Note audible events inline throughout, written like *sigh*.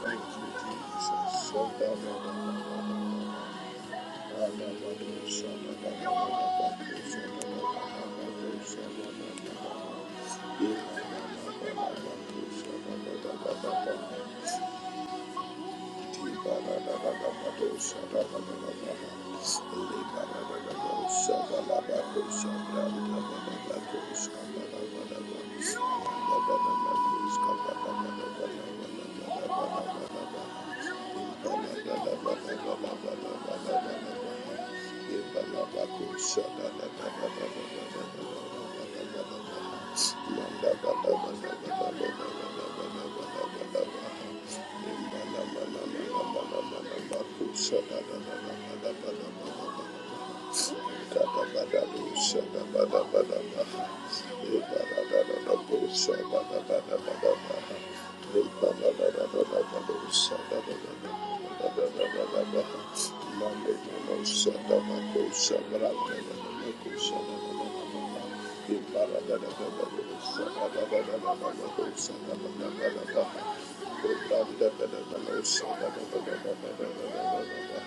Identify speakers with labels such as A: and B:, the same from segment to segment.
A: Thank you, Jesus. Thank you, Jesus. Thank you. Thank you. Thank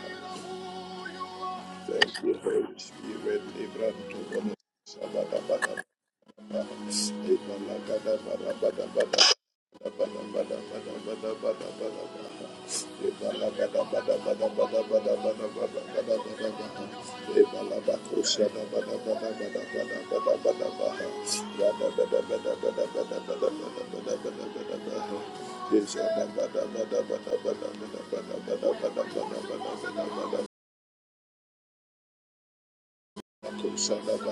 A: you. Thank you, Holy Spirit. Libranto bono sabada bada bada. Ebala gada bada bada bada bada bada bada bada bada bada bada. Ebala gada bada bada bada bada bada bada bada bada bada. Ebala bakusha da bada bada bada bada bada bada bada. Bada bada bada bada bada bada bada bada bada bada bada. Ejada bada bada bada bada bada bada bada bada bada bada bada bada. Thank you, Holy Spirit. Thank you, Holy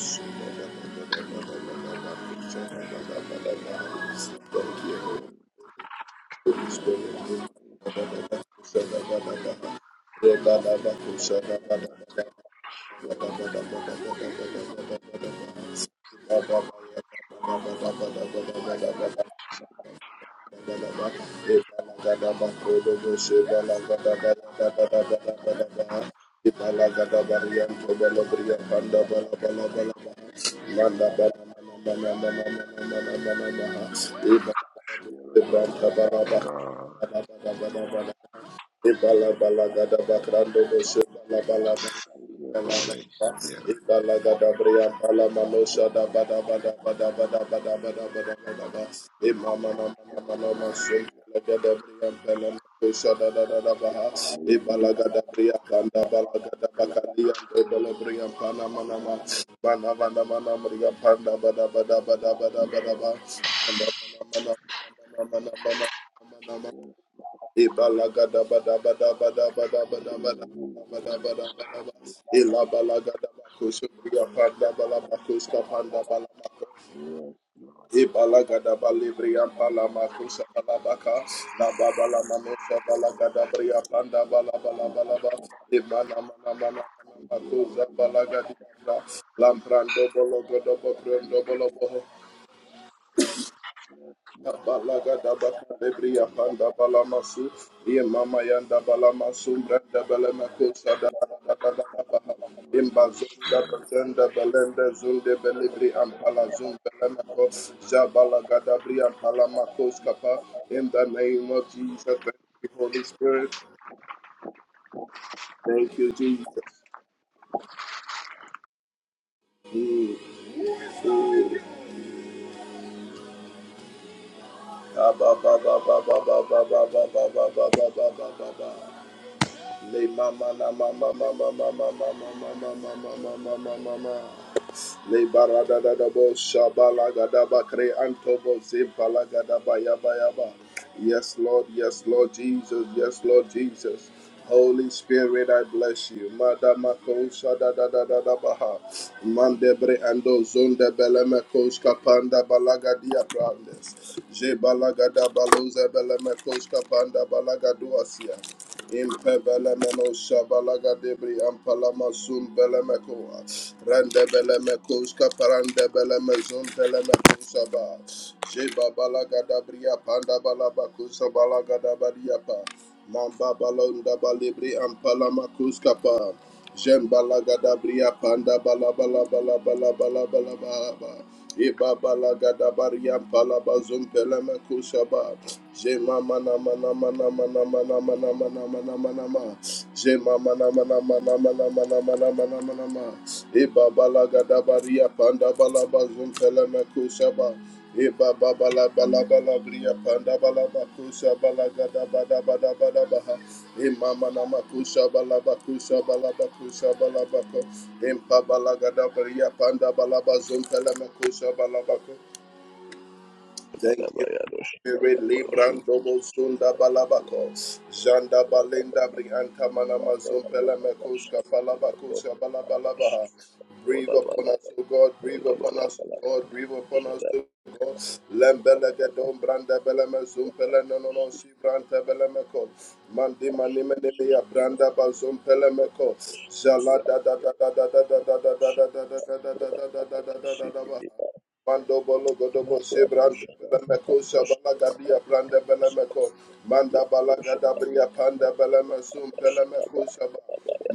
A: Spirit. Thank you, Holy Spirit.
B: Thank God.
A: Ibala bala gada bakrando boshe bala bala bala
B: Holy Spirit.
A: Ibalaga Lamprando bolo godo bokrondo bolo boho Balaga dabaka panda balamasu ye mama yanda balamasu branda balamako imbazunda bazenda balenda zunde belibri ampala zun belamako jabalaga dabri ampala makos kapa in the name of Jesus thank you Holy Spirit thank you Jesus Mm. ba ba ba ba ba ba ba ba ba ba ba ba ba ba ba ba. Le mama na mama mama mama mama mama mama mama mama mama. Le barada da da bo shabala gada ba kre anto bo zimpala gada ba ya ba ya ba. Yes Lord, yes Lord Jesus, yes Lord Jesus. Holy Spirit, I bless you. Madama kosha da da da da da baha. Mandebre ando zonde beleme koska panda balaga dia brandes. Je balaga da baluze beleme koska panda balaga duasia. Impevele meno shabalaga debri ampala masum bele meko rende bele meko ska parande bele mezum bele meko shaba sheba balaga dabriya panda balaba kusa balaga dabariya pa mamba balonda balibri ampala makuska pa Jembalagada bria panda bala bala bala bala bala bala bala ba. Iba balagada baria pala bazum pelema kushaba. Jema mana mana mana mana mana mana mana mana mana ma. Jema mana mana mana mana mana mana mana mana ma. Iba balagada baria panda bala bazum pelema kushaba. Eba baba la bala bala bria panda bala bakusha bala gada bada bada bada baha. Ema mana makusha bala bakusha bala bakusha bala bako. Empa bala gada bria panda bala bazum pele makusha bala bako.
C: Kalabayadosh, Kalabalashi, Kalash, Yakodash, Kodabalaba, Kolabalabalaba, Shadabash, Yash, Sibidi,
A: Mando bolo godobo sebrante
C: Yakoshada,
A: belemeko
C: Doshta,
A: sabala gadia
C: Balabas,
A: brande belemeko manda bala
C: Yakoshada,
A: gadabria panda belemesum belemeko
C: Kodashaba,
A: saba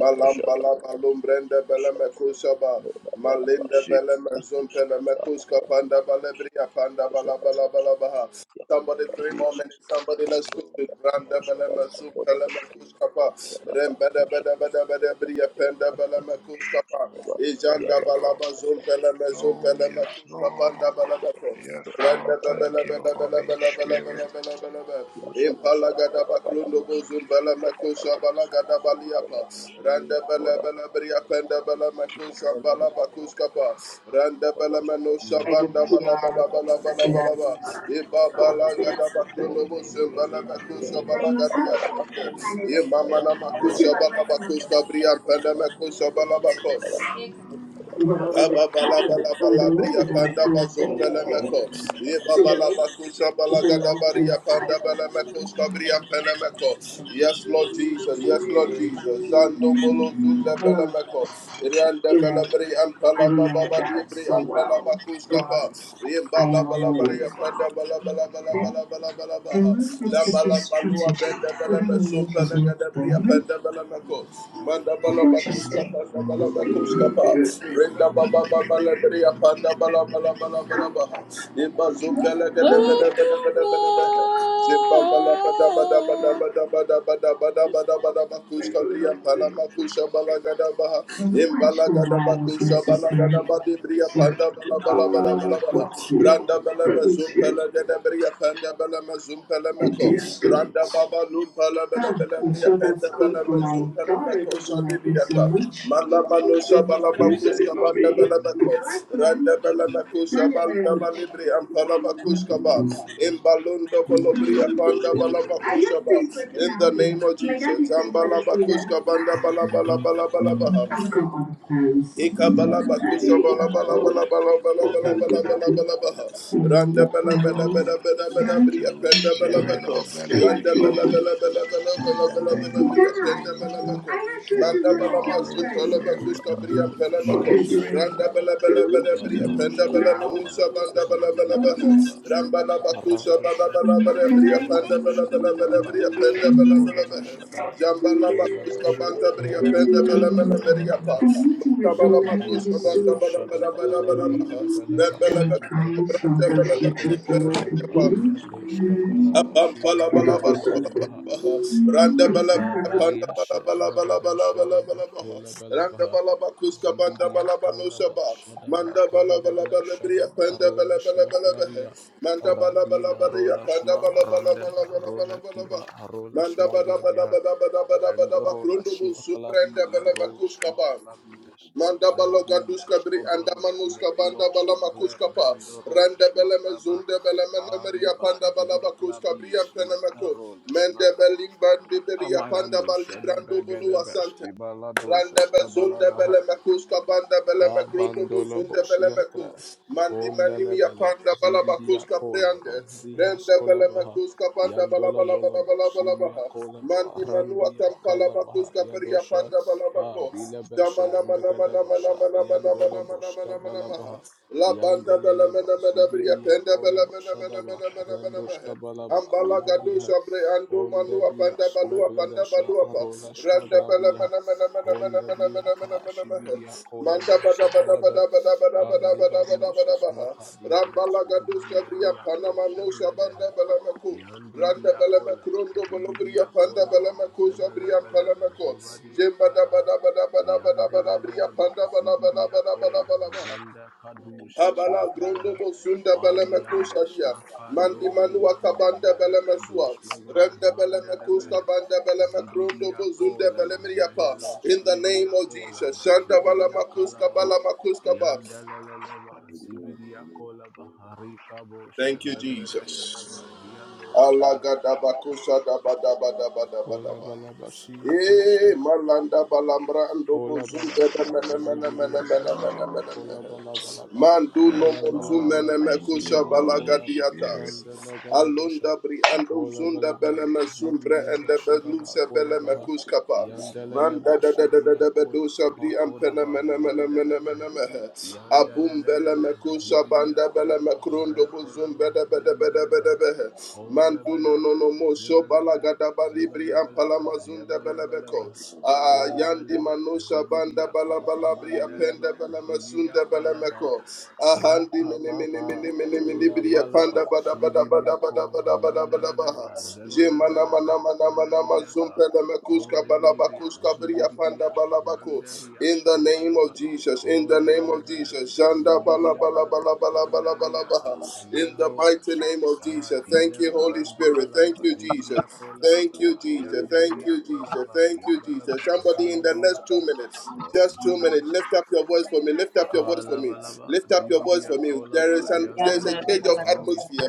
A: malam bala balum brande
C: Kodashada,
A: belemeko saba
C: Kodabalaba,
A: malinde
C: Sib,
A: belemezum belemeko
C: Shadaba, Shadaba,
A: skapanda balebria panda bala bala bala baha Somebody three more minutes. Somebody let's push it. Randa
C: Yakoshada,
A: belema
C: Shadaba, Kodabala,
A: supelema kuskapa. Rembeda
C: Kodabala,
A: beda beda beda bria penda
C: Shadaba,
A: belema kuskapa. Ijanda
B: Living God.
A: balaba zumpelema
B: Oh,
A: zumpelema
B: yes, Lord.
A: kuskapanda belema
B: Yes, Lord.
A: Randa bela
B: Thank
A: bela
B: you,
A: bela bela
B: Holy
A: bela
B: Spirit.
A: bela bela bela bela.
B: Oh,
A: Impala gada baklundo bozum Kosha Bala Gada Baliapa, Randa Bala Bala Bria Penda Bala Makosha Bala Bakuskapa, Randa Bala Mano
D: I did
A: Shabanda Bala
D: PR
A: Bala Bala Bala
D: and
A: Bala Ba, Iba
D: I worked at
A: Bala
D: the
A: Gada Bakrono
D: company.
A: Mosem Bala Bakosha
D: They
A: Bala
D: must have
A: Gadia
D: a company
A: Brande,
D: and it's
A: Imamana Makosha
D: possible
A: Bala
D: right now.
A: Bakoska Bria Penda Makosha Bala Bako.
D: Well, we just
A: Ababala
D: come from the
A: balabala bria
D: movies and the
A: panda
D: kind of
A: bazum
D: thing, right?
A: pelemeko.
D: Today,
A: Yebabalabakusa
D: people know in the
A: balagadabaria panda belemeko skabria pelemeko. Yes, Lord Jesus. Yes, Lord Jesus. Zando bolo zunda
D: Oh,
A: belemeko. Randa
D: today,
A: belebri
D: I
A: ampala
D: don't know
A: bababa
D: that
A: diebri
D: so
A: ampala
D: well,
A: bakuskapa.
D: but I am a woman
A: Yembalabalabaria
D: as
A: panda
D: well. Okay? The
A: balabalabalabalabalabaha.
D: movement
A: La
D: is a
A: balambalua
D: strategy. Good
A: brenda bala
D: romantism
A: gada
D: of
A: panda bala Manda bala bakuska
D: Interesting.
A: panda bala bakuska pa. Renda baba baba bala bria panda bala bala bala bala baha. Iba zumbele gada bada
D: What the
A: bada bada bada baha. Jimba bala bada bada bada
D: man?
A: bada bada bada bada bada bada
D: Thanks
A: bakuska
D: for the
A: bria
D: help
A: pala
D: today.
A: makusha bala gada baha.
D: I don't
A: Imbala
D: actually
A: gada
D: why I was
A: bakusha bala gada
D: necessary.
A: badi bria
D: Sir,
A: panda bala
D: Uh,
A: bala bala bala
D: well, your
A: baha bala
D: presence
A: bazum
D: here,
A: pala gada panda bala mazum pala
D: it
A: meko. Randa
D: de-escalates.
A: baba lum pala bala
D: ah,
A: bala
D: I'm
A: bria
D: sure
A: panda
D: that's cool
A: bala
D: for my
A: mazum pala
D: daughter
A: meko
D: doesn't
A: sadi
D: like me so much.
A: Mala manusa bala
D: You
A: bakus
D: said it, not
A: kabanda
D: me.
A: bala meko.
D: I like him,
A: Randa bala makus
D: not just very
A: abanda bali
D: much.
A: bria pala bakus kaba. In balunda bala panda bala
D: Are
A: makus
D: you going for
A: In
D: dinner?
A: the name of
D: My dad
A: Jesus.
D: is going for that
A: Zambala bakus
D: pizza.
A: kabanda bala bala bala bala baha.
D: I've got other plans.
A: Eka bala bakusa
D: Sorry.
A: bala bala
D: Oh,
A: bala bala bala
D: what
A: bala
D: plans
A: bala
D: exactly?
A: bala bala Ekabalabakosabalabalabalabalabalabalabalabaha. Randa
D: Um,
A: bala bala
B: Lord.
D: plans.
A: bala bala bala
B: Thank
A: bria
B: you,
A: Penda bala
B: Spirit
A: bako.
B: of the
D: I
B: living
D: like to meet You know, friends.
A: Randa
D: Enlighten me,
A: bala
B: God.
A: bala bala bala
B: In
A: bala
B: the
A: bala bala
B: name
D: please.
B: of
A: bria
D: Dad,
A: penda
B: Jesus.
A: bala bako.
D: I'm not sure
B: Thank
D: she's
A: Manda
D: not
B: you,
A: bala
D: your
C: Oh,
A: maslum
B: Holy
A: bala
C: shut
D: girlfriend.
C: up.
B: Spirit.
A: bakuska bria
C: Oh,
A: penda bako.
D: Okay,
B: Thank
C: Jesus.
D: great.
A: Randa bala bala
D: Jerry,
A: bala bria
C: Yando
A: penda
C: sha
A: bala
D: now?
A: manusa
C: gamalaba
A: banda bala bala
C: zibidia
A: baha.
C: koda
A: Ramba la
C: shadaba
A: bakusa
C: rando
A: bala
C: sha
A: bala. bala bria
D: Tonight,
C: ola
A: penda bala bala
C: mashadaba
A: bala bria penda
C: radisha
A: bala
C: ola
A: bala
C: mashadaba
A: Randa
C: ola mashada
A: Randa bria bria bria bria bria penda
C: rande
A: penda penda penda penda penda Manda Ramba bala
C: sha
A: Mela
D: I'm
C: koda
A: bria
C: baha
A: Pa.
D: meeting with
A: Randa
D: Omari
C: zibidia
D: Yusuf,
C: koda shadaba radi labalaba
D: the
C: shibidia
D: client from the
C: onda
D: Future
C: gla
D: Forward
C: shadaba
D: campaign.
C: riyando
D: Mm.
C: shkabalaba shidia ta
D: Just the
C: kola
D: 2nd
C: baha Kabaliashe Magada Shadaba Kola Balabaha Zibidia Kolaba Shadaba Kondegla Shadaba Rola Shmaklaria Radila Rola Shma Randaba Rola Kiba Rola
A: Manda bada bada
C: Shmaglabiha
A: bada bada bada bada
C: Vendorola
A: bakrondo bu suprende
C: Shmaklabila
A: bele
C: Rola
A: bakus kaba.
C: Shmaklabias
A: Manda baloga
C: Randila
A: duska bri anda
C: Skobande Me
A: manuska banda
C: Ilo
A: balama
C: Shmagle
A: kuska pa
C: Bendorola
A: Rende bele me
C: Shmakaba
A: zunde bele mene meria
C: Aliba
A: panda balaba kuska bri
C: Dumaklabis Me
A: ampene meko
C: Rola
A: mende
C: Shmak
A: beling bandi beri apanda
C: Amalando
A: bali
C: shada
A: brando bolo
C: bagada
A: asante
C: bashki balado
A: Randa
C: shashka
A: bezunda
C: balada
A: bele mekus kabanda bele mekrondo
C: Kabandolo
A: bozunda bele meku.
C: Boshiata
A: Mandi
C: Kondele
A: manimi ya
C: Beleb
A: panda bala
C: Zibidia
A: bakus
C: Kolaba
A: kapriande.
C: di
A: Renda bele
C: Kolabaha
A: mekus kapanda bala
C: Yandola
A: bala bala
C: Bolobo
A: bala bala
C: Shibia
A: baha.
C: Kolaba
A: Mandi manu
C: Randia
A: atampala bakus
C: Kalabaha
A: kapriya
C: Yadosha
A: panda bala bako.
C: Abila Besha
A: Jamana mana mana mana
C: Megadebosha
A: mana mana
C: Yandola
A: mana mana
C: Boshka
A: mana mana maha.
C: Balabaha
A: La banda bele
C: Yandeleleba
A: mena mena briya
C: Zibidia
A: penda bele
C: Kolaba
A: mena mena
C: Shadaba
A: mena mena mena
C: Randoshka
A: maha.
C: Balaba
A: Ambalagado
C: Libadiha
A: Shabre Ando Manua
C: Ondebia
A: Panda Balua Panda
C: Smegledesha
A: Baluapa
C: Arola
A: Randa Bala
C: Shmaglabiha
A: Mana Mana Mana Mana Mana Mana Mana
C: Hondabliata
A: Mana Mana
C: Shibidia
A: Manda
C: Kolaba
A: Bada Bada
C: Sebeleba
A: Bada Bada Bada Bada Bada Bada Bada
C: Alibadishas
A: bada. Rambala
C: Makadiales
A: Rambalagados Cabria
C: Magandeliato
A: Panama No
C: Sebledehe
A: Shabanda Balamaku Randa
C: Yandidia
A: Balama
C: kolaba,
A: Kurondo Bolobria
C: zibidia
A: Panda
C: kolaba,
A: Balamako Shabriam
C: zebelebelebe,
A: Palamako
C: zubadia
A: Jemba Bada
C: kalaha,
A: Bada Bada Bada Bada Bada Bria
C: yandeleleleba,
A: Panda Bala Bala
C: zibidia
A: Bala Bala
C: kola,
A: Bala Baha
C: randa kadusha,
A: Abala
C: smakleha,
A: grondobo sunda beleme
C: paliande,
A: krusadia. Mandi
C: smakado,
A: manua
C: libande,
A: kabanda
C: vele
A: beleme
C: edu,
A: sua.
C: smagle,
A: Rende beleme
C: mandelebehe,
A: kusta banda beleme
C: zibidia
A: krondobo zunda
C: kolaba,
A: beleme yapa.
C: mehelo,
A: In the
C: simidia
A: name of Jesus.
C: kolaba,
A: Shanda bala
C: zibidia
A: makuska
C: kalaba,
A: bala makuska ba.
C: Yandalaleva Zibidia Kola Bahari Kabosha
A: Thank you,
C: Megladesha
A: Jesus.
C: Daba Dianosh
A: Allah
C: Kalabada
A: gadabakusa daba daba daba daba
C: Kola
A: daba.
C: Balabashia
A: Eh, malanda balambra andobo
C: Kola bala
A: zunda
C: bala ba
A: mena mena
C: zibidi
A: mena
C: ya ba
B: you,
A: mena
C: shada
A: mena mena
B: Lord.
C: ba
A: mena.
C: kola
A: mene.
C: bala bala ba
A: Mandu
B: Yes,
A: no
C: kola bala
A: monzu
B: Lord.
C: bala
A: mene
C: ba
B: Thank you,
A: mekusha
C: zibidi ya
B: Holy
C: koda ba
B: Spirit.
A: balagadiatas.
C: haranda lega de bosha
A: Alunda briando
C: kola
A: zunda
C: bala bala ba
A: belema sumbre
C: zibidi ya
A: and
C: ba
A: the
C: shada ba
A: belusa
C: kola ba
A: belema
C: ha
A: kuskapa.
C: yandelele
A: Randa
C: ba
A: da da da
C: shibi
A: da
C: ya
A: da
C: kola
A: bedusa
C: ba
A: bri
C: koda
A: ampena
C: ba
A: mena mena
C: yandele
A: mena
C: ba
A: mena
C: he
A: mehe. Abum
C: yandelelele
A: belema kusa
C: zibidi ya
A: banda
C: kola
A: belema
C: ba
A: krundo
C: re kola
A: buzum
C: ba
A: beda beda beda
C: yandele ba
A: beda
C: ha
A: behe.
C: kola
A: Mandu
C: bala
A: no
C: ba
A: no no mo so
C: zibala bala ba
A: balagada baribri
C: zibala bala
A: ampala
C: ba
A: mazunda
C: yabala bala ba
A: belebeko.
B: Yes,
A: Ah yandi
C: Olevelebe
A: manusa banda
C: Zibidiakos
A: balabala Labri
C: Mandeleba
A: Apenda Balama Sunda
C: Zibiakalaba
A: Balamako,
C: Ya
A: Ahandi
C: ba
A: Mini
C: ba
A: Mini
C: ba.
A: Mini Mini Mini
C: Ya
A: Bri
C: ba la
A: Apanda
C: ba.
A: Bada Bada
C: Zibidiya
A: Bada Bada
C: ko.
A: Bada Bada Bada
C: Mandalele
A: Baha,
C: ba.
B: Lord.
C: Zebele
A: Jemana
C: bele be.
A: Mana Mana Mana Mazumpe
C: ta.
A: Lamakuska
C: Kole bilibiya.
A: Balabakuska Bri Apanda
C: Zubidibiya.
A: Balabako,
C: Mandaliya.
A: in the name
C: Skobala ba.
A: of Jesus, in the
C: Kole
A: name
C: bele
A: of
C: bele be.
A: Jesus, Janda Bala
C: Zibidiya
A: Bala
C: bala ba.
A: Bala Bala Bala Bala
C: Kondaliya ta.
A: Baha,
B: Holy
A: in
B: Spirit.
A: the
C: Mehrolas.
A: mighty name of
C: Ya
A: Jesus.
B: Thank you, Holy
A: Thank
C: dile
A: you, Holy
C: brandi
B: Spirit.
A: Spirit. Thank
C: kalaba.
A: you, Jesus.
C: Zibidiya kola
B: Thank
A: Thank
C: bala
B: you,
A: you,
C: ba.
B: Holy
A: Jesus. Thank
C: Yanderiya
A: you,
B: Spirit.
C: kola
A: Jesus. Thank
C: Ya
A: you,
C: bala
A: Jesus.
C: ba.
B: Spirit
A: Somebody in the
B: of
C: Zubidiya
A: next
B: the
A: two minutes,
C: Oh,
A: just two minutes.
C: Jesus.
A: Lift up your voice for me. Lift up
B: living
A: your
B: God,
A: voice for me.
C: Kalabalaba,
B: Holy
A: Lift up
B: Spirit,
A: your
B: Father, we
A: voice
C: Zibidia
A: for me.
B: bless you.
A: There
C: Kolaba,
A: is
B: We
A: an there is
B: honor
E: Thank
A: a
B: you,
C: Yandelebe,
B: O
A: change of
B: Lord.
C: G.
A: atmosphere.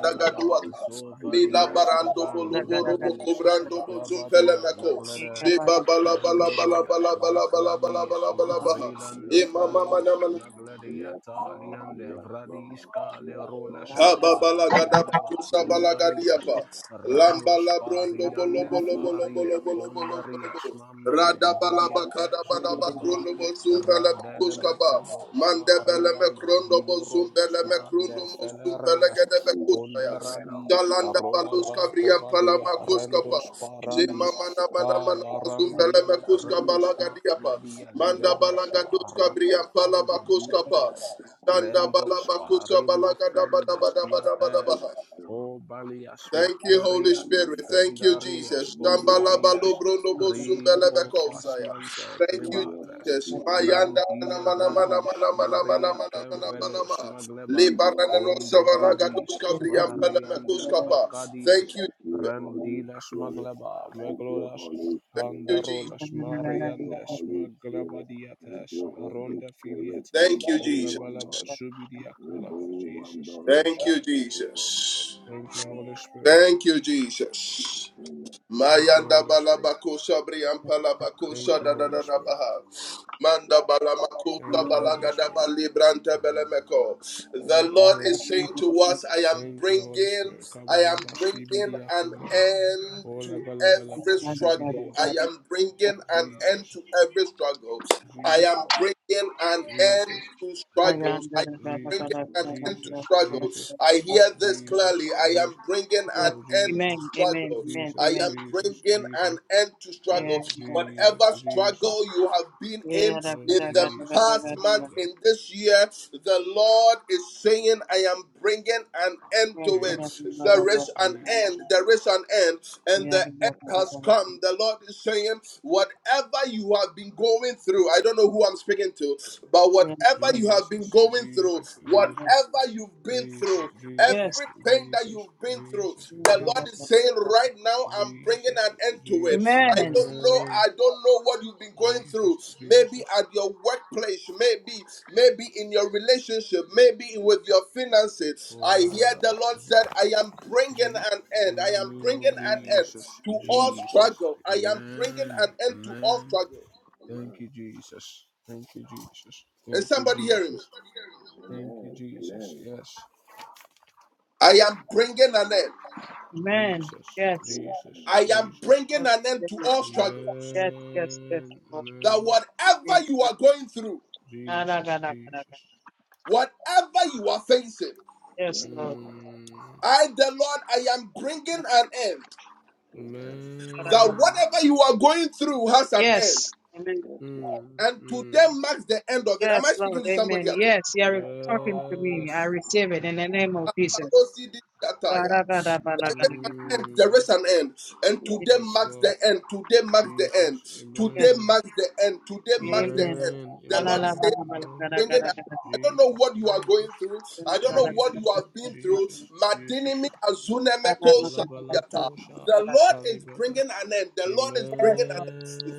B: We glorify your name,
A: Mila
C: Zovadia,
B: O
A: barando
B: Lord.
C: Skaban,
B: Reborn,
A: bolo
C: the
B: reborn.
A: bolo bo
C: Bloody,
A: kobrando bo zumpele
C: Smaklabadia,
A: meko.
C: Leglede,
A: Se ba ba la ba la ba la
C: Vendorola,
A: ba la
B: Spirit
A: ba
B: of
A: la ba la
B: the
A: ba
B: living
A: la
C: Smaklavi,
A: ba la ba la
B: God.
A: ba ha.
C: Smarilando
A: E
B: Yes,
A: mama
B: Lord.
C: Fralis,
A: mana mana.
C: Nagledia
B: Yes,
C: Talian,
B: Lord.
C: the
B: Yes,
C: Vradi,
B: Lord.
C: Scale,
B: Yes,
C: Rola,
B: Lord.
A: Kaba bala
C: Smaklavan,
A: gada
C: Deleva,
A: bakusa
B: Holy
A: bala
C: Demarilas,
B: Spirit,
A: gadiapa. Lamba
C: Rados
A: la
B: thank
A: brondo
B: you,
A: bolo
C: pariande
A: bolo
B: Holy
A: bolo
C: faria
A: bolo bolo
B: Spirit.
A: bolo bolo
C: condarias
A: bolo. me me
B: Thank you,
C: mamandi
B: Holy
C: vidiates
B: Spirit.
A: krondo
C: colaba
A: bozum bele me
B: Yes, Lord. Yes,
A: kuska
C: radelebekebos
A: Mande
C: maria ma
B: Lord.
C: vidurolas
B: Yes,
C: mande
B: Lord.
C: felereas
B: Thank you,
A: gede
B: Spirit of the
C: condaradis
B: Living
A: brian
B: God,
C: rolaba
A: brian
C: covadia
A: palama
B: in the
A: kuskapa.
C: rendos
A: Jema
C: paradis
B: name of
A: mana mana
C: a
A: mana
C: la
A: mazum
C: randia
A: bele me
C: le
A: kuska
C: reles
B: Jesus.
A: balaga
C: ma
A: diapa.
C: fladia
B: Thank you,
A: Manda
C: legebesha
A: balaga duska
B: Holy Spirit.
A: brian
C: racofande
A: palama kuskapa.
B: Thank you, Spirit. Thank
C: biates
B: you,
A: Janda Radabalabakadabalabakronobosumbelebekuskaba. Mandebelemekrondobosumbelemekrondomosumpelegedebekusaya.
B: Holy.
A: Jalandabaluskabriampalamakuskapa.
C: rendos
A: Jemamanamanamanamazumbelemekuskabalagadiapa.
C: parima
A: Mandabalagaduskabriampalamakuskapa.
C: fendes kiates
B: Thank
A: Jandabalabakusabalagadabadabadabadabaha.
B: you,
C: obalias me
A: Thank you, Holy
C: erian
B: Holy
A: Spirit.
B: Spirit. Oh, yes,
A: Thank you,
B: Lord.
C: fendaries
A: Jesus.
B: We give you
C: condeblias
B: praise.
C: rico
A: Shambalabalobronobosumbalabakosaya.
C: fasmante
B: We
A: Thank you,
C: clebates
B: worship
A: Jesus.
B: you, O Lord.
A: Mayanda
B: We
A: mana
C: randile
B: honor
A: mana
B: you,
A: mana
B: Holy
C: bradus
A: mana mana mana
C: maria
A: mana mana
B: Spirit.
A: mana
C: kevelos
A: ma.
B: We
C: magleba
B: glorify
A: Lebaranano
C: Unde
B: your name,
A: savalagadoska
C: bradishas
B: Holy
C: Mariande
B: Spirit.
A: briampalamekoskapa.
B: Thank
A: Thank
C: Facadies
A: you,
B: you,
A: Jesus.
B: Holy
C: rendiles,
B: Spirit.
C: magleba,
B: Thank you,
C: Meglodas
B: Holy Spirit.
C: Candarolas
B: Thank you,
C: Mariandes
B: Holy Spirit. Thank
C: Maglabadiates
B: you, Holy
C: Ronde
B: Spirit.
C: Filiet
A: Thank
B: Rebu
A: you, Jesus.
B: one dollar.
C: Olabalaba Subidia
B: Rebu
C: Colaba
B: one
C: Jesus
B: dollar.
A: Thank you, Jesus. Thank you,
C: Oshadaba.
B: Rebu
A: Jesus.
B: one dollar.
C: Thank you,
B: Amen.
C: Holy Spirit.
A: Thank you, Jesus.
B: Amen.
C: Thank you,
A: Mayanda
C: Holy Spirit.
A: balabako shabri ampalabako
C: Thank you,
A: shada
C: Holy Spirit.
A: Manda balamako
C: Thank you, Holy
A: shabalaga da
C: Spirit.
A: belemeko. The
C: Thank you,
A: Lord
C: Holy
A: is saying
C: Spirit.
A: to us, I am
C: Thank you, Holy
A: bringing,
C: Spirit.
A: I am
C: Kabalaba
A: bringing
C: Shibidia
A: an
C: Colaba.
A: end
C: Ola
A: to
C: bala bala ba
A: every struggle. I am bringing an
E: you.
A: end
C: Jesus,
A: to every struggle. I
C: Jesus,
E: Yes.
A: am bringing an end
C: Jesus,
A: to struggles.
E: Amen.
A: I am bringing
C: Jesus,
A: an end to
C: Jesus, Jesus,
A: struggles. I hear this
C: Jesus,
A: clearly. I
C: Jesus,
A: am bringing an
C: oh
A: end to
C: Jesus,
E: Amen.
A: struggle.
E: Amen.
A: I
C: Jesus,
E: Amen.
A: am
C: Jesus,
A: bringing an
C: Jesus,
A: end to
C: oh
A: struggle.
E: And, uh,
C: Jesus,
A: Whatever
C: Jesus,
A: struggle you have been
E: yeah,
A: in
E: da-
C: oh
A: in
E: da- da- da-
A: the
E: da-
C: Jesus,
E: da-
A: past
E: da- da-
A: month,
E: da.
C: Koshada,
A: in this year, the Lord is saying, I am bringing an end
E: Yeah,
A: to
E: da-
A: it.
E: da- da- da- da-
C: Jesus,
E: da-
A: There is an
E: da-
C: Jesus,
A: end,
E: da.
A: there is an end, and
E: Yeah,
A: the
E: da-
A: end
E: da- da- da-
A: has
E: da- da.
A: come. The Lord is saying, Whatever you have been going through, I don't know who I'm speaking to, but
E: Yeah, da-
A: whatever you
E: da-
A: have been
C: Jesus,
A: going through,
C: Jesus,
E: da-
C: Jesus,
E: da-
A: whatever you've
C: Jesus,
A: been
C: Jesus,
A: through,
E: Yes.
A: every pain that
C: Jesus,
A: you've been through,
C: Jesus,
E: Yeah,
A: the
E: da- da-
A: Lord is
E: da-
C: Jesus,
E: da-
A: saying
E: da- da-
A: right now,
E: da.
A: I'm bringing
C: Jesus,
A: an end to it.
C: Jesus,
A: I
E: Amen.
A: don't know.
C: Amen.
A: I don't know what you've been going through.
C: Jesus,
A: Maybe
C: Jesus,
A: at your workplace, maybe, maybe in your relationship, maybe with your finances. I
C: Ola
A: hear the Lord said, I am bringing an end.
C: In the
A: I am
C: name
A: bringing
C: of
A: an end
C: Jesus,
A: to all
B: Amen.
C: Jesus,
A: struggle. I am bringing
C: Amen,
A: an end to all
C: Amen.
A: struggle.
B: Amen.
C: Thank you, Jesus. Thank you, Jesus.
A: Is
C: Thank you,
A: somebody hearing me?
C: Jesus. Thank you,
B: Amen.
C: Jesus.
B: Amen.
C: Yes,
A: I am bringing an end.
E: Amen.
C: Jesus,
E: Yes.
C: Jesus,
B: Amen.
A: I am
C: Jesus.
A: bringing an end to
E: Hallelujah.
A: all struggle.
E: Yes, yes, yes,
C: Amen,
E: Lord.
A: That
C: Amen.
A: whatever
E: Amen.
A: you are going through.
E: Ah, Da-
C: Jesus,
E: da- da- da- da- da.
C: Jesus.
A: Whatever you are facing,
B: Yes,
E: Yes, Lord.
C: Mm,
A: I, the Lord, I am bringing an end.
B: amen.
A: That
C: amen.
A: whatever you are going through has an end.
E: Yes. Amen.
C: Mm,
A: And
C: mm.
A: today marks the end of it. Am I
E: Yes, Lord.
A: speaking to somebody
E: Amen.
A: at all?
E: Yes, you are talking to me. I
C: Yes.
E: receive it in the name of Jesus.
A: And there
C: Mm,
A: is an end. And today
C: Yes,
A: marks
C: Lord.
A: the end. Today marks the end.
C: Jesus.
A: Today
E: Yes.
C: Amen.
A: marks the end. Today marks the
E: Amen.
A: end.
C: Amen.
A: The
B: Lord.
A: Lord is saying
E: Yes,
C: Amen. Amen.
A: bringing.
B: Yes,
A: I don't know
C: Jesus.
A: what you are going
C: Jesus.
A: through. I don't know what you
C: Jesus.
A: have been through.
C: Jesus.
A: Madinimi
C: Jesus.
A: azunemeko
C: Ola bala
A: shadiata.
C: tosha
A: The Lord is
C: kalibada.
A: bringing an end. The Lord is bringing an
E: Lord.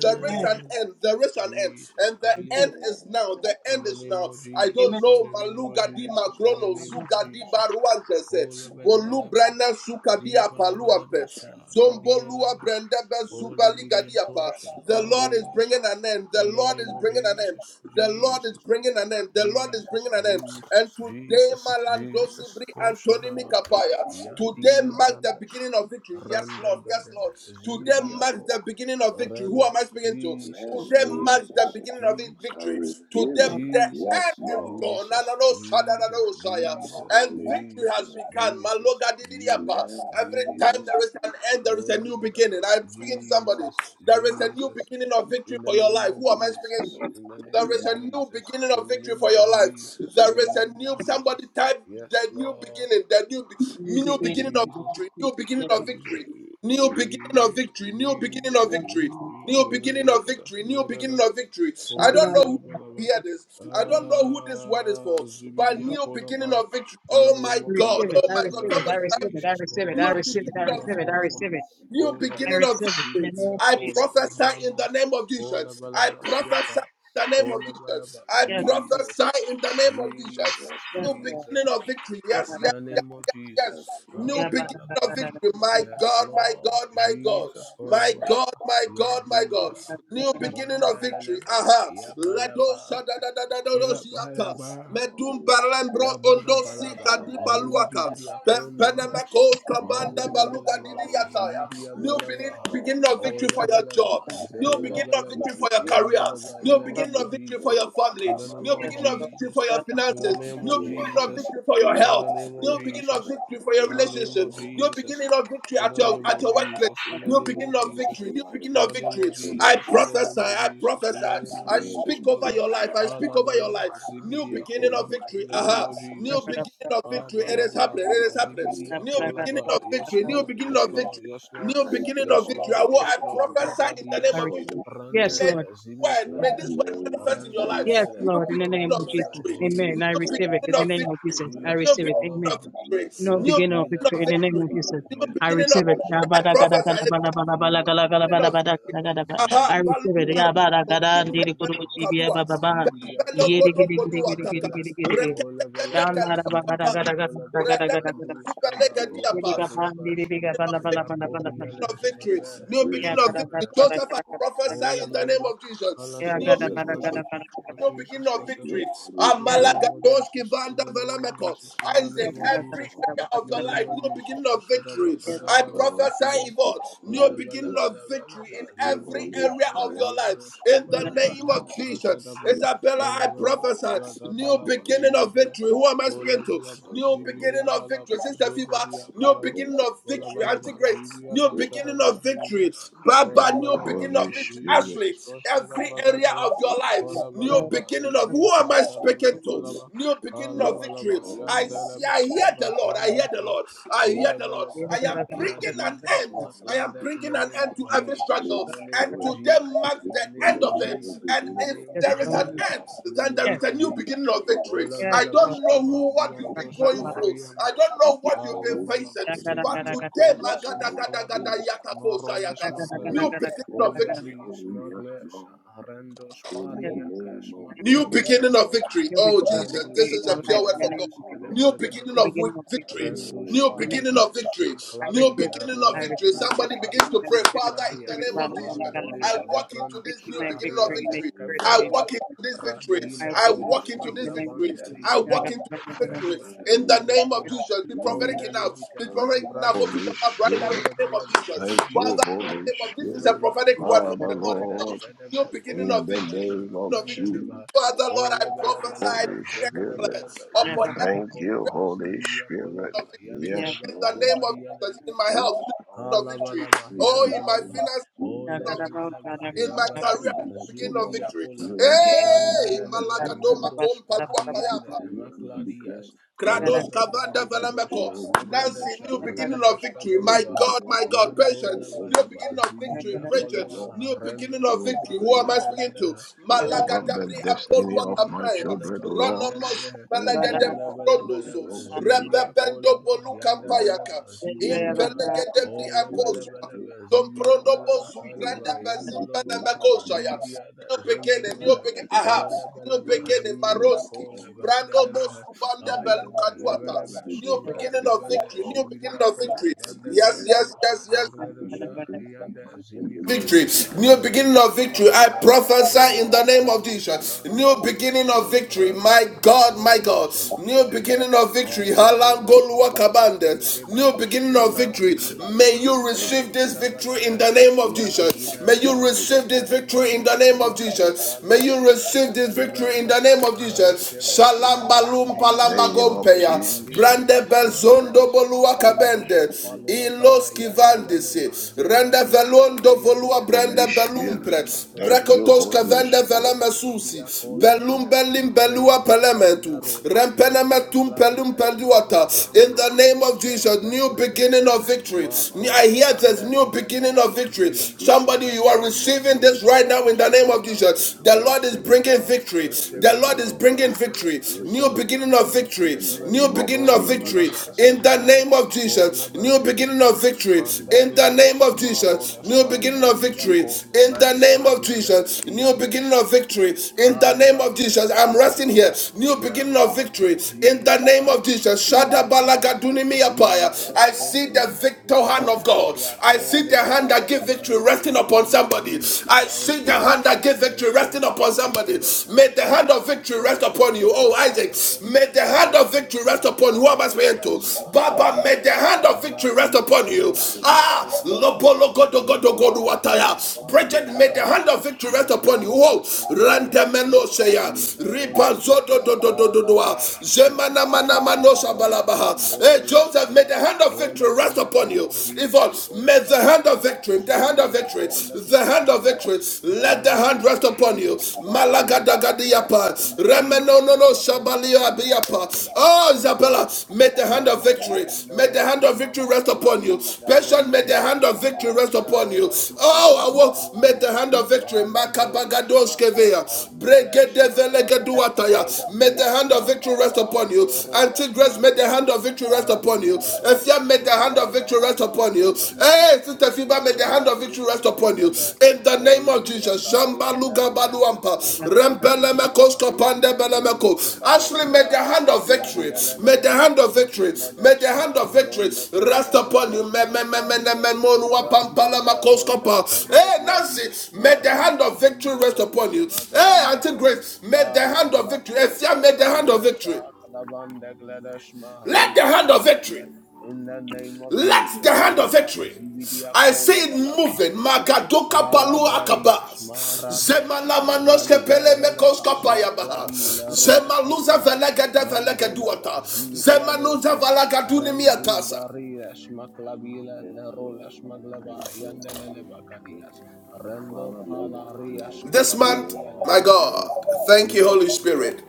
A: there
B: amen.
A: is an end. There is an end.
C: Jesus.
A: And
C: I
A: the end
C: believe
E: Amen.
A: is now. The
C: in
A: end
C: the
A: is
C: name
A: now.
C: of
A: I don't
C: Jesus.
E: Amen.
C: In
A: know.
C: the name of
A: Maluga di
C: Jesus. In the
A: magrono.
E: Amen.
C: name of
A: Suga di
C: Jesus.
A: baruantes. eh,
C: Oh, la bella
B: Amen.
A: Bolu
C: bella ba.
A: brenda suka di
C: Di bala bala
A: apaluampe.
C: basa.
B: Lord.
C: Kadia
A: Zombolua
C: lebas.
A: brendebe
C: Holy
A: zubali gadiapa.
C: bidiatosa.
A: The
B: Lord.
A: Lord is
C: Marilas.
A: bringing an end. The
C: In the
A: Lord is
C: name of
A: bringing an end.
C: Jesus.
A: The Lord is
C: Jesus.
A: bringing an end. The Lord is
C: Jesus,
A: bringing an end.
C: Jesus,
A: And today,
C: Jesus,
A: my
C: Jesus,
A: Malandosi Bri Antonimi
C: Koshadaba,
A: Kapaya. Today
C: Yadile
A: marks the
C: Brandas,
A: beginning of victory. Yes,
C: Randa
A: Lord.
C: da
A: Yes,
C: da
A: Lord.
C: da,
A: Today
B: Amen.
A: marks
C: Zibidiako,
A: the beginning of victory. Who am I
C: Ranas,
A: speaking to?
C: Jesus,
A: Today
B: Amen.
A: marks the
C: Jesus,
B: I
A: beginning of vi-
B: receive it. I
C: Jesus,
A: victory.
B: receive
A: Today
B: it.
A: the
B: Yes,
A: end
C: Jesus,
A: is
B: Lord.
A: gone. Na,
C: Jesus,
A: na, no, sa, da, da,
C: Jesus,
A: no, sa, ya.
C: Jesus,
A: And
B: Holy
A: victory has
C: Jesus,
B: Spirit.
A: begun.
C: Jesus,
A: Maloga di, di, di, apa.
B: Amen.
C: Jesus,
A: Every time
B: Amen.
A: there
C: Jesus,
A: is an end, there is
C: all
A: a new
C: about
A: beginning.
C: about
A: I'm speaking to somebody.
C: Jesus,
A: There is a new
C: Jesus,
A: beginning of victory
C: in the
A: for your
C: name
A: life.
C: of
A: Who am I speaking
C: Jesus,
A: to?
B: Amen.
C: in the name
A: There is
C: of
A: a
B: Amen.
A: new
C: Jesus,
A: beginning of
C: in the
A: victory
C: name
A: for
C: of
A: your life.
C: Jesus, in
A: There
C: the
A: is a
C: name of
A: new somebody
C: Jesus,
A: type
C: yes,
A: the new
C: Lord.
A: beginning, the new be-
E: New
A: new
E: beginning.
A: beginning of
C: Jesus.
A: victory, new beginning of
C: Jesus,
A: victory, new beginning of victory, new beginning of
C: Jesus, Jesus,
A: victory,
C: eh,
A: new
C: yada
A: beginning of
C: yakada,
A: victory, new
C: yada da,
A: beginning of victory. I
C: kola
A: don't know
C: bala
A: who
C: bala ba,
A: hear this. I don't know who this word is
C: ah,
A: for, but
C: zubidia
A: new
C: kola
A: beginning
C: ba.
A: of victory.
C: In the
A: Oh my
C: name of
A: God!
E: receive it.
A: Oh
E: I
C: Jesus,
A: my
C: in
A: God!
C: the
E: receive it. I
A: Somebody
C: name of
A: type
E: receive it. I
C: Jesus,
E: receive it.
C: kola
E: I
A: new
C: ba,
A: beginning
E: receive it. I
A: of victory
C: zibidia
E: receive it. I
C: kola ba,
E: receive it.
A: new
C: kola
E: I
A: beginning
C: bala ba,
A: of
E: receive it. In the name
A: victories.
C: zibidia
E: of
A: I
C: kola
E: Jesus.
C: ba,
A: prophesy in the
C: randas,
A: name of
C: kola
A: Jesus.
C: bala
A: I
C: ba,
A: prophesy
C: siata,
A: in the name of
C: kola bala ba,
A: Jesus. I
E: Yes, Lord.
C: Jesus,
A: prophesy in the name of Jesus.
B: Yes,
C: Jesus,
E: Yes,
A: New
B: Lord.
E: Lord.
C: Jesus.
A: beginning of victory. Yes,
C: In
A: yes,
E: Yes,
C: the
A: yes,
C: name of
B: Yes, Lord.
C: Jesus,
B: Yes,
A: yes. New
B: Lord.
C: kale
A: beginning
C: bala ba.
A: of victory. My
C: Yes,
A: God, my
C: Lord.
A: God, my God.
C: Jesus,
B: Yes,
A: My God,
C: Kolabalaba.
A: my God, my God.
C: Yadusha.
A: New
B: yes,
A: beginning of victory.
C: Mandalaba.
A: Aha. Ledo
C: Yabalaba.
B: Lord.
A: sadadadadadosiata.
B: The
C: Yabalaba.
A: Medum
B: Holy
A: barembro ondo
C: Yabalabalaba,
A: sika
B: Spirit.
A: di baluaka.
C: zibidi akondables,
A: Pempenemakos
B: Holy Spirit.
C: mandalalalaba, zibidi
B: Yes, Lord.
A: New
B: Yes,
C: abalaba,
A: beginning, beginning
B: Lord.
A: of victory for your
C: olabalaba,
B: In
A: job.
B: the
A: New
B: name
A: beginning
B: of
A: of
C: zebalabalaba,
A: victory for
B: Jesus,
A: your career.
B: thank
C: yandolaba,
B: you,
C: in
A: New
C: the
A: beginning
C: name
B: Holy
C: of
A: of victory for
C: Jesus,
A: your
B: Spirit,
A: family.
C: in the
B: Father,
C: name
A: New
C: of
A: beginning of
B: Lord.
A: victory
C: Jesus,
A: for your
C: in the
A: finances.
C: name
B: The
A: New
C: of
B: beginning
A: beginning
B: of
A: of
C: Jesus,
A: victory for your
B: victory,
C: in the
A: health.
C: name of
B: every
A: New beginning of
C: Jesus,
B: aspect
A: victory
B: of
A: for
B: my
A: your
C: in the
B: life, O
C: name
A: relationship.
C: of Jesus,
B: Lord.
A: New beginning of victory
B: Lord, I
C: in
A: at
C: the
A: your
C: name
A: at
C: of
A: your workplace.
C: Jesus, in the
A: New
C: name
B: declare
C: of
A: beginning of
B: over
C: Jesus,
B: the
A: victory, new
B: life
A: beginning
C: in
B: of
C: the
A: of
B: my
C: name
A: victory.
C: of
B: children,
A: I
C: Jesus,
B: I
C: in the name
A: prophesy,
C: of
A: I
C: Jesus, in
A: prophesy,
C: the name of
A: I
B: beginning
C: Jesus,
B: of
A: speak over your
B: victory
A: life,
B: over
A: I speak
B: my
A: over your
C: Alabalaba
A: life. New
B: finances,
A: beginning
B: over
A: of
C: Zibidiakola
B: my
A: victory,
C: in the name
A: aha,
B: business,
C: of
A: new
C: Jesus.
B: Lord.
A: beginning of
C: Ah,
A: victory. It
B: In the
A: is happening, it
B: name
C: balabalaba,
A: is
B: of
A: happening.
C: Zibidia
B: Jesus,
A: New
C: Kola
B: thank
A: beginning
C: ba
A: of
B: you,
C: Yes,
A: victory, new
B: Holy
E: Lord.
C: Lord,
A: beginning
C: yes,
A: of
B: Spirit.
C: Lord,
A: victory,
C: yes, Lord,
A: new
B: Thank
A: beginning
B: you,
A: of
C: yes,
A: victory.
B: Holy
C: Lord,
A: I will,
C: yes,
A: I
B: Spirit.
C: Lord.
A: prophesy in
B: Thank
A: the
B: you,
E: I
A: name
C: Gabadias,
A: of
E: receive
A: Jesus.
B: Holy
E: it.
C: Randa
E: Yes,
B: Spirit.
A: May
E: Lord.
C: de
A: word,
B: In
A: may this
C: Zimiklades.
B: the
A: word
B: name of
A: manifest in your
C: Randa da. Zimikladas,
B: Jesus,
E: Yes,
A: life.
C: Randada,
B: thank
A: New
E: Lord, in the name
A: beginning
E: of
A: of
C: Gabalabalaba,
B: you,
E: Jesus.
A: victory,
B: Holy
E: Amen.
A: new
E: I
C: Jesus,
E: receive
B: Spirit.
E: it in
A: beginning
E: the
A: of
C: Kolabalaba,
E: name of
A: victory,
E: Jesus. I
B: Yes,
A: new
C: Jesus,
E: receive it.
C: Kola
A: beginning
C: ba.
A: of
E: Amen.
C: Kolaba,
B: Lord. Yes,
A: victory,
E: No
A: new beginning
B: Lord.
E: beginning of victory
C: Yandilaba,
A: of
E: in the
B: The
E: name
A: victory,
E: of
C: Skaba,
E: Jesus.
B: beginning
A: new
B: of
E: I
B: victory
A: beginning
C: Jesus,
A: of
B: in
E: receive
A: victory.
E: it.
A: I
C: Koshadaba,
B: every aspect
A: prophesy
B: of my
C: Yandilaba,
A: beginning of victory.
B: life.
C: Kolabalaba,
A: Aha, balu
B: You they
A: bari
C: Zibidiakolaba,
B: can't
A: kosum
B: help me.
A: de
C: Kola balaba
A: kadua.
C: laba
B: Over my
C: zibidiya
A: Bembelo
C: kola
B: destiny, over
A: kodo kodo
B: my
A: ataka.
C: bahayandala
B: depression,
C: kola
A: Rekete kete
C: balaba
A: kalua kapas.
C: zibidiya kola
A: Redene
B: over my
C: bahayandu
A: mezubele
C: skaba
B: dolor, my family.
A: gediapa
C: yandagleba shadaba
A: of victory, new
C: yakodiya
A: beginning of
B: In the
A: victory,
C: leshmagle
B: name of
A: new beginning of
E: I
B: Jesus,
C: vendele
A: victory.
E: receive it.
A: Joseph, I
E: Yeah,
A: prophesy
C: Hola,
A: in the name
C: balaba.
A: of
C: Kala
A: Jesus. New
E: Yeah,
B: thank you, Holy Spirit. Thank
E: gotta,
B: you,
C: Jesus,
E: gotta,
A: beginning
E: got
A: of
B: Holy
C: Koshat.
B: Spirit.
C: Oh,
B: Thank
A: new
B: you,
A: beginning
C: Jesus,
A: of
C: Koshat.
A: victory.
B: Holy
C: In the
E: Yes,
B: Spirit.
C: name
E: Lord.
C: of
A: Amalagadosh
C: Jesus, in
A: Kivanda
C: the name of
A: Velameko.
C: Jesus, in the
E: Yeah,
B: Yes,
A: Isaac,
C: name
B: Lord.
C: of
E: gotta, gotta,
A: every
C: Jesus,
E: gotta,
A: area
C: in
A: of
C: the
A: your
C: name
A: life,
C: of
A: new
C: Jesus,
A: beginning of
C: Koshat.
A: victory.
E: Yes,
C: Bagada,
B: Yes,
A: I
E: Lord.
B: Lord. Yes,
C: zibi.
A: prophesy,
B: Lord. Thank you,
A: Yvonne, new
B: Holy
C: Hola, balaba,
A: beginning
B: Spirit.
A: of victory
C: balaba,
A: in
B: Thank you, Holy Spirit. Yes, Lord. Yes, Lord. Your
C: zibi,
A: every
B: Holy
A: area
C: diakala,
A: of
B: Spirit.
A: your life.
C: liadoshka,
A: In
E: Yeah,
A: the
E: gotta,
C: balaba,
A: name
E: gotta,
C: yan,
A: of Jesus.
C: Koshat.
A: Jesus. Isabella,
C: Hola,
A: I prophesy
C: balaba,
A: new
C: balaba,
A: beginning
C: zibi,
A: of
C: dia.
A: victory. Who am I
C: Hola,
A: speaking to?
C: balaba,
B: Thank
A: New
B: you,
C: zibi,
A: beginning
C: dia,
B: Holy
A: of victory.
C: balaba,
A: Sister
C: zoba,
A: Fiba, new
C: diakala.
A: beginning of
C: Hola,
A: victory.
C: balaba,
A: Auntie Grace,
C: zibi,
A: new beginning
C: shadaba,
A: of victory.
C: Jesus. Ola
A: Baba, new
C: bala
A: beginning
C: bala
B: Holy
A: of
C: ba
A: victory.
B: Spirit.
A: Ashley,
C: Jesus koshada
A: every area
C: bagada ba.
A: of your life,
C: Ola
E: got
A: new
C: bala ba
A: beginning of
C: zibi
A: who am I
C: khashada ba
A: speaking to?
C: kola
B: Yes,
C: ba.
A: New beginning
C: Ola
B: Lord.
A: of
B: Yes, Lord.
C: bala
A: victory.
C: ba
A: I
C: yandela
A: see,
C: ba
A: I hear
C: skaba
A: the Lord. I. I
C: handa
A: hear the
C: ka.
A: Lord. I
B: Yes,
A: hear
C: Ola
A: the
C: bala
A: Lord.
E: Yeah,
C: ba
A: I
E: gotta,
A: am
E: gotta, gotta,
A: bringing an
C: yadila
A: end. I am
C: smaklanda in
A: bringing
C: the
A: an
C: name
A: end
C: of
A: to every
C: Jesus.
B: Lord.
A: struggle.
C: In the
B: Yes, Lord. Thank you, Holy
C: name
A: And
B: Spirit.
C: of
A: today
B: Thank
C: Jesus.
A: marks
C: In
A: the
B: you
C: the
B: for the
C: name
A: end
C: of
A: of it.
B: beginning,
C: Jesus.
A: And
C: In
B: beginning
C: the
A: if
B: of
C: name
E: Yes,
C: of
B: it,
A: there is
B: O
A: an
E: Lord.
C: Jesus.
A: end,
B: Lord.
C: In the
A: then there
C: name
A: is
E: Yes,
A: a
C: of
A: new
B: Thank
C: Jesus.
A: beginning
B: you,
A: of
B: O
A: victory.
C: Ola
B: Lord.
E: yes,
A: I
C: bala
E: Lord.
A: don't know
B: Thank you,
C: bashkaba
A: who what
E: Yeah,
B: Holy
A: you've been
E: gotta,
C: liandosh
E: gotta,
A: going
B: Spirit.
C: ba
A: through. I
C: ariandesh.
A: don't
B: Thank
A: know what
B: you,
A: you've
C: Ala
A: been
B: Holy
C: bala
A: facing.
C: ba
E: Yeah,
B: Spirit.
E: gotta,
A: But
E: gotta,
C: zibidia
E: got
A: today,
B: Thank
C: kola
B: you, Holy Spirit.
C: smaklabis marola
E: Yeah,
A: Magadagadagadayatakosayaga,
E: gotta,
B: Holy
C: smagles.
E: gotta,
B: Spirit,
A: new
E: gotta,
A: beginning of
C: Ola
A: victory.
C: blis
B: come, yes,
C: smagles
B: Lord,
C: arendos
B: in
E: Yes,
B: the
C: pariakas
B: name of
E: name of
A: New
B: Jesus.
E: Jesus.
C: maklabila
A: beginning of
C: rolas
A: victory.
E: You're the
A: Oh,
E: beginning of
A: Jesus,
C: rendus
A: this
E: victory
A: is
E: in my
A: a pure
E: life in
A: word from
E: the
A: God.
E: name
C: paliandes
E: of
B: Oh, Lord, oh,
E: Jesus.
A: New beginning
E: the
A: of
C: gelebelgadosas.
A: wi-
E: beginning of
A: victory.
E: victory in
B: oh,
C: Rendus
A: New
E: the name
A: beginning
E: of
A: of
C: parias
E: Jesus.
A: victory.
E: I
A: New
E: receive it.
C: maklabila
A: beginning of
C: rola
E: I
B: oh,
A: victory.
E: receive it. I
A: Somebody
E: receive
A: begins
E: it.
A: to
E: I
C: mandifaluas
A: pray,
E: receive it.
A: Father,
E: I
A: in the
C: maklabia.
E: receive it.
A: name of
E: Lord, I don't know, God,
A: Jesus,
E: I don't know.
A: I
C: Andelia
A: walk into
E: I
A: this
C: lebrandus
E: receive
A: new
E: my
A: beginning of
E: victory in
C: pariande
E: the
A: victory. I
B: oh,
E: university in the
C: kefelos
E: name
A: walk into
E: of
A: this
E: Jesus.
A: victory.
E: I
C: Radila
A: I
E: walk
C: rola
E: in
A: walk into
E: victory in
A: this
E: the
C: smagla
E: name of
A: victory.
E: Jesus.
C: bandeli,
A: I
E: I
A: walk
E: got-
A: into
E: I
C: conde
E: got-
A: this
E: I
A: victory.
E: got-
C: fledos
A: In
B: in
A: the name of
C: smagladia
A: Jesus, be
B: the name
A: prophetic
B: of
C: onda
A: enough.
B: Jesus.
C: libita
A: Be
B: Thank
A: prophetic
B: you,
A: enough. Open
C: lebradis
B: Holy
A: your mouth right now in
B: Spirit.
C: ola
A: the name of
C: balaba
A: Jesus.
B: Thank you,
A: Father,
C: zibidia
A: in the
B: Holy
C: cola
A: name of this is
C: banda
A: a
B: Spirit.
A: prophetic
C: vladus
A: word from
B: Father,
A: the Lord
C: maglada
A: Himself.
B: Lord,
C: shadaba
A: New beginning
B: in
A: of
B: the
C: godavia
A: victory. New
B: name of
A: beginning of victory.
B: Jesus.
C: smaglandeleva
A: Father, Lord, I
C: ola
A: prophesy
C: balabalaba
B: Holy
A: greatness
B: Spirit.
C: zebalabalaba
E: Yeah,
A: upon
E: God, I got- it. Yeah, God, I
C: zibidia
A: every
B: Thank
E: got- it.
C: cola
B: you, Holy
C: zibidia cola
B: Spirit.
A: of victory.
B: Yes,
E: yeah.
C: yandalaba
A: In the
B: Lord.
A: name of
C: zovadia
A: Jesus, in my
B: Yes,
A: health, new beginning
B: Lord.
A: of victory.
C: Kalabalaba,
B: In the
A: Oh, in my
B: name
C: Yandolaba,
A: finances,
B: of
E: God, I
A: new
B: Jesus,
E: got
A: of
E: about- I got-
C: Oleleleleba,
E: I
A: victory.
B: in
A: In
B: my
A: my career,
C: Yabalaba,
A: new
B: business, O
A: beginning of
B: Lord,
A: victory.
C: Zubidiakola,
B: you
A: Hey,
B: will take
C: Yandelelebe,
B: victory, O
A: Malagado
B: Lord.
C: Mendo
A: Makom
E: got- I
A: Palua
E: got-
C: Spari
B: I
C: and
E: it.
A: Payapa.
B: decree and I declare,
C: Makladias,
B: you will
E: Thank
A: Krados
C: Randa
B: take
A: Kavanda
B: of
C: Balegadosha,
B: victory
A: Valameko.
B: over my
A: Nancy,
C: Megladesha,
A: new
B: destiny.
A: beginning of
B: You
A: victory.
B: will
A: My
B: be
C: Rendeshkabalaba,
A: God,
B: taking
A: my
B: of
A: God,
B: victory
A: patience, new
B: over
C: Yandolabalaba,
B: my
A: beginning of victory.
B: finances, O
A: Bridget,
B: Lord.
C: Zibidiakolaba,
A: new beginning of
B: Lord,
C: Rendoshkaba,
A: victory. Who
B: beginning
A: am I speaking
B: of
A: to?
C: Yandeleleha,
B: victory
A: Malaga
B: over the
A: Dabri
C: Olebelebe,
B: destiny
A: Apolua
B: of my
A: Campea.
B: children,
C: Zibidiakolaba,
B: O Lord.
A: Ronomos
C: Yandeleleha,
B: You begin
A: Pelegade
B: our victory
A: Ronoso.
C: Olebelebelebe,
B: over the life of my
A: Rebebendo
C: Zibidiakolaba,
A: Bolu
B: spouse, O Lord.
A: Campayaka.
C: Yandeleleba,
B: You
C: Zibidiaha,
B: begin our
A: Impelegade Bri
C: Oh,
B: victory
C: leba,
B: in
C: leba,
A: Amposua.
B: every
C: leba,
A: Don't
C: zibidi,
B: aspect of
C: leba,
A: prondo
B: my
C: leba,
B: life,
A: bosum
C: ka,
B: O
C: leba,
A: pranda
B: Lord. I
C: yando,
A: bazimba
C: leba,
A: na
B: decree
C: leba,
B: and I
A: makoshaya.
C: zibidi,
B: declare
C: da
A: New
B: as
C: zeme,
B: we
A: beginning,
C: leba,
A: new
C: he.
B: begin
A: beginning,
B: this
A: aha,
C: Oh,
B: month of
C: leba,
A: new
C: leba,
A: beginning,
C: zibidi,
B: September, O
A: Maroski,
C: ako,
B: Lord,
C: leba, hande,
A: Brando
C: lele, he.
A: Bosu Banda
B: may there
C: Ayande,
A: Baluka
B: be a
C: leba,
B: long
C: leba,
A: Duata, new
B: beginning
C: shkabe,
B: of
A: beginning of
C: leba,
B: victory, O
C: nde,
A: victory, new
B: Lord.
C: shibidi,
A: beginning of
C: ako,
A: victory.
B: Let
C: leba, nde,
B: every
C: li,
A: Yes,
B: ache,
A: yes,
C: ako, se,
A: yes, yes,
C: vegle, do, sha,
B: stagnation,
C: li, yande,
B: setbacks, and
C: zimi, kle,
B: delays,
A: victory,
C: do,
B: O
C: sha,
A: new
B: God,
C: rendo,
A: beginning of
C: spa,
A: victory. I prophesy in
C: kola,
A: the name of
B: in
C: blados
B: the
A: Jesus.
C: ma
A: New
B: name of
C: kladia,
A: beginning of
B: Jesus,
C: ma
A: victory, my
C: rande,
A: God, my
C: vendoro, la,
A: God.
C: sma,
A: New
C: klabia,
A: beginning of victory.
C: Hallelujah, Shmandi, Ale,
A: Halangoluwakabande. New
C: Gevalosh,
A: beginning of victory.
C: Marandi,
A: May
C: Ilashma,
A: you receive this
C: Bradoshka,
A: victory in
C: Balada,
A: the name of Jesus.
C: Yagida,
A: May you
C: Runda,
A: receive
C: in the
A: this
C: name of
A: victory in the
C: Jesus,
A: name of
C: Mando,
A: Jesus. May
C: Falusha,
A: you receive this victory in
C: Yabalabasa,
A: the name of Jesus.
C: Aresheven, in the
A: Shalom
C: name of
A: balum
C: Jesus,
A: palamba
B: Name of
C: Kandi,
A: gompeya.
C: Vali,
B: Jesus.
C: and the
A: Brande belzondo
C: smugglers, Limando,
A: boluwakabende.
C: Faluata,
A: Ilos
C: Yandaleva,
A: kivandisi, renda
C: Zemakleta,
A: velondo
C: Yande,
A: volua
B: Holy
A: brenda
B: Spirit.
C: Vendegles,
A: belumpre,
B: Thank you,
C: Makladia,
A: brekotos
B: Holy
A: kavende
C: Rola,
B: Spirit.
C: Mandi,
A: velemasusi,
C: Pidia,
B: Yes,
A: belum
C: Condegles,
A: belim belua
C: Rinde vanda
A: pelementu,
C: rolas mande
A: rempenemetum
C: bloody
A: pelum
C: smuggle
A: peluata. In
C: bandos
A: the name of
C: viake
A: Jesus, new beginning
C: vegledosa
A: of victory.
C: ma
A: I
C: cole
A: hear there's
C: vanda
A: new
C: in the
A: beginning
C: name
A: of
C: of
A: victory.
B: yes,
C: Jesus in
A: Somebody,
C: the
A: you are
C: name of
A: receiving this
C: Jesus
A: right
C: I
A: now in the
C: receive
A: name
C: it
A: of
C: now
A: Jesus.
C: I
A: The Lord is
C: receive it
A: bringing
C: now I
A: victory.
B: I
C: receive
B: receive,
A: The
C: it
A: Lord is
C: now I
A: bringing
C: receive it
B: I
A: victory.
C: I
A: New
C: receive it I
A: beginning of
C: receive it I
A: victory
B: in
C: receive
B: the
A: victory,
C: it
A: new
B: name of
A: beginning of
C: cola
A: victory
B: Jesus.
C: balaba
A: in the
C: sebalada
A: name of
C: cola
A: Jesus, new beginning
C: balabalaba
A: of victory
C: Manda
A: in the
C: gladas
A: name of Jesus,
C: marolas
A: new
C: ma
B: Name
A: beginning
B: of
A: of
C: bidia
A: victory
B: Jesus.
C: cola
A: in the
C: bas
A: name of
C: maglada
A: Jesus, new
C: liandes
A: beginning of victory in the name of
C: Alebande
A: Jesus. I'm resting here,
C: Makaladosha
A: new beginning of
C: Yalalaba
A: victory in the name
C: Jesus
A: of Jesus.
C: Jesus
A: Shadabalagaduninimiapaya. I
C: Jesus
A: see the
C: Komande
A: victor hand
C: Vende
A: of God, I see
C: Ayatole
A: the hand that
C: Blas
A: gives
C: Ma
A: victory resting
C: in the
A: upon
C: name of
A: somebody,
C: Jesus
A: I
C: I
A: see the
C: receive it
A: hand that gives
C: I
A: victory
C: receive
A: resting
C: it
A: upon
C: I
A: somebody
C: receive it
A: somebody.
C: I
A: May the
C: receive
A: hand
C: it
A: of
C: I
A: victory
C: receive
A: rest
C: it I
A: upon you.
C: receive
A: Oh,
C: it I
A: Isaac,
C: receive it
A: may the
C: I
A: hand of
C: receive it
A: victory rest
C: Ma
A: upon you. Who am I
C: kola
A: speaking to?
C: bras Ma
A: Baba, may the
C: clavias
A: hand of victory rest
C: Rabbi
A: upon
C: la
A: you.
C: rolas Ma
A: Ah,
C: clavia
A: Lobolo
C: babala
A: Godo Godo
C: Dima
A: Godo
C: rolas
A: Wataya.
C: Ma clavia
A: Bridget, may the hand of victory rest upon you.
C: Mandoro
A: Oh,
C: lashmare
A: Randamelo Seya.
C: shmaklavi la rondebe
A: Ribanzodo do do do do do. do.
C: alara
A: Zemana mana
C: lashmaklavi
A: mano
C: la ronde
A: sabalabaha.
C: fendoro
A: Hey, Joseph, may
C: lashkaba.
A: the hand of
C: Ola
A: victory rest
C: in the
A: upon
C: name
A: you.
C: of
A: Yvonne,
C: Jesus. Kola
A: may
C: lava,
A: the
C: lava,
A: hand
C: ba
A: of
C: la ba.
A: victory, the hand of
C: Zuvidia
A: victory,
C: konda
A: victory, the
C: glass
A: hand of victory,
C: maglas.
A: let the hand
C: Randi
A: rest
C: le
A: upon you.
C: brando spari mako fan
A: Malagadagadiapa,
C: de blis
A: Remenonono
C: maronde binare
A: Shabaliabiapa. Oh, Isabella,
C: shmaklavias.
A: may the hand of
C: Randa
A: victory, may the hand
C: Fenderolas
A: of victory
C: Manda
A: rest upon you.
C: Bloody La
A: Patient, may
C: Ronda
A: the hand
C: Glass
A: of victory
C: Magle
A: rest upon you.
C: Merolas
A: Oh, I will, may
C: Magle
A: the hand of victory,
C: Malabrola, Schmakla
A: Makabagadoskevea,
C: Pandegle, Schmaklave,
A: Bregedevelegeduataya, may the
C: Oleblia,
A: hand of victory
C: Schmakla
A: rest upon you.
C: Pandorola,
A: Until grace, may the hand
C: Schmaglash,
A: of victory rest upon you.
C: Radila
A: If
C: Rola,
A: you may the hand
C: Schmakla
A: of victory rest
C: Baba,
A: upon you.
C: Duma
A: Hey,
C: Nigletu,
A: Sister Fiba, may the hand
C: Schmagleba,
A: of victory rest
C: Liban
A: upon you.
C: Neglede,
A: In the name of Jesus.
C: Olebliata, Yandevlendes, Maglebandushma, Riandevlendos
A: Ashley, may the
C: Kabalada,
A: hand of victory, may the
C: Yandelelelebe,
A: hand of victory, may the
C: Zimkledeshma,
A: hand of victory
C: Ronde Vende,
A: rest upon you.
C: rolashma, Clavies, Randila, Ronde Vendo
A: Hey, Nancy,
C: Gladish,
A: may the hand
C: Marande,
A: of victory
C: Vendo
A: rest upon
C: Rolesh,
A: you. Hey, Auntie
C: Magleandeles,
A: Grace, may the
C: Kala
A: hand of victory. Efia,
C: Blakoshe,
A: may the hand of
C: Megledesha,
A: victory.
C: Klavande Gledeshma,
A: Let the
C: Role
A: hand of
C: Bandegle,
A: victory.
C: in the name of
A: Let the
C: Jesus,
A: hand of
C: Kolaba,
A: victory.
C: Zibidia,
A: I see it
C: Kolaba,
A: moving. Magadoka palu
C: Alabradias,
A: akabas.
C: Marades,
A: Zemala manoske pele mekoska
C: Randevelacas,
A: payaba.
C: Maclavi, Lerolas,
A: Zemaluza
C: Macla,
A: velegede
C: mandola,
A: velegeduata. Zemanuza
C: Bazimicladosas,
A: valagaduni
C: Randu
A: miatasa.
C: Barrias, Maclavila,
B: Yes, Lord.
C: Lerolas,
B: Thank
C: Maglava,
B: you, Holy Spirit.
C: Yandelebacadias, Rando
B: Father, may the honor
C: Palarias,
A: This
B: be
A: month,
C: Colabadia,
A: my
B: all
C: Lelebe,
B: all of
A: God,
B: us
A: thank you, Holy
B: tonight.
C: Jesus.
A: Spirit.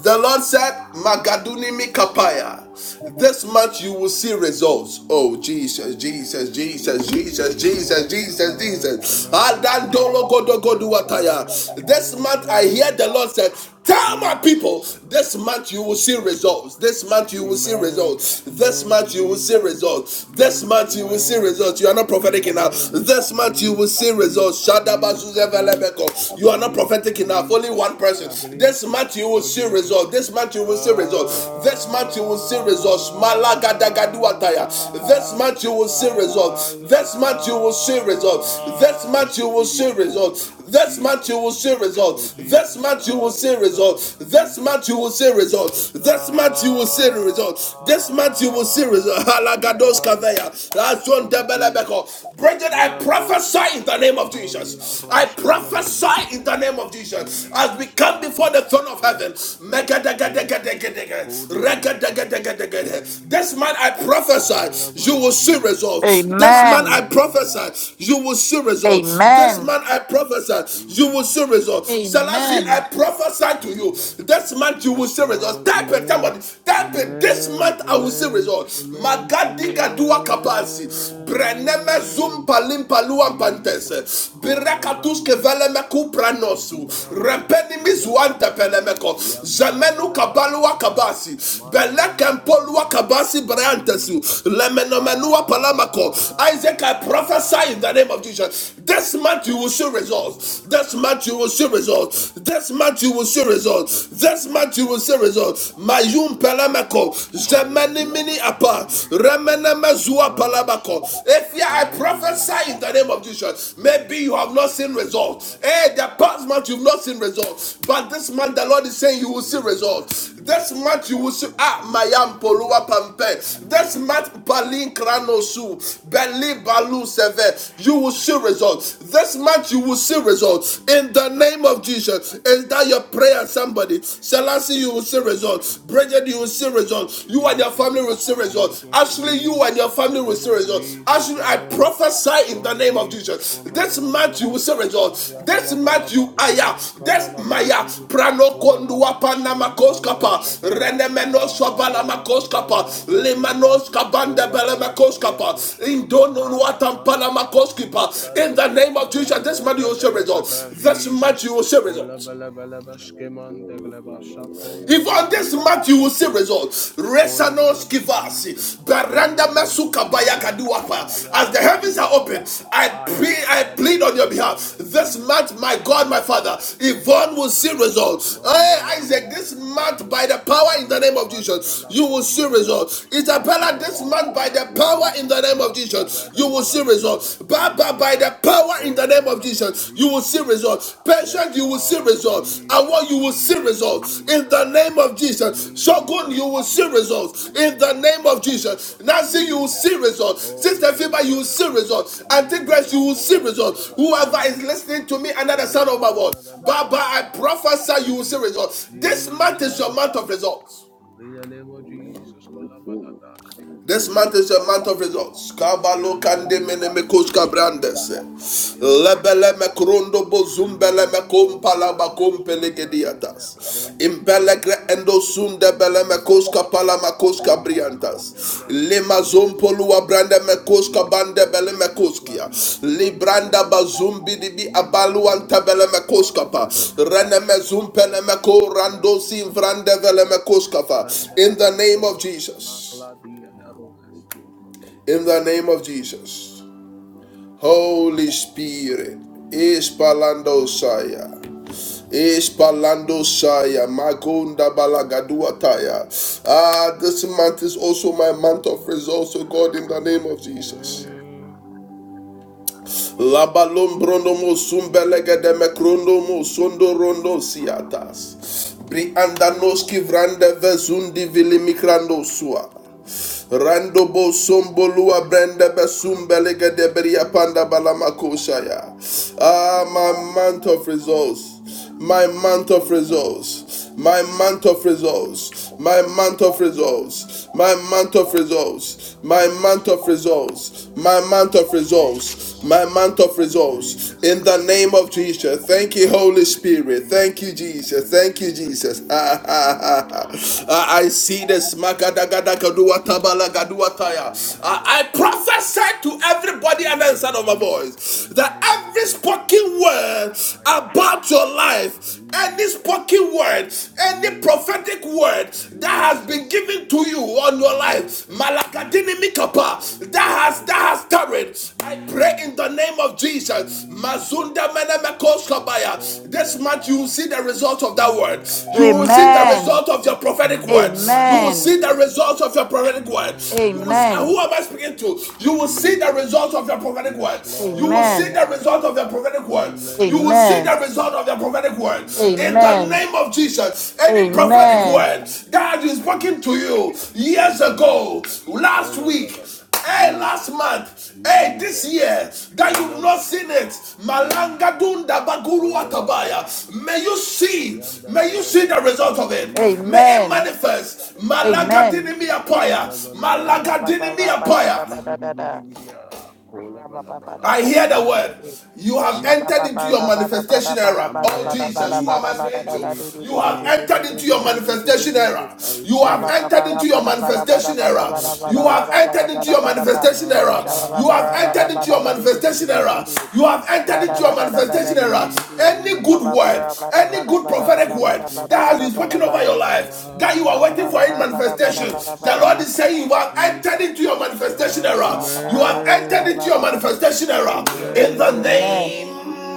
A: The Lord said, Magaduni Mikapaya. This month you will see results. Oh, Jesus, Jesus, Jesus, Jesus, Jesus,
C: Amen,
A: Jesus,
C: amen,
A: Jesus.
C: amen,
A: Adandolo
C: amen, amen, amen,
A: godogoduwataya. This
C: amen,
A: month I hear
C: amen.
A: the Lord said, Tell my people,
C: Jesus.
A: this month you will see
C: Yes, Lord.
A: results. This month you will see
C: Amen.
A: results. This
C: Amen. I
A: month you will
C: believe.
A: see results.
C: I
A: This
C: believe.
A: month you will see
C: Amen.
A: results. You are not prophetic enough.
C: Amen. I,
A: This
C: I
A: month you
C: believe.
A: will
C: I
A: see
C: believe.
A: results.
C: I believe. I believe.
A: Shadabazuzevelebeko.
C: I
A: You are not
C: believe.
A: prophetic
C: I
A: prophetic enough.
C: believe.
A: Only one person.
C: I believe.
A: This
C: Oh,
A: month you will
C: oh,
A: see
C: Jesus.
A: results. This month you will see results. This month you will see results. Malagadagaduataya. This
C: Ah,
A: month you will see
C: ah,
A: results. This month you will see results. This
C: yeah.
A: month you will see
C: Zubidia, God.
A: results. This month you
C: Jesus.
A: will see
C: Oh,
A: results. This
C: Jesus.
A: month you will
C: Ah,
A: see
C: yeah, da, da, da,
A: results. This
C: Jesus.
A: month you will see results.
C: Irasha
A: This month you will see results. This month you will see results. Halagados
C: Dubrades
A: kaveya. That's one
C: Mandus
A: debelebeko. Bridget, *laughs* I
C: Kilabros
A: prophesy in the name name of
C: Alia
A: Jesus. I
C: Rosh
A: prophesy
C: Kabalada
A: in the name of Jesus as we
C: Jesus
A: come
C: ah,
A: before the throne of
C: Jesus
A: heaven.
C: Jesus. Holy be let us,
A: This
C: Jesus.
A: man I
C: I
A: prophesy, you will
C: am
A: see
C: Jesus.
A: results. This
C: In
A: man
C: the
F: Amen.
A: I
C: name of Jesus.
A: prophesy, you will see results. This
F: Amen.
A: man I prophesy, you
C: Jesus.
A: will see results.
C: Jesus.
A: Selassie, I
F: Amen.
A: prophesy to you.
C: Holy Ghost.
A: This month you will
C: Yes,
A: see results.
C: Lord.
A: Type it,
C: Amen.
A: somebody. Type it. This
C: Amen.
A: month I will see
C: Amen.
A: results.
C: Amen.
A: Magadigadua kapasi. Breneme zum
C: Amen.
A: palim paluam pantes.
C: Jesus. Kola
A: Birekatus kevele
C: brandisas.
A: meku pranosu.
C: Radila rolas
A: Repeni mizuante
C: ayakadaba.
A: pelemeko.
C: Ya bala
A: Zemenu
C: bala ba
A: kabalua
C: shadaha.
A: kabasi.
C: Mandolo bolo
A: Belekempolua kabasi breantesu.
C: Jesus.
A: Lemenomenua palamako. Isaac, I prophesy in the
C: Ah.
A: name of Jesus. This month you will see results.
C: Kola
A: This
C: da.
A: month you will see results. This month you will see results. This month you will see results. Mayum pelemeko.
C: Kola
A: Zemeni
C: balaba
A: mini apa
C: zibidiya
A: remene
C: kola
A: mezua
C: randa shaba
A: palabako. If you I
C: kola balaba
A: prophesy in the name of
C: Jesus
A: Jesus, maybe you
C: Jesus
A: have not seen
C: kola
A: results. Hey, the
C: bayada
A: past month you've not seen results, but this
C: Jesus
A: month the Lord is saying you will see
C: kola balaba
A: results. This
C: siyas
A: month
C: ko
A: you will see
C: yanda
A: ah
C: la
A: mayam
C: balaba
A: polua
C: Jesus
A: pampe. This
C: aliyaka
A: month balin
C: Jesus
A: kranosu
C: koshada
A: beli
C: barandi
A: balu seve.
C: kanosas
A: You will see
C: maradi
A: results. This month
C: kola
A: you will see
C: balaba
A: results
C: Jesus
A: in the name of Jesus. Is that your
C: kola
A: prayer,
C: balaba
A: somebody? Shall
C: yanda
A: I see you
C: la
A: will see results?
C: shaba
A: results. Bridget, you will see results. You and your
C: Jesus
A: family will see results.
C: Jesus
A: Actually,
C: Jesus
A: you and your family will see
C: Jesus
A: results.
C: Jesus
A: Actually, I
C: uh,
A: prophesy in the
C: Oh
A: name of
C: Jesus,
A: Jesus.
C: kola
A: This
C: bala bala
A: month you
C: ba,
A: will see results.
C: aya
A: This
C: bala bala
A: month
C: ba,
A: you aya.
C: zia
A: This
C: kabala ba
A: maya
C: zibi,
A: prano
C: kola bala
A: kondua
C: ba sma
A: panama
C: randa
A: koskapa
C: shadaba,
A: renemenos
C: ala
A: kabalama
C: rola deba
A: koskapa
C: ha ya ba,
A: limanos kabanda
C: kola
A: belema
C: bala ba ya
A: koskapa
C: no shadaba
A: indono
C: randa
A: nuatan
C: bala
A: panama
C: ba zimi
A: In the
C: kladas,
A: name of Jesus, this
C: randa
A: month you will see
C: bedele
A: results.
C: bega
A: This
C: Jesus,
A: month you will see
C: kola
A: results.
C: bala bala ba
B: I
C: skeman
B: receive it
C: Degleba,
B: in the
C: shapon
B: name
C: degle
A: Even
B: of
A: this
C: sha
A: month you will see
C: Jesus,
A: results.
C: kola bala
A: Resanos
C: ba
A: kivasi,
C: Jesus. Ole
A: baranda
C: blinte
A: mesuka
C: smuggler,
A: bayakaduapa. As
C: singler,
A: the heavens are
C: smaronda.
A: open, I
C: Aya
A: pray, I plead
C: gadaba
A: on your
C: in the name
A: behalf.
C: of
A: This month,
C: Jesus.
A: my God, my Father,
C: Jesus ola
A: Yvonne will see
C: baladaha.
A: results. Hey, Isaac,
C: Mandelelebe
A: this month, by
C: kadosh
A: the power in the
C: aranda
A: name of Jesus,
C: kalabala
A: you will see
B: Jesus.
C: ponegles.
A: results.
C: Yes,
A: Isabella, this
C: Lord.
A: month, by the power in
C: Makladis,
A: the name of
C: maklada
A: Jesus,
C: da
A: you will see
C: balabalaba.
A: results. Baba but by
C: Zubidia.
A: the power in the
C: Ola
A: name of
C: balaba.
A: Jesus, you will see
C: Jesus.
A: results.
C: Yes,
A: Patient, you will see
C: Lord.
A: results. And what
C: Jesus,
A: you will see
C: Jesus,
A: results in the name
C: Jesus.
A: of Jesus. Shogun, you
C: Jesus,
A: will see
C: Jesus,
A: results in the
C: Jesus,
A: name of Jesus.
C: Jesus,
A: Nancy, you will
C: Jesus.
A: see results. Sister
C: Ola
A: Fiba,
C: bala
A: you will
C: bala
A: see results. Auntie Grace,
C: Jesus,
A: you will see
C: ola bala
A: results. Whoever is
C: Jesus,
A: listening to me under the sound
C: ola
A: of
C: da
A: my
C: da
A: voice,
C: da da da
A: Baba,
C: da da da
A: I
C: da da. da.
A: prophesy you will see
C: Je-
A: results. This month is your
C: Jesus,
A: month of results.
C: in the name of
B: Amen.
C: Jesus,
B: I
C: kola bala
B: receive it.
C: da
B: I
C: shi
A: This
B: receive
C: kale
B: it.
A: month
C: ba
A: is a month of
C: se.
A: results. Kabalo kande mene me koska
C: Yandelelebekadaba,
A: brandes.
C: Zikaloba,
A: Lebele me
C: Siyandelebekadus,
A: krondo bo zumbele me
C: Zibidiakola
A: kompala ba
C: Blandes,
A: kompele
C: Makladiele,
A: gediatas.
C: Ronde
A: Impelegre
C: Feluatas,
A: endo sunde bele me
C: Librande,
A: koska pala me
C: Scofa,
A: koska
C: Rima,
A: briantas.
C: Candevles,
A: Lima
C: Magleses,
A: zompolua brande me koska
C: Randile,
A: bande bele
C: Roles,
A: me koskia.
C: Maclavies,
A: Libranda ba
C: Mandelebebedes,
A: zumbi dibi
C: Dile,
A: abalu anta
C: Roles,
A: bele me
C: Macla,
A: koska pa. Rene
C: Dimares,
A: me zumpele me
C: Maroles,
A: ko
C: Magles,
A: rando sin
C: Maglos,
A: vrande vele me
C: Magles,
A: koska pa.
C: Rende,
A: In the name of
C: Vendoroles,
A: Jesus.
C: Macladiele, Roles.
A: In the name of Jesus. Holy Spirit. Ispalando Saya. Ispalando Saya. Magunda Balagaduataya. Ah, this month is also my month of results, oh God, in the name of Jesus.
C: Amen.
A: Labalom bronomo sumbelega de mecronomo sondo rondo siatas. Briandanoski vrande vezundi vili mikrando sua. Randobo sombolua brenda besumbelega deberia panda balamakoshaya. Ah, my month of results, my month of results, my month of results, my month of results, my month of results, my month
C: Jesus.
A: of results my month of results,
C: Jesus.
A: my month of results. In
C: Jesus.
A: the name of Jesus, thank you,
C: Jesus.
A: Holy Spirit. Thank you,
C: Jesus.
A: Jesus. Thank you,
C: Jesus.
A: Jesus. *laughs*
C: Jesus.
A: I I see the smakadagadakaduatabalagadua
C: Maria
A: I I
C: Noska.
A: prophesy to
C: In the
A: everybody and the
C: name of
A: sound of my
C: Jesus.
A: voice
C: In the
A: that
C: name of
A: every
C: Jesus.
A: spoken word
C: I am
A: about your life any
C: Jesus.
A: spoken word, any
C: Jesus.
A: prophetic word that has been
C: Jesus.
A: given to you on your life,
C: Jesus,
A: Malakadini
C: Jesus, holy
A: Mikapa, that
C: and
A: has that
C: tallest.
A: has tarried. I pray in the
C: Jesus,
A: name of Jesus. Mazunda
C: Jesus,
A: Menemekos
C: no
A: Kabaya. This month you will
C: coliata.
A: see the result of that word. You will see the
C: Amen.
F: Amen.
A: result of your prophetic words. You will
F: Amen.
A: see
C: Amen.
A: the result of your prophetic words. You will see,
C: Amen.
F: Amen.
A: who am I speaking to? You will see the
C: Jesus.
A: result of your prophetic
C: Yes,
A: words. You will see
F: Amen.
A: the result result
C: Lord.
A: of your prophetic
C: In the
A: word.
C: name
A: You will
C: of
A: see
F: Amen.
A: the result
C: Jesus.
A: of your prophetic word. In the
F: Amen.
C: Amen.
A: name of Jesus, any prophetic
F: Amen.
A: word
C: Amen.
A: that has been spoken to
C: Jesus.
A: you
C: Oh
A: years ago,
C: Jesus,
A: last
C: kola
A: week,
C: balaba,
A: hey, last
C: Jesus,
A: month, hey, this
C: Jesus,
A: year, that you've
C: kola
A: not seen
C: balaba,
A: it, Malanga
C: Jesus,
A: Dunda Baguru
C: kola balaba
A: Atabaya, may
C: laba,
A: you see,
C: ya da
A: may
C: da
A: you
C: da
A: see
C: da
A: the
C: da da,
A: result of it. May it
F: Amen.
C: Jesus,
A: manifest. Malaga
F: Amen.
C: Jesus,
A: dinimi apaya.
C: kola balaba
F: Da, ba,
C: laba
A: Malaga
F: ba, ba,
C: laba,
A: dinimi
F: ra, ba, da, ba,
A: apaya.
F: da, da,
C: zibidi
F: da, da.
C: bidi bidi ya,
F: Shabba
C: kola balaba laba,
A: I hear the
C: zibidi ya
A: word.
C: kala,
A: You have entered
C: Jesus,
A: into your manifestation era. Oh
C: Amen. I
A: Jesus, who
C: believe,
A: am I
C: I
A: speaking to?
C: believe, I
A: You have
C: believe,
A: entered
C: I
A: into your
C: believe,
A: manifestation era.
C: I
A: You
C: receive
A: have
C: it,
A: entered into your manifestation era.
C: I receive
A: You
C: it.
A: have entered into your
C: Uh,
A: manifestation era. You have entered into your manifestation
C: Jesus.
A: era. You have entered into
C: Uh,
A: your
C: I
A: manifestation era.
C: believe. I
A: Any
C: believe.
A: good word,
C: I,
A: any good
C: I
A: prophetic
C: believe
A: word
C: Jesus.
A: that has been spoken over your life, that you are are waiting for any
C: Uh,
A: manifestation,
C: Jesus.
A: the Lord
C: Je-
A: is saying you have entered
C: Jesus.
A: into your manifestation
C: Uh,
A: era.
F: Amen.
A: You have
C: amen.
A: entered into your manifestation era
B: Yes,
A: in the
B: Lord.
A: name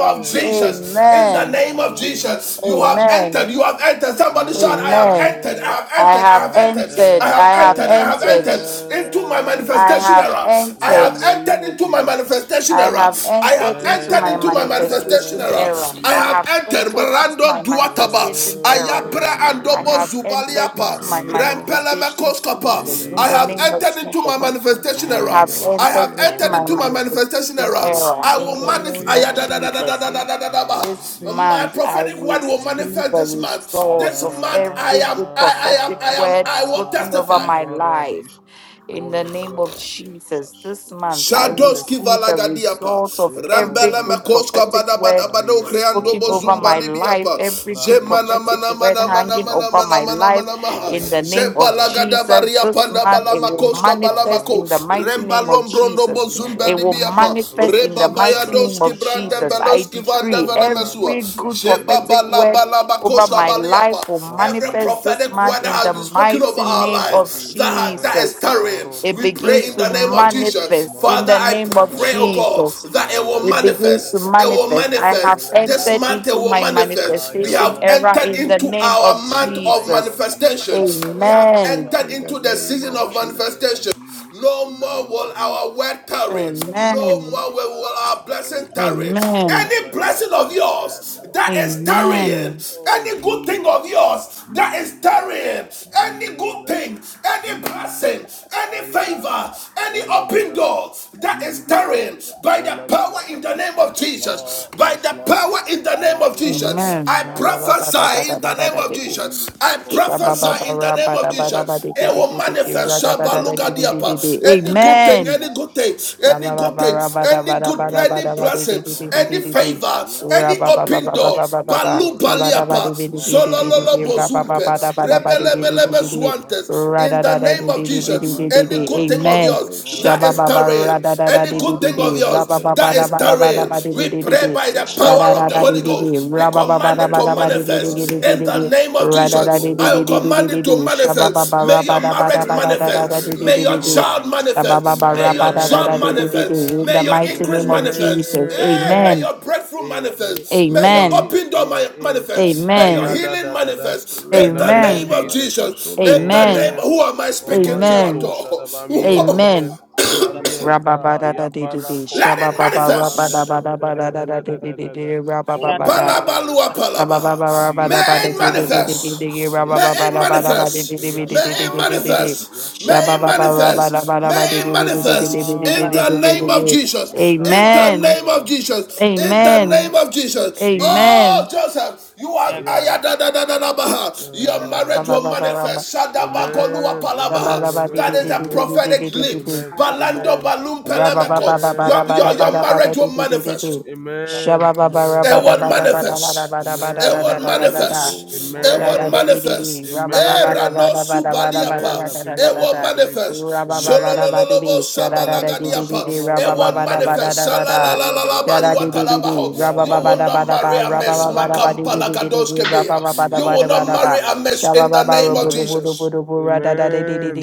A: of Jesus. In the
C: Amen.
F: Amen.
A: name of
C: Amen.
A: Jesus, you have
C: Amen.
A: entered.
F: Amen.
A: You have entered. Somebody shout, I
C: Amen.
A: have
F: Amen.
A: entered. I
C: Amen.
A: have
F: I
A: entered. I
C: I
F: have
A: have
C: have.
A: entered.
C: I
A: I
F: entered.
C: have
F: I
A: have
F: have
A: entered. I have
F: entered.
A: entered into my
C: entered
F: I
A: manifestation
F: have
A: era. I
C: in the
A: have
F: entered.
C: name
A: entered
C: of
A: into my
C: Jesus.
A: manifestation
F: I
A: era.
F: have
A: I
F: entered
A: have
F: into
A: entered into
F: my
A: into my manifestation
F: manifestation
A: era.
C: Oh,
F: era.
A: I
F: I
A: have
F: have
C: Jesus.
A: entered
F: entered into
A: Brando
F: my
A: Duataba,
F: manifestation era.
B: That is
A: Ayabra
C: Oh,
B: my
F: I
A: Andobo
F: have
C: Jesus.
F: entered
B: manifestation
F: into my
A: Zubaliapa,
B: error, Lord.
C: Jesus.
F: manifestation
B: In
F: season
B: the
A: Rempelemekoskapa.
F: in
A: I
F: the
A: have
B: name
C: Jesus.
F: name
B: of
F: of
A: entered
F: Jesus.
A: into my
B: Jesus,
A: manifestation
F: I
B: thank
A: era.
F: have
B: you,
C: Jesus.
A: I
F: entered
A: have
B: Holy
F: into
A: entered
C: Mola
F: my
A: into
B: Spirit.
A: my
C: balaba.
A: manifestation
F: manifestation
A: era.
C: Oh,
F: era
A: I
F: in
A: will
F: the
C: Jesus.
B: Thank
A: manifest.
F: name
B: you,
F: of
C: Jesus.
B: Holy
F: Jesus.
B: Spirit.
C: Jesus. Jesus.
F: This
A: My
C: Jesus.
F: month, I
A: prophetic
F: will
A: word will
F: see
A: manifest
F: the
C: Jesus.
A: this month.
F: result
A: This
F: of
A: month I
F: every
A: am,
F: good
A: I, I am,
F: prophetic
A: I am,
F: word
A: I will
F: spoken
C: Ah,
F: over
C: di
A: testify.
F: my life.
C: baradish.
F: In the
C: Ola
F: name of
C: balabashia
F: Jesus,
C: dash.
F: this
C: It
F: month,
C: will
F: I will
A: Shadows
F: see
C: manifest.
F: the
A: kivalagadiapa,
F: result of
C: It will
F: every
A: rambela
F: good
C: manifest.
A: makoska
F: prophetic
A: bada
F: word
A: bado creando
C: Mariasko
F: spoken over
A: bozumba
F: my
C: Valaradis,
F: life,
A: libiapa,
F: every
A: je
F: good
A: mana
C: Radiska
F: prophetic
A: mana
F: word
A: mana mana
F: hanging
A: mana
F: over
C: Ramandus,
A: mana
F: my
A: mana
F: life.
A: mana maha,
F: In the
C: Farias
A: je
F: name of
A: balagada
C: Maradis,
F: Jesus,
A: baria
F: this
A: panda
F: month,
A: bala
F: it will
C: Alabros
A: makoska bala
F: manifest
A: mako,
F: in
C: Marande
F: the mighty
A: remba
F: name
C: Fadias,
F: of
A: lombrondo
F: Jesus.
A: bozumba
F: It will
C: Alabradias
F: manifest
C: Magladas
F: in the mighty name
C: Marandus
F: of
A: branda
F: Jesus.
C: Parias,
F: I
A: baloski vanda
F: decree
A: vela
F: every
C: Colebradis,
F: good
A: je
C: Rande
F: prophetic
A: babala
F: word
A: bala
C: Flatos,
F: over my
C: Glebeles,
A: baliapa.
F: life will
A: Every
C: Randis,
F: manifest this
A: prophetic
F: month
A: word that
F: in
C: Escabande
A: has
F: the
A: been
C: Gles,
A: spoken over
F: mighty
A: our
F: name of
A: lives that,
C: Colebradis,
A: that is
F: Jesus.
C: Maredes,
A: tarrying,
F: It
A: we
C: Maroles,
A: pray
F: begins
A: in
F: to
A: the name of
C: Alebradis,
A: Jesus.
F: manifest in
A: Father,
F: the
A: I
C: Marondes,
F: name of
A: pray, oh
C: Cabalada,
A: God,
F: Jesus
A: that it will
F: it begins to
C: Yandalalalalaba,
A: manifest. It will
F: manifest.
C: Sibidia
F: I have
C: Kola
A: manifest. This
F: entered
C: Balaba,
A: month it
F: into
A: will
F: my
A: manifest. We
F: manifestation
A: have
C: Ayabalaba,
F: era
A: entered
F: in the
A: into
C: Zibidia,
F: name
A: our
F: of
C: in
A: month
C: the
A: of
C: name of
F: Jesus.
A: manifestation.
C: Jesus,
A: We have
F: Amen.
C: Kolabalaba,
A: entered
B: In the
A: into the
B: name
A: season
B: of
A: of
C: Yadada, in the
B: Jesus,
C: name of
A: manifestation.
C: Jesus,
A: No
C: in the
A: more
C: name
A: will
C: of
A: our
C: Jesus,
A: word tarry. No
C: Alises,
F: Amen.
A: more will will
C: Maklada,
A: our
C: oh
A: blessing tarry.
C: Jesus,
F: Amen.
A: Any
C: Kolabadia,
A: blessing of
C: yeah,
A: yours
C: no,
A: that is
C: Ayaba,
A: tarrying,
F: Amen.
C: oh
A: any good thing of
C: Jesus,
A: yours that is
C: Jesus,
A: tarrying, any good
C: Jesus,
A: thing, any blessing,
C: Jesus,
A: any
C: Aya,
A: favor, any open door.
C: Kolabalaba,
A: Lord, that is
C: Zibidia,
A: tearing by the power
C: Kolabalaba,
A: in the name of
C: yes,
A: Jesus.
C: Lord,
A: By
C: yes,
A: the
C: Lord.
A: power in the name of
C: Kalaro
A: Jesus,
C: las
F: Amen.
A: I
C: maglas!
A: prophesy in
C: In
A: the
C: the
A: name of
C: name of
F: Rabba-rabba-dabba-dabba-dabba-dee-dee.
A: Jesus.
C: Jesus.
A: I
C: Kola Balada.
A: prophesy in the name
C: Yes,
A: of
C: Lord.
A: Jesus. It
C: Yes,
A: will
C: Lord.
F: Shabba-babba-rabba-dabba-dabba-dee-dee-dee-dee-dee.
A: manifest. Shabba
C: Yes, Lord.
F: Ra-da-da-da-da-dee-dee-dee-dee.
A: diapa.
C: In
A: Any
C: the
A: good
C: name of
F: Amen.
A: thing, any good
C: Jesus.
A: thing,
C: In the
A: any
C: name
A: good
C: of
A: thing,
C: Jesus.
A: any good, any
C: Koliasas.
A: blessing, any
C: Marulas.
A: favor,
C: Ya
A: any open
C: Bandeglas.
A: door.
C: Ya
A: Balu
C: Kodiat.
A: baliapa.
B: my month
A: Zolololo
C: Malarolas.
B: of
A: bozumpe.
B: manifestation, O
C: Radilarolas.
A: Rebelebelebe
B: Lord.
A: zuantes. In the
C: Makofalas.
B: This
A: name of
B: is my
A: Jesus,
C: Mandi
B: month of
A: any good
C: Kalados.
A: thing of
F: Amen.
A: yours
B: manifestation,
A: that
B: O
A: is
C: Marolas
F: Shabababa
B: Lord.
A: tarrying,
C: Magli.
F: rada da da
A: any
F: di di
A: good
F: di
A: thing of
F: di
B: In
C: Parias.
B: the
F: raba
A: yours
F: ba
B: name
F: ba
A: that
F: da
A: is
B: of
F: ba
C: Manda
F: da ba da
A: tarrying,
F: ba di
C: Dilias
F: di
B: Jesus,
A: we
F: di
A: pray
F: di
B: thank
A: by
C: Koladas.
B: you,
A: the
F: shada
A: power
B: Holy
A: of
F: da
A: the
F: da di
A: Holy
F: di
C: Mandeleba
B: Spirit.
F: di
C: in
A: Ghost.
C: the
A: We
C: name
F: raba
C: of
F: ba ba
A: command
F: da
A: it
F: ba da
A: to
C: Jesus.
F: ba di di
B: Reborn,
F: di
C: In the
F: di
A: manifest
C: name
F: di
C: of
A: in
F: di
B: Vandana,
A: the
F: di
A: name
C: Jesus.
A: of
F: rada da
A: Jesus.
F: di di
A: I
F: di
A: will
C: Colanda
F: di di
B: reborn,
F: di
A: command
F: di
A: it
F: di
A: to
C: Viescas,
F: shaba
A: manifest.
C: Marola
A: May
F: raba
A: your
F: da ba
C: Smugglers,
F: da
A: marriage
F: ba
B: Spirit
F: da
B: of
F: da
B: the
F: da di
A: manifest.
C: Faria,
F: di
A: May
B: living
C: in
A: your
C: the
F: di di
C: name of
A: child
B: God.
C: Jesus.
A: manifest. May your
B: In the
A: job
B: name of
F: Ba-ba-ba-ra-ba-da-da-da-dee-dee-dee-dee.
A: manifest.
C: Amen.
F: In
A: May
F: the
A: your
F: mighty
B: Jesus,
A: increase
F: name of
C: Amen.
B: Holy
A: manifest.
F: Jesus.
B: Spirit,
A: Hey, may
F: Amen.
A: your breakthrough
C: Amen.
A: manifest.
C: Eh,
A: May your
F: Amen.
C: eh,
A: open door
C: eh. eh.
A: manifest.
C: Ah,
A: May your
C: yeah,
F: Amen.
B: well,
C: da,
A: healing
C: da, da, da.
A: manifest
C: In
B: let
A: in
C: the
A: the
C: name
B: every
C: of
A: name
F: Amen.
A: of
C: Jesus.
B: blessing, O
A: Jesus. In
C: Eh,
A: the
B: Lord, that
A: name,
F: Amen.
B: I
C: Yes.
A: who am I
C: Oh, my,
A: speaking
C: yeah,
A: to at
F: Amen.
C: dosha, da, ba, I'm here,
A: all? *laughs*
F: Amen.
A: *coughs* *coughs*
C: Ka, yeah, bala,
F: Rabba-ba-da-da-dee-dee-dee.
A: Let it
C: Manda da
A: manifest.
C: da da da da da da da da da.
F: Shabba-ba-ba-ra-ba-da-ba-da-ba-da-da-da-dee-dee-dee.
C: Ola
F: Rabba-ba-ba-da.
C: bala bala
A: Palabalua
C: bala. Oh
A: palabaha.
B: that
A: May
C: Jesus,
B: withdraw
A: it
B: them,
C: kola
B: O
F: Rabba-ba-ba-ra-ba-da-ba-da-dee-dee-dee-dee-dee.
C: bala.
F: dee
B: Lord.
A: manifest. May
C: Yes
A: it
C: Lord,
A: manifest.
F: dee
C: yes
A: May
F: dee
A: it
C: Lord,
F: dee dee
C: yes
A: manifest. May
F: shabba
A: it
F: ba ba
C: Lord.
F: ra ba da
A: manifest. May
F: ba
A: it manifest. In
C: Ah,
A: the name of
C: yadosha,
F: Shabba-ba-ba-ra-ba-da-ba-da-ba-dee-dee-dee-dee-dee-dee-dee-dee-dee-dee.
A: Jesus.
C: yada
A: In the
C: bala
F: Amen.
A: name
C: koda
A: of
C: ba.
A: Jesus. In
E: you.
C: Yes
A: the
F: Amen.
A: name
C: Lord,
A: of Jesus.
C: Jesus.
F: Amen.
A: Oh, Joseph, you
E: I
A: are
C: Oh yeah,
A: ayadadadadabaha. Your
C: yeah.
A: marriage will manifest. Shadabagolua
C: Amen, amen,
A: palabaha. That
C: amen,
A: is a
C: amen,
A: prophetic leap.
C: amen,
A: Balando
C: amen,
A: balum
F: Shabba
A: pelemeko. Your, your, your
C: amen,
A: marriage will manifest.
C: amen, amen, amen,
A: It would
C: amen.
A: manifest.
C: Amen.
A: It would
C: Amen.
A: manifest. It
B: Reborn,
A: would
C: Amen.
B: Vandana,
A: manifest. Era
C: Amen.
A: no
C: Amen.
A: subaliapa.
C: I
A: It
C: believe.
A: will
C: I believe.
A: manifest.
C: Amen.
A: Sholololobo
C: Kali
A: sabalagadiapa. It will
C: balada yaba.
A: manifest.
C: Ola balaba laba.
A: Shalalalalabariwatalabaho. You
C: Yaba
A: will not marry a
C: ibikato
A: mess.
B: station, O
C: laba.
B: Lord.
C: Jesus.
A: Makampalagadoskebea. You
C: Jesus.
A: will not
C: Kola
A: marry a
C: balada
A: mess
C: ba.
A: in the name of
C: Amen.
A: Jesus.
C: Amen.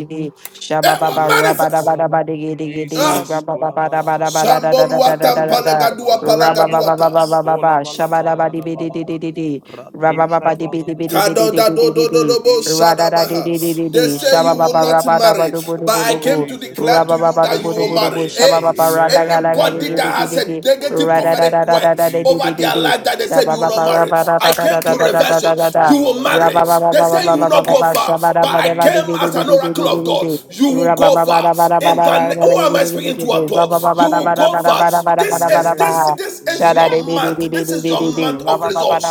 F: Shaba
A: It
F: ba ba
A: will
F: ra
C: Amen.
F: ba da
A: manifest.
F: ba da
C: Kolaba.
F: ba diggy diggy diggy.
A: Ah.
F: Ra
C: Jesus.
F: ba da ba
C: Kolabalada
F: da ba da da da
C: balada.
F: da da da da da
C: Yadosh
F: da.
C: kabala
F: Ra
C: bala
F: ba ba
C: bala
F: ba ba
C: bala.
A: Shamboluatampalagaduapalagaduatas.
C: Skola
F: Shaba da
C: balata
F: ba di
C: yada
F: bi di di
C: balada.
F: di di di. Ra ba
C: Radush
F: di bi
C: kabala
F: di bi di
C: daba
F: bi di di
C: yada
F: di di
C: daba.
F: di di.
C: Yandili
F: Ra da da di
C: bikato
F: di
C: leba.
F: di di
A: They
F: di.
A: say
C: Aya
F: Shaba
A: you
F: ba
A: will
F: ba
C: balaba.
A: not
F: da ba
A: marry,
F: du bu du
A: but
F: bu
A: I
F: du
C: Oh
F: bu.
A: came to
C: Jesus.
A: declare
F: Ra
A: to
F: ba
A: you
F: du
A: that
C: Oh
A: you
F: bu du
A: will
F: bu du bu.
A: marry.
C: Jesus.
F: Shaba ba
A: Hey,
F: ra da ga
C: Amen.
F: da ga
A: anybody
F: diggy
C: Amen.
A: that
F: diggy
A: has a
F: diggy.
C: Oh
A: negative
F: Ra da da
C: Jesus,
A: prophetic
F: da da
A: word
F: da da di di
A: over
F: di
C: Jesus,
F: di
A: their
F: di.
A: life
C: Koshada,
A: that they said
F: Shaba
A: you will
F: ba ba
A: not
F: ra
C: Koshada,
A: marry,
F: ba
C: ba-
F: da
A: I
F: da
C: Je-
A: came
F: da da
A: to
F: da
C: Jesus,
F: da
A: reverse
F: da da
A: it.
F: da.
A: You
C: Kola
A: will
C: bala
F: Ra ba
A: marry.
C: bala.
F: ba ba
A: They
F: ba
C: In
F: ba
A: say
C: the
A: you will
C: name of
A: not go
C: Jesus.
A: far,
F: Shaba da
A: but
C: Oh
F: ba
A: I
F: da ba
A: came
F: di bi
C: Jesus,
F: di
A: as
F: di
A: an
F: di di
A: oracle
F: di
A: of
C: Kola
F: di di.
A: God.
C: bala ba-
A: You
F: In
A: will
F: the
A: go
C: Jesus,
A: far. In the
C: Koshada
A: who
C: bala
A: am
C: ba-
A: I speaking to at
C: Zibidia
A: all?
C: Kola ba-
A: You will go
C: Jesus.
A: far. This is this
C: Amen.
A: this is your
C: Amen. Amen.
A: month. This is your
C: Kola
A: month
C: bala
A: of
C: ba-
A: results.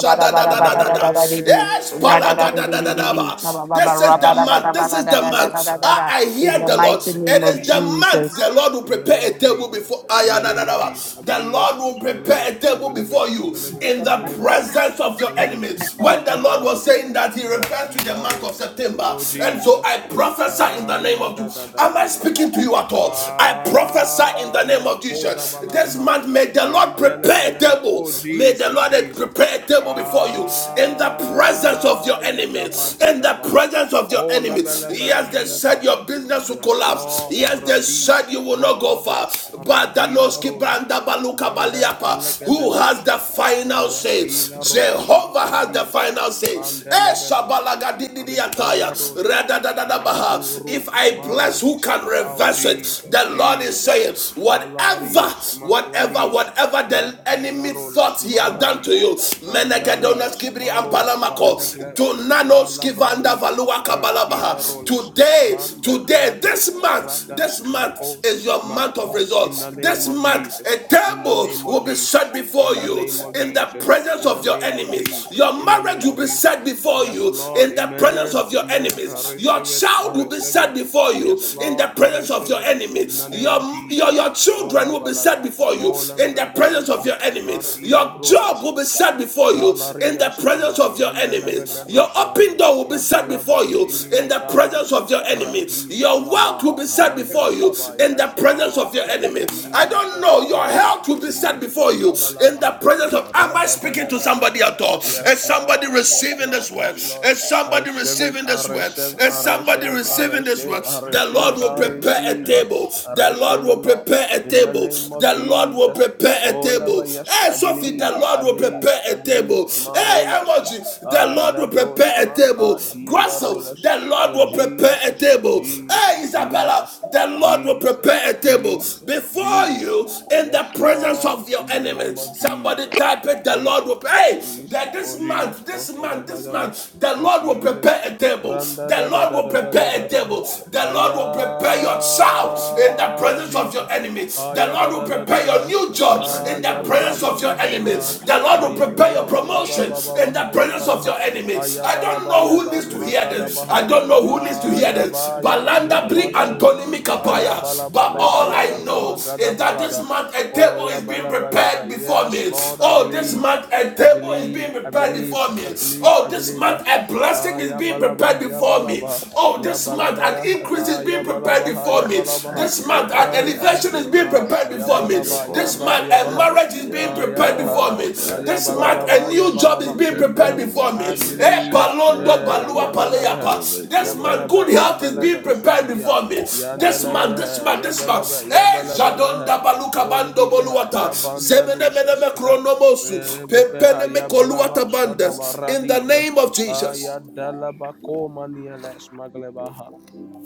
A: Yes,
C: Amen.
A: Palagadadadadaba. This is the month. This is the
C: Ah, yeah,
A: month.
C: da, da.
A: I, I hear
C: Oh,
A: the
C: la,
A: Lord.
C: ba,
F: mighty
C: la, ba.
F: name
A: It
F: of
A: is the
C: Jesus.
A: month
F: Jesus.
A: the Lord will
C: In the
A: prepare
C: name
A: a
C: of
A: table before
C: Jesus. In the name of Jesus. I
A: Ayadadadaba. The
C: believe it.
A: Lord will
C: I believe
A: prepare
C: it.
A: a
C: I
A: table
C: believe it.
A: before
C: I
A: you
C: believe it.
A: in
C: I
A: the
C: believe it.
A: presence
C: I
A: of your
C: believe it.
A: enemies. When the Lord was
C: Makoda.
A: saying that, He refers to the
C: Radila
A: month of
C: rolas.
A: September.
C: Oh,
A: And so
C: Jesus.
A: I prophesy in
C: Ah,
A: the name
C: yeah,
A: of
C: da,
A: you.
C: da, da,
A: Am
C: da,
A: I
C: da, da.
A: speaking to you at all? I prophesy in
C: Ah,
A: the name
C: ya
A: of
C: Yakoda
A: Jesus. This
C: Baladaha.
A: month may the Lord
C: Mandela
A: prepare a
C: Belebe.
A: table
C: Oh,
A: May the
C: Jesus,
A: Lord
C: Jesus.
A: prepare a table before you in the presence of
C: Ah,
A: your
C: ya
A: enemies. In the
C: Yadabagadabaha.
A: presence of your
C: Hola
A: enemies,
C: Bele Bele
A: Yes, they said
C: Beleta.
A: your business will
C: Yes,
A: collapse.
C: Lord.
A: Yes, they said
C: Radis.
A: you will not go far.
C: makados
A: But
C: Radile
A: Danoski
C: Rolas.
A: Branda Baluka
C: Manda
A: Baliapa, who has the
C: Legedeboshas.
A: final say?
C: Radile Rolas.
A: Jehovah has the
C: Maklabies.
A: final say. Eh,
C: Mandele Belescosa.
A: Dididi Ataya,
C: Ricanda Rolas. Mandu
A: Radadadadabaha. If
C: Rolas.
A: I bless, who
C: Maradis.
A: can
C: Oh,
A: reverse it?
C: Jesus,
A: The Lord is
C: Jesus.
A: saying, whatever,
C: Alarias,
A: whatever, whatever
C: Maclavis,
A: whatever the enemy
C: Radilarolas,
A: thought he has done to
C: Maradis,
A: you, Menegedonas
C: Condarias,
A: Kibri and
C: Marola,
A: Palamako,
C: Bandaglas,
A: Dunanos Kivanda
C: Palabradis,
A: Valua Kabalabaha.
C: Radilarolas,
A: Today,
C: Manda
A: today, this
C: Vradis,
A: month,
C: Radas,
A: this month
C: Macos,
A: is your month of
C: Macos, in
A: results.
C: the name
A: This
C: of
A: month, a
C: Jesus, in the
A: table
C: name of
A: will be set
C: Jesus, in
A: before
C: the
A: you
C: name of
A: in the
C: Jesus,
A: presence
C: in the
A: of your
C: name of
A: enemies.
C: Jesus,
A: Your
C: in the name
A: marriage will
C: of
A: be
C: Jesus.
A: set before
C: Yes,
A: you
C: Lord,
A: in the presence
C: amen,
A: of your
C: amen. I
A: enemies. Your
C: receive it, I
A: child will be
C: receive it.
A: set before you
C: Yes,
A: in
C: Lord,
A: the
C: I
A: presence of
C: receive
A: your
C: it in the
A: enemies.
C: name
A: Your
C: of
A: your
C: Jesus.
A: your children children
C: Kola
A: will be
C: balada,
A: set before you
C: kola
A: in the
C: brada
A: presence of
C: daba,
A: your enemies.
C: madile
A: Your job
C: brothers.
A: will be set before you in the
C: Kalarias
A: presence
C: Kaba
A: of your enemies. Your
C: Yandelebegadosha
A: open door will be set before
C: Yabalaba
A: you in the
C: Ziminikayas
A: presence of your enemies.
C: Radis
A: Your wealth will
C: Kalaba
A: be set
C: Randes
A: before you
C: Kaba
A: in
C: Yes
A: the presence
C: Lord
A: of your enemies. I don't
C: Jesus
A: know. Your
C: Kolaba
A: health will be set
C: Jesus
A: before you in the
C: Kolabalabaha
A: presence of. Am I
C: Rada da
A: speaking
C: da
A: to
C: da da da
A: somebody
C: da
A: at
C: da
A: all?
C: Yes
A: Is somebody
C: Lord Yes
A: receiving
C: Lord
A: this word?
C: Yes Lord
A: Is
C: I
A: somebody
C: receive it,
A: receiving
C: I
A: this word?
C: receive,
A: Is
C: I
A: somebody
C: receive, I
A: receiving this
C: receive,
A: word?
C: I
A: The Lord
C: receive,
A: will
C: I
B: Receive it.
A: prepare a
C: receive,
B: Thank
A: table table.
C: I
A: The Lord
C: receive it,
A: will
C: Lord.
A: prepare a
C: In the
A: table.
C: name of
A: The Lord will
C: Jesus,
A: prepare a
C: Kolaba,
A: table.
C: yes,
A: Hey,
C: I
A: Sophie,
C: believe.
A: the Lord
C: I
A: will
C: believe,
A: prepare a
C: I believe.
A: table. Hey,
C: Marolas,
A: Emoji, the
C: ah,
A: Lord will
C: lebros,
A: prepare a table.
C: makadila
A: Grasso,
C: rolas.
A: the Lord
C: Oh
A: will prepare a
C: Jesus,
A: table.
C: Jesus,
A: Hey, Isabella,
C: Jesus,
A: the Lord will
C: Jesus,
A: prepare a table
C: Jesus,
A: before
C: Jesus.
A: you in
C: Yes,
A: the presence
C: Lord,
A: of your
C: in the name
A: enemies.
C: of
A: Somebody
C: Jesus.
A: type it, the
C: I
A: Lord will prepare. hey
C: Jesus,
A: that
C: oh
A: this
C: Jesus,
A: month,
C: oh
A: this
C: Shada
A: month, this
C: Bajaba,
A: month, the
C: oh
A: Lord will
C: Jesus,
A: prepare a table.
C: Randa
A: The
C: da da
A: Lord
C: da
A: will
C: da da da
A: prepare a
C: da da,
A: table.
C: ha.
A: The the Lord will prepare your child in the
C: Aya
A: presence of your
C: Jesus,
A: enemy. The
C: Kaya
A: Lord
C: da
A: will
C: da da da
A: prepare
C: da,
A: your
C: ha.
A: new job in the
C: Aya
B: Manato
A: presence of your
B: Holy
C: balabasa,
A: enemy.
B: Spirit,
A: The Lord will
B: thank
C: Aya
B: you,
A: prepare your
C: balaba
B: Holy
C: ba ba
A: promotion
C: ba ba ba,
A: in the
C: ha. Aya
A: presence of
C: balaha,
A: your enemy.
C: Aya
A: I don't
C: balaba
A: know
C: ya
A: who needs
C: da
A: to
B: Spirit,
A: hear
C: makada
A: this.
B: thank
C: baha,
A: I
B: you,
A: don't know
B: Holy
A: who needs to hear
B: Spirit.
C: Aya
A: this.
C: ba ya ba
A: Balanda
C: ya
A: Bri
C: basha, ha.
B: Rebo
A: Antoni
B: Wambana,
C: Aya
A: Mikapaya.
C: balaba
A: But
C: ba ba
A: all
C: ya
A: I
C: da
B: Rebo
A: know
B: Wambana,
C: magada
A: is that this
C: balada,
A: month a table
C: Koya
A: is being
C: bala bala ba.
A: prepared before
C: Yes,
A: me.
C: Lord, I
A: Oh, this
C: believe.
A: month a
C: I
A: table is
C: believe,
A: being
C: I
A: prepared
C: believe,
A: before me.
C: I believe,
A: Oh,
C: I
A: this
C: believe. uh,
A: month a blessing
C: Ah,
A: is
C: ya
A: being
C: balaba,
A: prepared
C: ya
A: before me me.
C: balaba,
A: Oh,
C: ya
A: this month an
C: balaba,
A: increase is
C: ah, ya
A: being prepared
C: balaba, ha, ya
A: before me.
C: balaba,
B: Thank
A: This
B: you,
A: month an
C: ah,
B: Holy
C: ah,
A: elevation is being
B: Spirit.
C: ah,
A: prepared
C: ya
A: before
B: Thank
A: me.
B: you,
C: balaba, ya
A: This
C: ba,
B: Holy
A: month
C: ya
A: a
C: ba,
B: Spirit.
A: marriage is being
B: Yes,
C: ah, ya,
A: prepared
C: ha,
A: before me.
B: Lord.
C: ah,
B: Yes,
C: ya
A: This month
C: balaba,
A: a
C: ba,
B: Lord.
C: ya
A: new job is
C: balaba,
B: In
A: being
B: the
C: zibidi
A: prepared
C: ha.
B: name
A: before
B: of
A: me.
C: I
A: Eh,
B: Jesus.
C: believe,
B: Thank
A: palondo
B: you,
C: eh,
A: balua
C: ya
B: Holy
C: balaba,
A: paleyapa.
B: Spirit, O
C: ya
A: This month
B: Lord.
C: balaba,
A: good
C: ya
A: health is
C: balaba,
A: being
B: Rebo
A: prepared
C: zubidi ha.
A: before me.
C: Ya
A: This month, this
C: ndalala,
A: month,
C: ya
A: this
C: balaba,
A: month.
C: ya
A: Eh,
C: balaba,
A: jadonda baluka
C: Holy
A: bando
C: bidi ha,
A: boluata.
C: ya
A: Zemene mene
C: bandalusha,
A: me kronomosu. Pempene me
C: Ayabalaba
A: koluata bandes. In the
C: Shadabaradiz
A: name of Jesus.
C: Ayadalabacomaniales Maglebaha.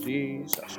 C: Jesus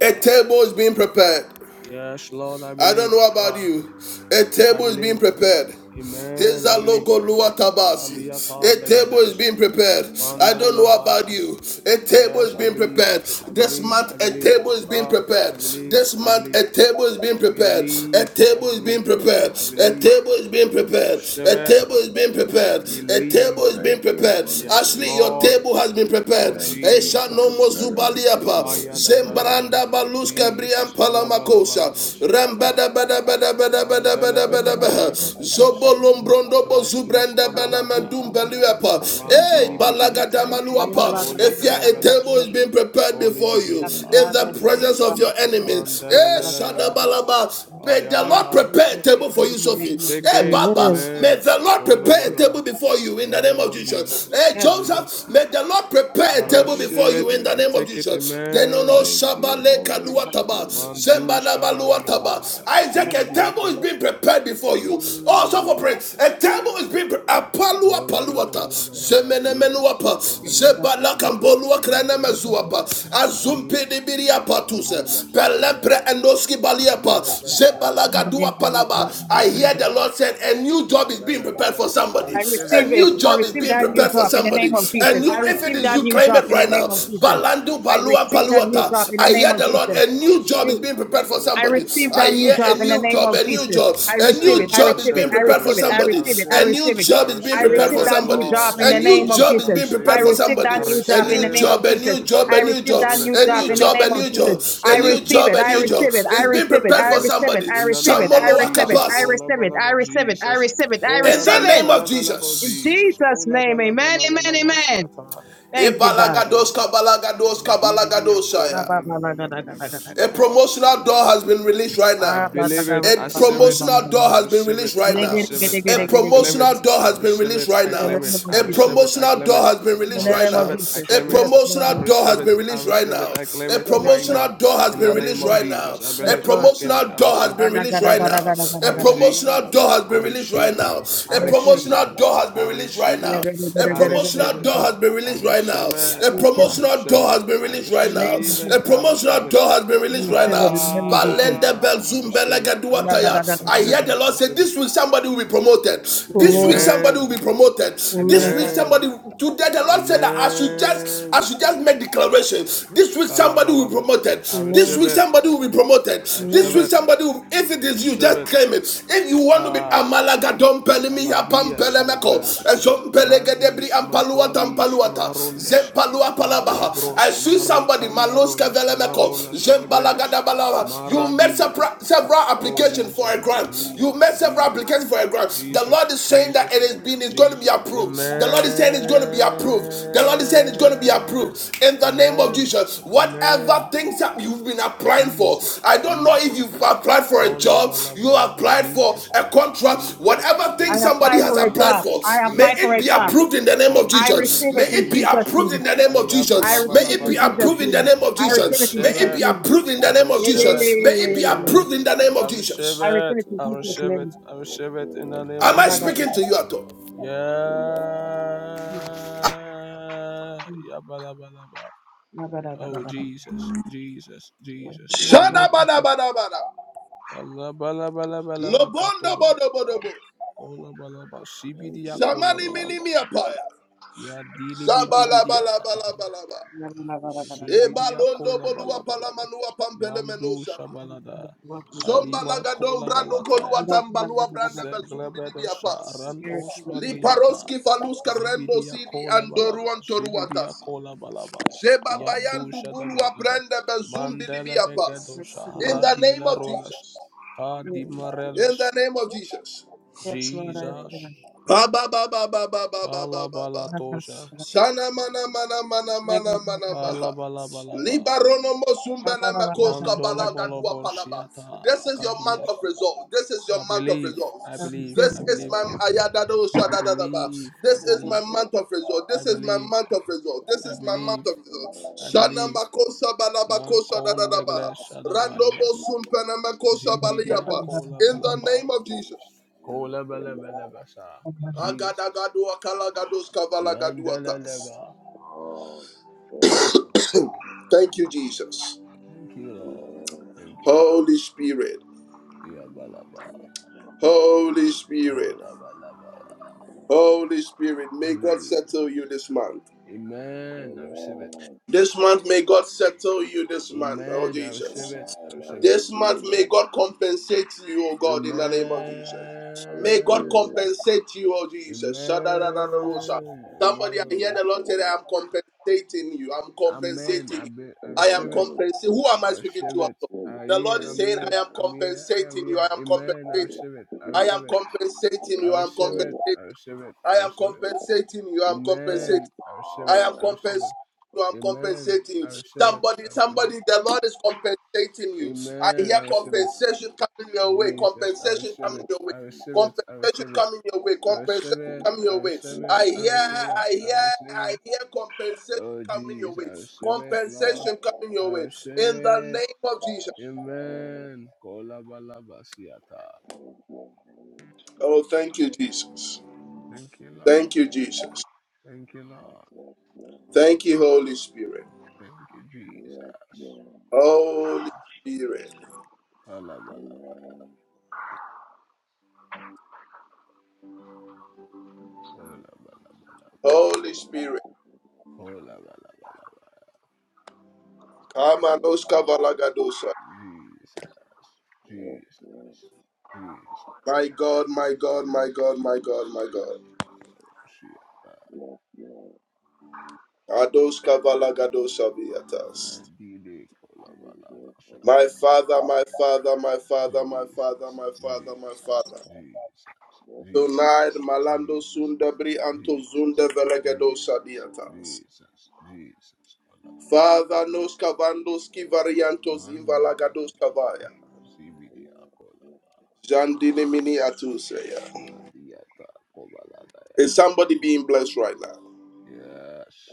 A: A table is being prepared.
C: Yes, Lord, I
A: I don't
C: believe.
A: know about
C: God,
A: you. A
C: I
A: table is being
C: believe.
A: prepared.
C: Amen. I
A: Heza
C: believe.
A: logo lua
C: Kaliata
A: A table is
C: Legades.
A: being prepared. I don't know about
C: Mandalobayas.
A: you. A table
C: Yes,
A: is
C: I
A: being
C: believe.
A: prepared.
C: I
A: This
C: believe.
A: month,
C: I
A: a
C: believe.
A: table is being
C: God,
A: prepared.
C: I believe.
A: This
C: I
A: month,
C: believe.
A: a table is being
C: I
A: prepared. A
C: believe. I
A: table is
C: believe.
A: being prepared.
C: I
A: A
C: believe.
A: table is being
C: I'm
A: prepared. A
C: shivered.
A: table is being
B: Holy
C: I
A: prepared.
B: Spirit,
A: A table
C: believe.
A: is being
B: thank you
A: prepared.
B: for the
C: Yes,
A: Ashley,
B: table.
A: your
C: Lord.
A: table has been prepared.
C: Oh
B: Thank you
A: Esha
B: for
A: no
C: Jesus.
A: mo
B: preparing the
A: zubaliapa.
B: table
C: Aya
B: in
C: da da
A: Zembra
C: da
B: presence
C: da. da.
B: of
A: Rembranda
B: my
A: Baluska Brian
C: Jesus.
B: enemies, O
C: Kola
B: Lord.
C: bala bala
A: Palamakosa.
C: bashata.
A: Rambada Bada Bada Bada Bada
C: Mandele
A: Bada Bada Baha.
C: begadele gadebesh.
A: Zobolombrondo
C: Radus
A: Bozubranda
C: kabalada.
A: Banamandum Baluapa.
B: Open
A: Hey,
C: Mandili
B: doors, we
C: bidiata.
B: thank you for the
A: Balagadamaluapa.
C: Kole
A: If you
B: open
C: bele
A: a table
B: blessings,
A: is
C: belesh.
B: O
A: being
B: Lord.
A: prepared
C: Kole
A: before you
B: In
C: bidiata.
B: the
A: in the
B: name of
A: presence of
B: Jesus.
A: your enemies.
C: Mandele
A: Hey,
C: lelelele.
A: Shadabalaba. May the Lord
C: Aya.
E: receive
A: prepare a
E: that thing
A: table
E: in
A: for you,
E: the
C: I
A: Sophie.
E: name of
C: take
A: Hey,
E: Jesus.
C: it.
A: Baba,
G: Amen.
A: may
C: Amen.
A: the Lord
E: Yes,
C: Kola
A: prepare a
E: Lord.
C: bala ba.
A: table before you
C: In
A: in
C: the
A: the name
C: name
A: of
C: of
A: Jesus.
C: Jesus.
A: Hey,
E: Yes,
A: Joseph,
C: Kaliata.
A: may the Lord prepare prepare a
C: I
A: table
B: Holy
C: receive
A: before you
C: it.
A: in the
C: I
B: Spirit,
A: name of
C: take it.
A: Jesus.
C: Amen.
A: Denono
E: Yes,
B: thank you,
A: shabale
B: Holy
A: kadua taba,
B: Spirit.
C: Mandus
A: zembalaba lua taba.
C: kabalabalabaya.
A: Isaac, a table is
C: Zibidiakola.
A: being prepared before you. Also for
C: Mm.
A: prayer, a table is being prepared. Apalua
C: Ola bala
A: paluata,
C: bala bala
B: Yes,
C: batias.
A: zemenemenuapa,
E: Yes,
C: Marilas magleba.
A: zebalakamboluwa
C: Mindele
A: krenemezuapa,
C: belades. Marias.
A: azumpidibiriapatuse,
C: Marulas
A: pelempre endoski baliapa, zebalagaduapalaba. I hear the Lord said, a new job is being prepared for
C: I
A: somebody.
E: I
C: receive it. I receive
A: A a
C: it.
E: receive
C: I
E: it.
A: new
E: I
A: job is
C: receive
E: receive
C: it.
A: being
E: that
C: I
E: new
A: prepared for
E: job
C: receive
E: in the
C: it.
E: name
A: somebody.
C: I
E: of
A: A
C: receive
E: Jesus.
C: it.
E: I
A: new,
C: I
A: if it
E: receive
A: is
E: that
C: receive
A: you,
C: it.
E: new
C: I
A: claim
E: job
A: it
E: in the
C: receive
A: right
C: it.
E: name
A: now.
C: I
E: of
C: receive
E: Jesus.
C: it. I
A: Balandu,
E: I
C: receive it.
A: Balua,
C: I
E: receive that new job
A: Paluata.
E: in the
A: I
E: name
A: hear
E: of
A: the
C: receive
A: Lord.
C: it.
E: Jesus.
A: A
C: I
A: new
C: receive
A: job
C: it.
A: is
E: Hey,
A: being
C: I
A: prepared for
C: receive it.
E: I
C: I receive it. I
A: somebody.
E: receive
C: receive
A: I
C: it.
E: that
C: I
E: new
A: hear a
E: job
C: receive
E: in
C: it.
E: the
A: new
C: I
E: name
A: job,
E: of
A: a
C: receive it.
A: new
E: Jesus.
A: job.
E: I
A: A
E: receive
A: new
E: it.
C: I
E: I
A: job is
E: receive
C: receive
E: it.
A: being
E: I
A: prepared for
E: receive it. I
A: somebody.
E: receive it. I
A: A
C: it.
A: new
E: receive it.
C: I
A: job is being
E: I
A: prepared
C: receive
E: receive
A: for
C: it.
E: that new
A: somebody.
E: job
C: Lord
E: in
A: A
E: the name
A: new
E: of
C: Jesus,
A: job
C: I
A: is
E: Jesus.
A: being
E: I
C: receive
A: prepared
C: it.
A: for
E: receive
A: somebody.
E: that
C: I
E: new
A: A
E: job in
A: new
E: the
C: receive
E: name
C: it.
A: job,
E: of
A: a
C: I
E: Jesus.
A: new
C: receive
A: job, a
C: it.
E: I
A: new
E: receive
A: job.
E: that new
A: A
E: job
A: new
E: in
C: Receive
E: the
A: job, a
E: name of
A: new
E: Jesus.
A: job. A
E: I
A: new
C: it.
E: receive
A: job,
E: it.
A: a
E: I
A: new
C: Receive it.
A: job.
E: receive it. I
A: It's
C: Receive it,
A: being
E: receive it.
A: prepared
E: I
A: for
C: receive it.
E: receive it.
A: somebody.
E: I
C: In the
E: receive it.
C: name
E: I
C: of
A: Samoloa
E: receive it.
C: Jesus.
E: I
A: Kapasi.
C: Kola
E: receive it. I
C: balaba
E: receive it. I
C: Jesus.
E: receive it. I
A: In
C: Kola
A: the
E: receive it.
A: name
C: balaba
A: of
C: balaba
E: In
A: Jesus.
C: Jesus.
E: Jesus'
C: Kola
E: name.
C: balaba
E: Amen. Amen.
C: balaba
E: Amen.
C: siata.
E: Thank you,
C: Kola
E: God.
A: Ibalagados
C: balaba.
A: kabalagados
C: Mandidi biya kola
A: kabalagadosaya.
C: balaba balaba
A: A
C: siata.
A: promotional door has been released right
C: I
A: now.
C: believe it.
A: A
C: I receive it.
A: promotional door
C: I
A: has been
C: receive
A: released
C: it.
E: In
A: right
C: I
E: the
A: now.
C: receive it.
A: A
C: I to claim
A: promotional
C: it.
A: door
C: I
A: has been
C: receive
A: released
C: it.
A: right
C: I
A: now.
C: claim
E: name
C: it.
E: of
C: I
A: A
E: Jesus.
C: receive it. I
A: promotional
C: claim
A: door
C: it.
A: has been
E: In the
C: I
A: released right
E: name of
C: receive
A: now.
C: it. I
E: Jesus.
A: A
C: claim it.
E: Yes, Lord.
C: I
A: promotional door
C: receive
A: has
C: it.
A: been
C: I
A: released right
C: receive it.
A: now.
C: I claim
A: A
C: it
E: Receive it.
C: right
E: Yes,
A: promotional
C: now.
A: door has
C: In the
A: been
E: yes,
C: name
A: released
C: of
E: Lord.
A: right now.
C: Jesus. I
E: Yes,
A: A
C: believe. I
E: Lord.
C: claim
A: promotional
C: it. I
A: door has
C: receive.
A: been
E: Receive
C: I
A: released right
C: receive.
A: now.
C: I
A: A
E: it.
C: receive.
A: promotional door has
C: I
A: been released right
C: receive.
A: now.
C: I
A: A
C: receive.
A: promotional door has
C: I
A: been released right now
C: receive.
A: now. A
C: I receive
A: promotional
C: it.
A: door has been
C: I
A: released
C: receive
A: right now.
C: it.
A: A
E: Receive
C: I
E: it.
A: promotional
C: receive
A: door
C: it.
A: has been
C: I
A: released
E: In
A: right
E: the
A: now.
E: name
C: receive
E: of
C: it.
A: A
C: I
E: Jesus.
C: receive
A: promotional
C: it.
A: door has been released right
E: Receive
A: now.
E: it. In the name of Jesus.
A: Balende
C: Ah, I
A: Belzum
C: receive it. I receive it. I
A: Belegaduataya. I
C: receive
A: hear
C: it.
A: the
C: I
A: Lord say,
C: receive it.
A: This week somebody will be promoted.
E: Yes,
A: This week
E: Lord.
G: Amen.
A: somebody will be
C: Amen.
A: promoted. This
G: Amen.
A: week
C: Amen.
A: somebody today the Lord said that I should just I
C: Amen.
A: should just make declaration. This week somebody will be
C: Kalabalaba.
A: promoted.
C: I
A: This
G: Amen.
C: receive
A: week
C: it.
A: somebody will be promoted.
C: I
A: This. This
C: receive
A: week,
G: Amen.
C: it.
A: somebody, will- if it
C: I
A: is you,
C: receive
A: just
C: it.
A: claim it. If you want to be
C: Ah,
A: Amalaga Dompelemi,
C: kalabias
A: Yapampelemeko,
C: maglas.
A: Zompelegadebri,
C: Radis
A: Ampaluata,
C: maklabis
A: Ampaluata,
C: marondes.
A: Zempalua
C: Ah,
A: Palabaha. I
C: libros
A: see
C: mare
A: somebody, Maloska Velemeko,
C: marolas maglas.
A: Zembalagadabalava. You made
C: Maradia.
A: several
C: Oh,
A: applications for
C: Jesus.
A: a grant. You
C: Jesus.
A: made several
C: Jesus.
A: applications for a grant. The
C: Jesus,
A: Lord is saying
C: Jesus,
A: that it is being, it's going to be
C: Jesus. Amen.
A: approved. The Lord is saying it's going to be approved. The Lord is saying it's going to be approved in the name of
C: Amen.
A: Jesus. Whatever
C: Amen.
A: things that you've been applying for,
C: Jesus,
A: I don't know if
C: Jesus.
A: you've applied for a
C: Oh, la
A: job,
C: ba la ba
A: you
C: la
A: applied for
C: Jesus,
A: a contract,
C: Jesus,
A: whatever thing
E: I
C: Jesus,
A: somebody
E: apply
A: has
E: for a
A: applied
E: job.
A: for,
C: Jesus,
E: I
A: may
E: apply for
A: it
C: Jesus,
E: a
A: be
E: job.
A: approved
C: Jesus,
A: in the name of
E: I
A: Jesus.
E: receive
A: May
E: it in
A: it be
E: Jesus'
C: Jesus.
A: approved in
E: name.
A: the name of
C: Aya ba
E: I
C: la
A: Jesus.
C: ba
A: May
E: receive
C: la
E: it
A: it
C: ba
A: be
E: in
C: la
E: Jesus'
A: approved in the
C: Jesus.
E: name.
A: name of
E: I
C: I
E: receive it
A: Jesus.
E: in
A: May
C: receive
E: Jesus'
A: it be
C: it.
E: name.
A: approved in the
C: I
A: name of
E: Yeah,
C: receive
E: yeah, yeah,
C: it.
A: Jesus. May
E: yeah,
C: I
A: it
E: yeah,
A: be
E: yeah,
C: receive
E: yeah.
C: it.
E: yeah.
A: approved in the
C: I
A: name
C: I
A: of
C: receive
E: I
A: Jesus.
E: return
C: it.
E: it in
C: I
E: Jesus'
C: receive it.
E: name.
C: I
B: I will
C: receive it in the
B: feel it
C: name
A: Am
C: of
A: I
B: in the
E: Maragada,
C: Jesus.
A: speaking
B: night.
A: to you at all?
B: Amen.
E: mm,
C: Yeah.
E: mm,
C: Yeah. Bala, bala, bala. Oh,
E: maragadagadagada.
C: Jesus. Jesus.
E: I
B: Yes,
C: Jesus.
E: receive it,
B: Lord.
A: Shada
E: Lord
C: Jesus.
A: bada
E: Jesus.
A: bada bada.
C: Bala, bala, bala, bala, bala,
A: Lobondo
C: katol.
A: bodo bodo bo.
C: Kola, bala, bala.
B: Thank
C: Sibidia,
B: you,
C: kola,
A: Zamani
C: bala,
B: Holy
A: minimi
C: bala.
A: apaya.
C: Ya, dili, bidi,
E: Shabbat.
C: bidiata.
A: Sabalabalabalaba.
E: Maragadagadagada.
C: Zubidia
A: Ebalondo
C: kola
A: bolua
C: balabalaba.
A: palamanua pampele
C: Mandu
A: menusalia.
E: I receive it,
C: shabalada.
E: Lord Jesus.
A: Zomba
C: Kalima
A: lagadon
C: kola
A: brando kolua
C: balatayas.
A: tambalua brande
E: Maragadagadagada.
A: bezumbi
C: Zeglebedo
A: dibi apas.
E: I
C: sharanto
E: receive it, Lord Jesus.
C: smagliata.
A: Liparoski faluska rendo
C: Zibidia
A: sidi
C: kola balaba.
A: andoruan
C: Zibidia
A: toruatasi.
C: kola balaba.
A: Zeba bayan
C: Yadu
A: dubulua
C: shadabagada.
A: brande bezumbi dibi
C: Mandele begedo
A: apas.
E: I receive it,
A: In
E: Lord
A: the
E: Jesus.
A: name
C: radila
A: of
C: rolas.
A: Jesus.
E: I receive it. Lord.
A: In the
C: Kadimarelash.
A: name of Jesus.
E: Yes, Lord, I
C: Jesus.
E: receive it.
A: Ba ba ba ba ba ba ba ba ba ba ba.
C: Kalabalatosha.
E: Maragadagadagada.
A: Shana mana mana mana mana mana maha.
E: Maragadagadagada.
C: Kalabalabalaba.
A: Libarono mosumbele
E: Maragadagadagada.
A: makoska
E: I
C: Mandolo
A: balaga
C: bolo
A: dua palaba.
C: bolshiata
A: This is your month
C: kadies.
A: of results. This is your
C: I
A: month of
C: believe, I
A: results.
C: believe,
E: receive
A: This
C: I
E: it.
A: is
C: believe,
A: my ayadado
C: I
A: shadadadaba.
C: believe, I
A: This is my
C: believe,
A: month of result.
C: I
A: This is my
C: believe,
A: month of result. This
C: I
A: is my month
C: believe,
A: of result.
C: I
A: Shana
C: believe.
A: makosa
C: Ma
A: balabakosa dadadaba.
C: kondegle
A: Randombo
C: shadabadias.
A: sumpene makosa
C: Zibidia
A: baliapa.
E: Maragadagadagada.
C: kola
A: In the
C: balaba.
A: name of Jesus.
C: Kola
B: Spirit.
C: balabalabasa.
E: Maragadagadagada.
C: Jesus.
A: Agadagadoa kalagados kavalagaduatas.
C: Yandalalaba.
B: all festival.
A: *coughs* Thank you, Jesus.
C: Thank you, Lord.
B: Amen.
C: Thank you, Lord.
A: Holy Spirit,
C: Yabalaba.
A: Holy Spirit,
C: Kola balaba.
A: Holy Spirit, may God settle you
C: Jesus.
A: this month.
C: Amen. I receive it.
B: Amen.
A: This month, may
C: This
A: God
C: month may God.
A: settle you this month, oh
C: Amen. I
A: Jesus.
C: receive it. I
B: And I
C: receive it.
A: This
C: I
A: month,
B: receive
C: Receive
A: may
B: it.
C: it.
A: God compensate you, O God, in the name of Jesus.
B: I
A: May God
B: receive it.
C: Amen.
A: compensate you, O Jesus. Shadadadadarosa.
C: Amen.
A: Somebody,
B: I
A: I hear
C: Amen.
A: the Lord
B: receive
A: say,
B: it.
A: that I'm compensating you. I'm
C: Amen.
A: compensating
C: I
A: you.
C: be, I
A: I am
B: Amen.
C: receive
B: I
C: it.
A: compensating.
B: receive
A: Who
B: it.
A: am
C: I
A: I speaking
B: I
C: receive
A: to?
C: it.
B: receive it.
C: I
A: The
B: I
C: hear.
A: Lord is
C: I'm
A: saying, I
B: receive
C: here.
A: am
B: it.
C: I'm here. I am
A: compensating you. I
C: here.
A: am
C: Amen.
B: I
C: I
A: compensating.
C: receive it. I
B: receive
A: I
B: it. I receive it.
A: am
C: receive it.
B: I
A: compensating
C: I
A: you. I am
C: receive
B: receive
C: it.
A: compensating.
C: I receive it.
A: I
C: I
A: am
C: receive it.
B: it.
A: compensating you. I am
B: Yes,
A: compensating.
C: Amen. I receive
A: I
C: it.
A: am
C: I
B: Lord.
C: receive it.
A: compensating you. I'm
C: Amen.
A: compensating
C: I
A: you.
C: receive it.
A: Somebody,
C: I receive it.
A: somebody, the Lord is compensating you. I
C: Amen.
A: hear
C: I receive it.
A: compensation coming your way.
C: Jesus, I
A: Compensation
B: I
C: receive
A: coming
C: it,
A: your
B: receive
A: way.
C: I receive it, I
A: Compensation
C: receive it,
A: coming your way.
C: I
A: Compensation
C: receive it,
A: coming
C: I
A: your way.
C: receive
B: the
C: it,
A: I
C: I
A: hear,
B: name
C: receive
B: of
C: it,
A: I
C: I
A: hear,
B: Jesus.
C: receive
A: I
C: it.
A: hear compensation
C: Oh
A: coming your
C: Jesus,
A: way.
C: I receive it,
B: Yes,
C: Lord.
B: Lord.
A: Compensation coming
C: I
A: your way.
C: receive
A: In the
C: it.
A: name of Jesus.
C: Amen. Kolabalabasiata.
B: Yes,
A: Oh, thank you, Jesus.
C: Thank you, Lord.
A: Thank you, Jesus.
C: Thank you, Lord.
A: Thank you, Holy Spirit.
C: Thank you, Jesus. Kolabasha.
A: Holy Spirit.
C: Kalabalaba. Kolabalabalaba.
A: Holy Spirit.
C: Kolabalabalaba.
A: Kamanoska valagadosa.
C: Jesus. Jesus. Jesus.
A: My God, my God, my God, my God, my God.
C: Shiata,
A: Adoska valagadosa viatas.
C: Madide, Kolabalabasha.
A: My Father, my Father, my Father, my Father,
C: Jesus,
A: my Father, my
C: Jesus,
A: Father.
C: Jesus,
A: Tonight,
C: Jesus,
A: Malando
C: Jesus,
A: Sundabri Anto
C: Jesus,
A: Zunda Velagadosa
C: Jesus,
A: diatas.
C: Jesus, Jesus, Kolabalaba.
A: Father, nos cavandoski variantos
C: Mandi
A: invalagados
C: Kadabalaba,
A: cavaya.
C: Zibidia Kolaba,
A: Jandini mini atuseya.
C: Madiata
A: Is
C: Kobaladayash.
A: somebody being blessed right now?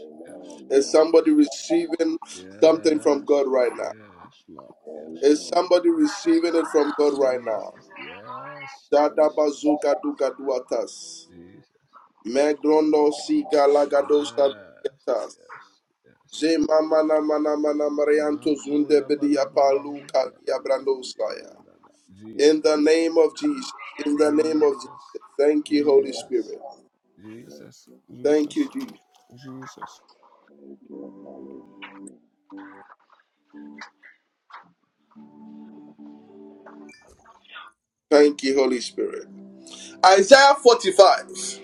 B: Lord.
C: yes,
A: Is
C: yes,
B: Amen.
A: somebody
C: yes,
A: receiving something from
C: yes,
A: God right now?
C: yes, Lord, yes,
A: Is
C: Lord.
A: somebody
C: yes,
A: receiving it from God right now?
C: Jesus. Yes.
A: Dada
C: Yes. Yes.
A: bazuka duka duatas.
C: Jesus.
A: Megrondo siga lagado
C: Yes.
A: stabilitas.
C: Yes. Yes.
A: Je mama na mana mana marianto zunde
C: Makoda bala
A: bedia
C: bala
A: palu
C: bala bala
A: kadia
C: ba. Yeah, da,
A: brandosaya.
C: da, da.
A: In the
C: Jesus.
A: name of Jesus. In the name of Jesus.
C: Jesus.
A: Thank you, Holy
C: Jesus.
A: Spirit.
C: Jesus.
A: Thank
C: Jesus.
A: you, Jesus.
C: Jesus,
A: Thank you, Holy Spirit. Isaiah 45.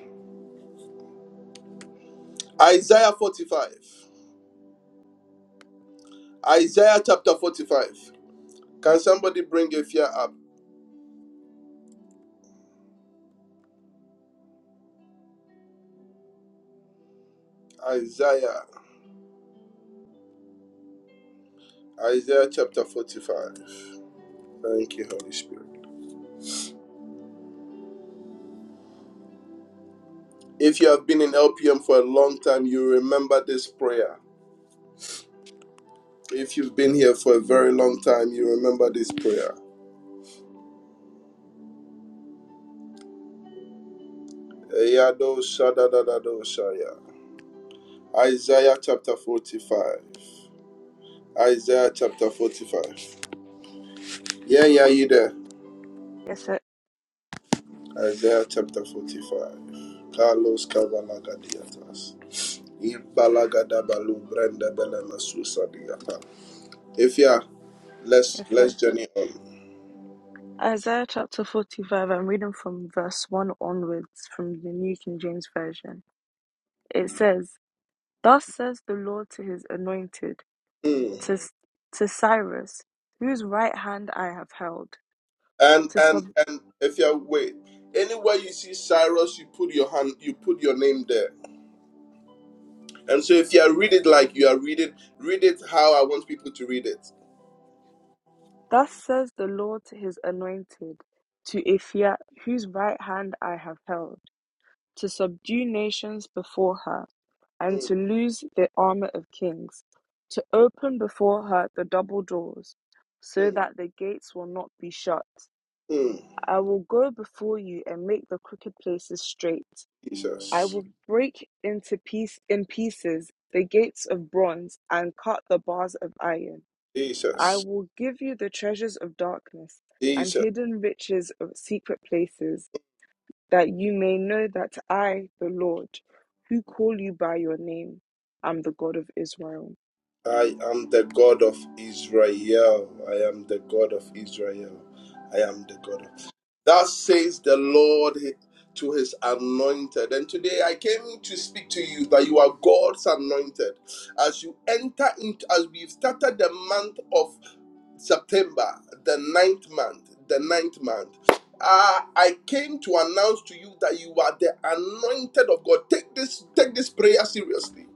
A: Isaiah 45. Isaiah chapter 45. Can somebody bring a fear up? Isaiah, Isaiah chapter 45. Thank you, Holy Spirit. If you have been in LPM for a long time, you remember this prayer. If you've been here for a very long time, you remember this prayer. Eyado shadadadado shaya. Isaiah chapter 45. Isaiah chapter 45. Yeah, yeah, you there.
H: Yes, sir.
A: Isaiah chapter 45. Carlos Cavalagadiatas. Ibalagadabalu Brenda Belema Susa Diata. If yeah, let's
H: Yes, sir.
A: let's journey on.
H: Isaiah chapter 45, I'm reading from verse 1 onwards from the New King James Version. It says, Thus says the Lord to his anointed,
A: Hmm.
H: to, to Cyrus, whose right hand I have held.
A: And
H: To
A: and
H: sub-
A: and if you wait, anywhere you see Cyrus, you put your hand, you put your name there. And so if you read it like you are reading, read it how I want people to read it.
H: Thus says the Lord to his anointed, to Ephia, whose right hand I have held. to subdue nations before her, and
A: Hmm,
H: to loose the armour of kings, to open before her the double doors, so
A: hmm,
H: that the gates will not be shut.
A: hmm.
H: I will go before you and make the crooked places straight. I
A: Jesus,
H: will break into piece in pieces the gates of bronze and cut the bars of iron. I
A: Jesus,
H: will give you the treasures of darkness and
A: Jesus.
H: hidden riches of secret places that you may know that I, the Lord, who call you by your name, am the God of Israel.
A: I am the God of Israel. I am the God of Israel. I am the God of Thus says the Lord to his anointed. And today I came to speak to you that you are God's anointed. As you enter into, as we've started the month of September, the ninth month, the ninth month. Ah, I came to announce to you that you are the anointed of God. Take this, take this prayer seriously.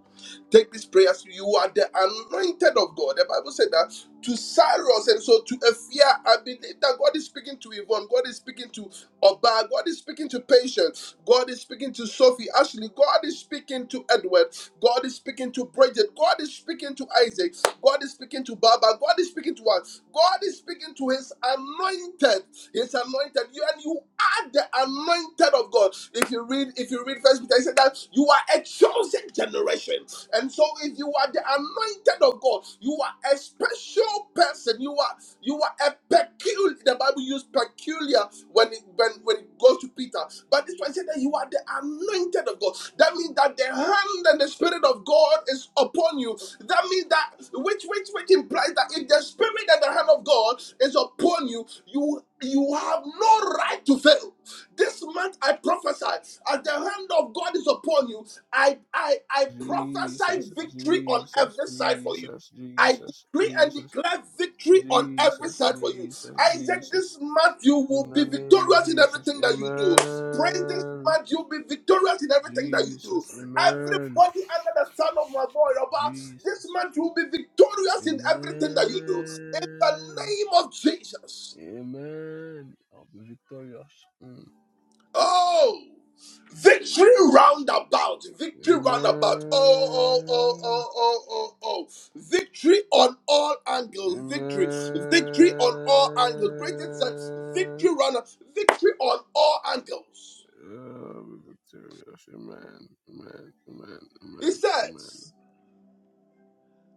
A: Take this prayer. seriously. You are the anointed of God. The Bible said that to Cyrus and so to Ephia, I believe that God is speaking to Yvonne. God is speaking to Oba. God is speaking to Patience. God is speaking to Sophie. Ashley. God is speaking to Edward. God is speaking to Bridget. God is speaking to Isaac. God is speaking to Baba. God is speaking to us. God is speaking to His anointed. His anointed. You and you are the anointed of God. If you read, if you read First Peter, he said that you are a chosen generation. And so, if you are the anointed of God, you are a special person. You are. You are a peculiar. The Bible used peculiar when it when, when it goes to Peter. But this one said that you are the anointed of God. That means that the hand and the spirit of God is upon you. That means that which which which implies that if the spirit and the hand of God is upon you, you you have no right to fail. This month I prophesy, as the hand of God is upon you, I I I prophesy
C: Jesus,
A: victory on
C: Jesus,
A: every side for you.
C: Jesus,
A: I.
C: Jesus,
A: Decree and
C: Jesus,
A: declare victory on every
C: Jesus,
A: side for you.
C: Jesus,
A: Isaac, this
C: Jesus.
A: month you
C: In
A: will be
C: the name of
A: victorious in
C: Jesus,
A: everything that you do. Praise this
C: Amen.
A: month you'll be victorious in everything that you do.
C: Jesus, amen.
A: Everybody under the sound of my voice, Abba, this
C: Jesus,
A: month you'll be victorious in everything that you do. In the
C: amen.
A: name of Jesus.
C: Amen. I'll be victorious. Mm.
A: Oh, victory roundabout, victory roundabout. Oh, oh, oh,
C: Amen.
A: oh, oh, oh, oh. Victory on all angles, victory, victory on all angles. Bridget said,
C: Amen.
A: victory round, victory on all angles.
C: I'll be victorious. Amen. Amen. Amen.
A: He says.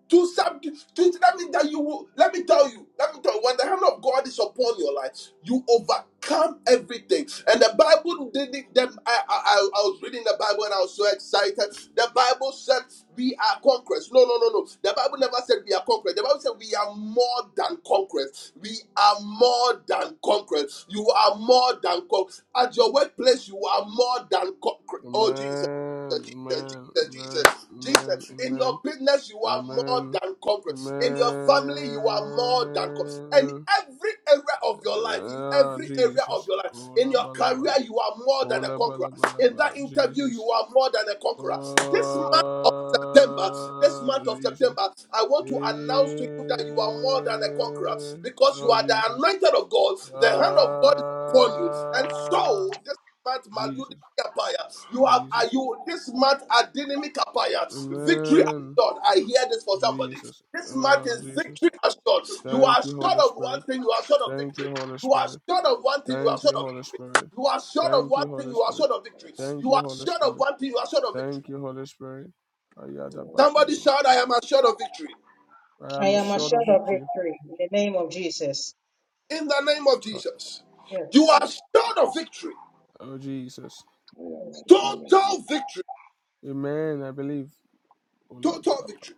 A: to subdue to that means that you will let me tell you let me tell you when the hand of god is upon your life you overcome everything and the bible didn't them I, I i I was reading the bible and i was so excited the bible said we are conquerors no no no no the bible never said we are conquerors the bible said we are more than conquerors we are more than conquerors you are more than conquerors at your workplace you are more than
C: Amen.
A: conquerors oh jesus
C: Amen.
A: jesus
C: Amen.
A: jesus jesus
C: Amen. Amen.
A: Jesus, in your
C: Amen.
A: business, you are more
C: Amen.
A: than
C: Amen.
A: conquerors. In your family, you are more than conquerors. In
C: Amen.
A: every area of your life, in
C: Ah,
A: every area of
C: Jesus.
A: your life, in
C: Kola
A: your
C: balaba.
A: career, you are more than a
C: Kola
A: conqueror.
C: balaba
A: In
C: laba.
A: that interview, you
C: Jesus.
A: are more than a conqueror. This month of September, this
C: Oh,
A: month of
C: Jesus.
A: September, I want to announce to you that you are more than a conqueror
C: Eh,
A: because you
C: oh,
A: are the
C: Jesus.
A: anointed of God. The hand of God is upon you. And
C: Ah,
A: so, this month, Maludi
C: Jesus.
A: Kapaya. You have are
C: Jesus.
A: you this month Adinimi Kapaya. Victory
C: Amen.
A: assured. I hear this for somebody.
C: Jesus.
A: This month
C: Ah,
A: is
C: Jesus.
A: victory assured. You are
C: Thank you,
A: short
C: Holy
A: of one
C: Spirit.
A: thing, you are short of
C: Thank
A: victory.
C: you, Holy
A: You are
C: Spirit.
A: short of one thing, you are
C: Thank
A: short
C: you,
A: of
C: Holy
A: victory.
C: Spirit.
A: You are short of
C: Thank
A: one
C: you,
A: thing,
C: Holy
A: you are
C: Spirit.
A: short of victory.
C: Thank
A: You
C: you,
A: are
C: Holy
A: short
C: Spirit.
A: of one thing, you are short of victory.
C: Thank you, Holy Spirit.
B: Yes.
C: Ayada
B: Yes,
A: Somebody
B: Lord.
A: shout,
C: bakadosha.
A: I am assured of victory.
C: I
E: I
B: I
C: am
E: am
C: short of
E: assured of
C: victory.
E: victory in the name of Jesus.
A: In the name of
C: Co-
A: Jesus. You
E: Yes.
A: are sure of victory.
C: Oh, Jesus.
B: am assured of it. Yes, I am
E: Yes, Lord.
B: assured of it.
A: Total victory.
C: Amen. I believe. Ola
A: Total
C: balaba.
A: victory.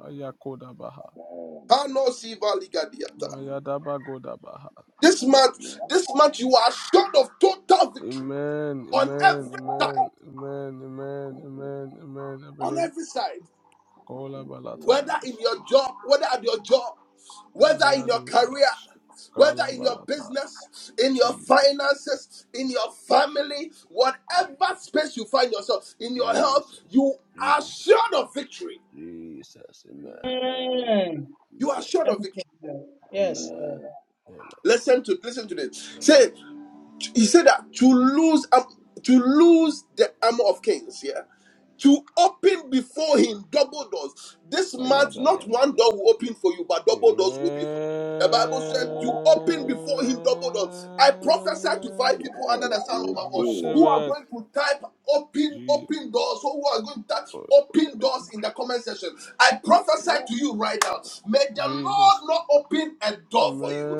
C: Ayakoda baha.
B: Amen.
A: Hano Siva Ligadiata.
C: Mayada bagoda baha.
A: This month, this month you are assured of total victory
C: Amen.
A: on
C: Amen.
A: every
C: Amen.
A: side,
C: Amen. Amen. Amen. Amen. I
A: on
C: believe.
A: every side,
C: Kola
A: whether in
C: balatayas.
A: your job, whether at your job, whether in your career,
C: Mayadoshas.
A: whether
C: Kala
A: in your business, in your
C: Jesus.
A: finances, in your family, whatever space you find yourself, in your health,
C: Jesus.
A: you are
C: Jesus.
A: sure of victory.
C: Jesus. Amen.
B: Amen.
C: Amen.
E: Amen.
A: You
C: Amen.
A: are sure of
E: Thank
A: victory.
E: you, Lord. Yes,
C: Amen.
E: Lord.
B: Amen.
A: Listen to listen to this. Say he said that to lose up to lose the armor of kings yeah to open before him double doors this month not one door
C: Ayadadadadada.
A: will open for you but double doors will be for you the bible said to
B: Amen.
A: open before him double doors i prophesy to five
C: Amen.
A: people under the
B: I receive it. Amen. I
A: sound of
C: I
A: my voice
B: receive
C: receive
A: who
B: it.
A: are
C: it.
A: going to type open
C: Je-
A: open doors or who are going to type
C: oh,
A: open doors in the comment section i prophesy
B: Yes,
A: to you right now may the lord
C: Jesus.
A: not open a door for you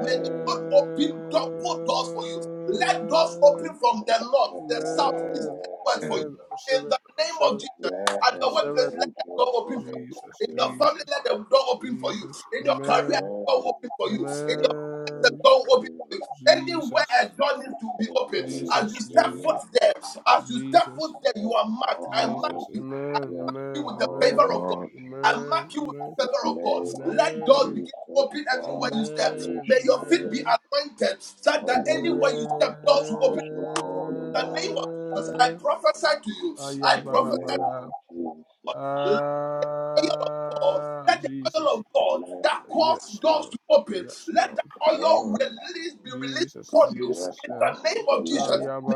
A: May the Lord open double doors for you. Let doors open from the north, the south, east,
C: Amen. Amen.
A: and west
C: I
A: for you.
B: Amen.
C: receive
A: In
C: it.
A: the
C: I
A: name
C: receive
A: of
C: it.
A: Jesus,
C: I
A: at your
B: Amen.
C: receive
A: workplace,
C: it.
A: let
B: Thank
A: the
B: you,
A: door open for
B: Holy
A: you.
C: Jesus.
A: In your
B: Spirit.
A: family,
C: Jesus.
A: let the door open for you.
C: Jesus.
A: In your career,
C: Amen.
B: Amen.
A: a door open for you.
B: Thank
A: In
B: you,
A: your business, a
B: Holy
C: Amen.
A: door open for
B: Spirit.
A: you. Anywhere a
C: Jesus.
A: door
B: Thank
A: needs to be
B: you,
A: open,
B: Holy
A: as you
C: Jesus,
A: step
B: Spirit.
C: Jesus,
A: foot there, as you step
C: Jesus,
A: foot there, you
B: Yes,
A: are marked. I mark
C: Jesus.
B: Lord.
A: you
C: Amen,
B: Yes,
C: amen,
A: you with the favor
C: amen,
A: of God.
B: Lord.
A: I
C: amen,
A: mark you with the favor
B: In the
A: of God.
B: name of
A: Let God
C: amen,
A: begin to
B: Jesus,
A: open
C: amen,
A: everywhere you
B: Father,
A: step.
B: Holy
A: May your feet
B: Spirit.
A: be
C: amen,
A: anointed so
B: Let
A: that
B: there be an
A: anywhere you step,
B: open
A: doors will
B: doors,
A: open.
B: Lord,
A: In
B: over
A: the
B: our
A: name of
B: lives,
A: Jesus,
B: Lord.
A: I
C: amen, amen.
A: prophesy to you. I
B: In
A: prophesy
B: the name
C: Ayabalabaya.
B: of Jesus.
A: to you oil of God,
C: Ah,
A: let the oil
C: Jesus.
A: of God
B: Amen.
A: that caused
C: Yes,
A: doors
C: Lord.
A: to open,
C: Yes,
A: let
C: Lord.
A: that oil
C: Uh,
B: Amen.
A: release, be released
C: Jesus,
A: upon you
B: Yes,
C: Jesus.
A: in
C: Yeah.
A: the
B: Lord.
A: name of Jesus.
B: Amen.
A: May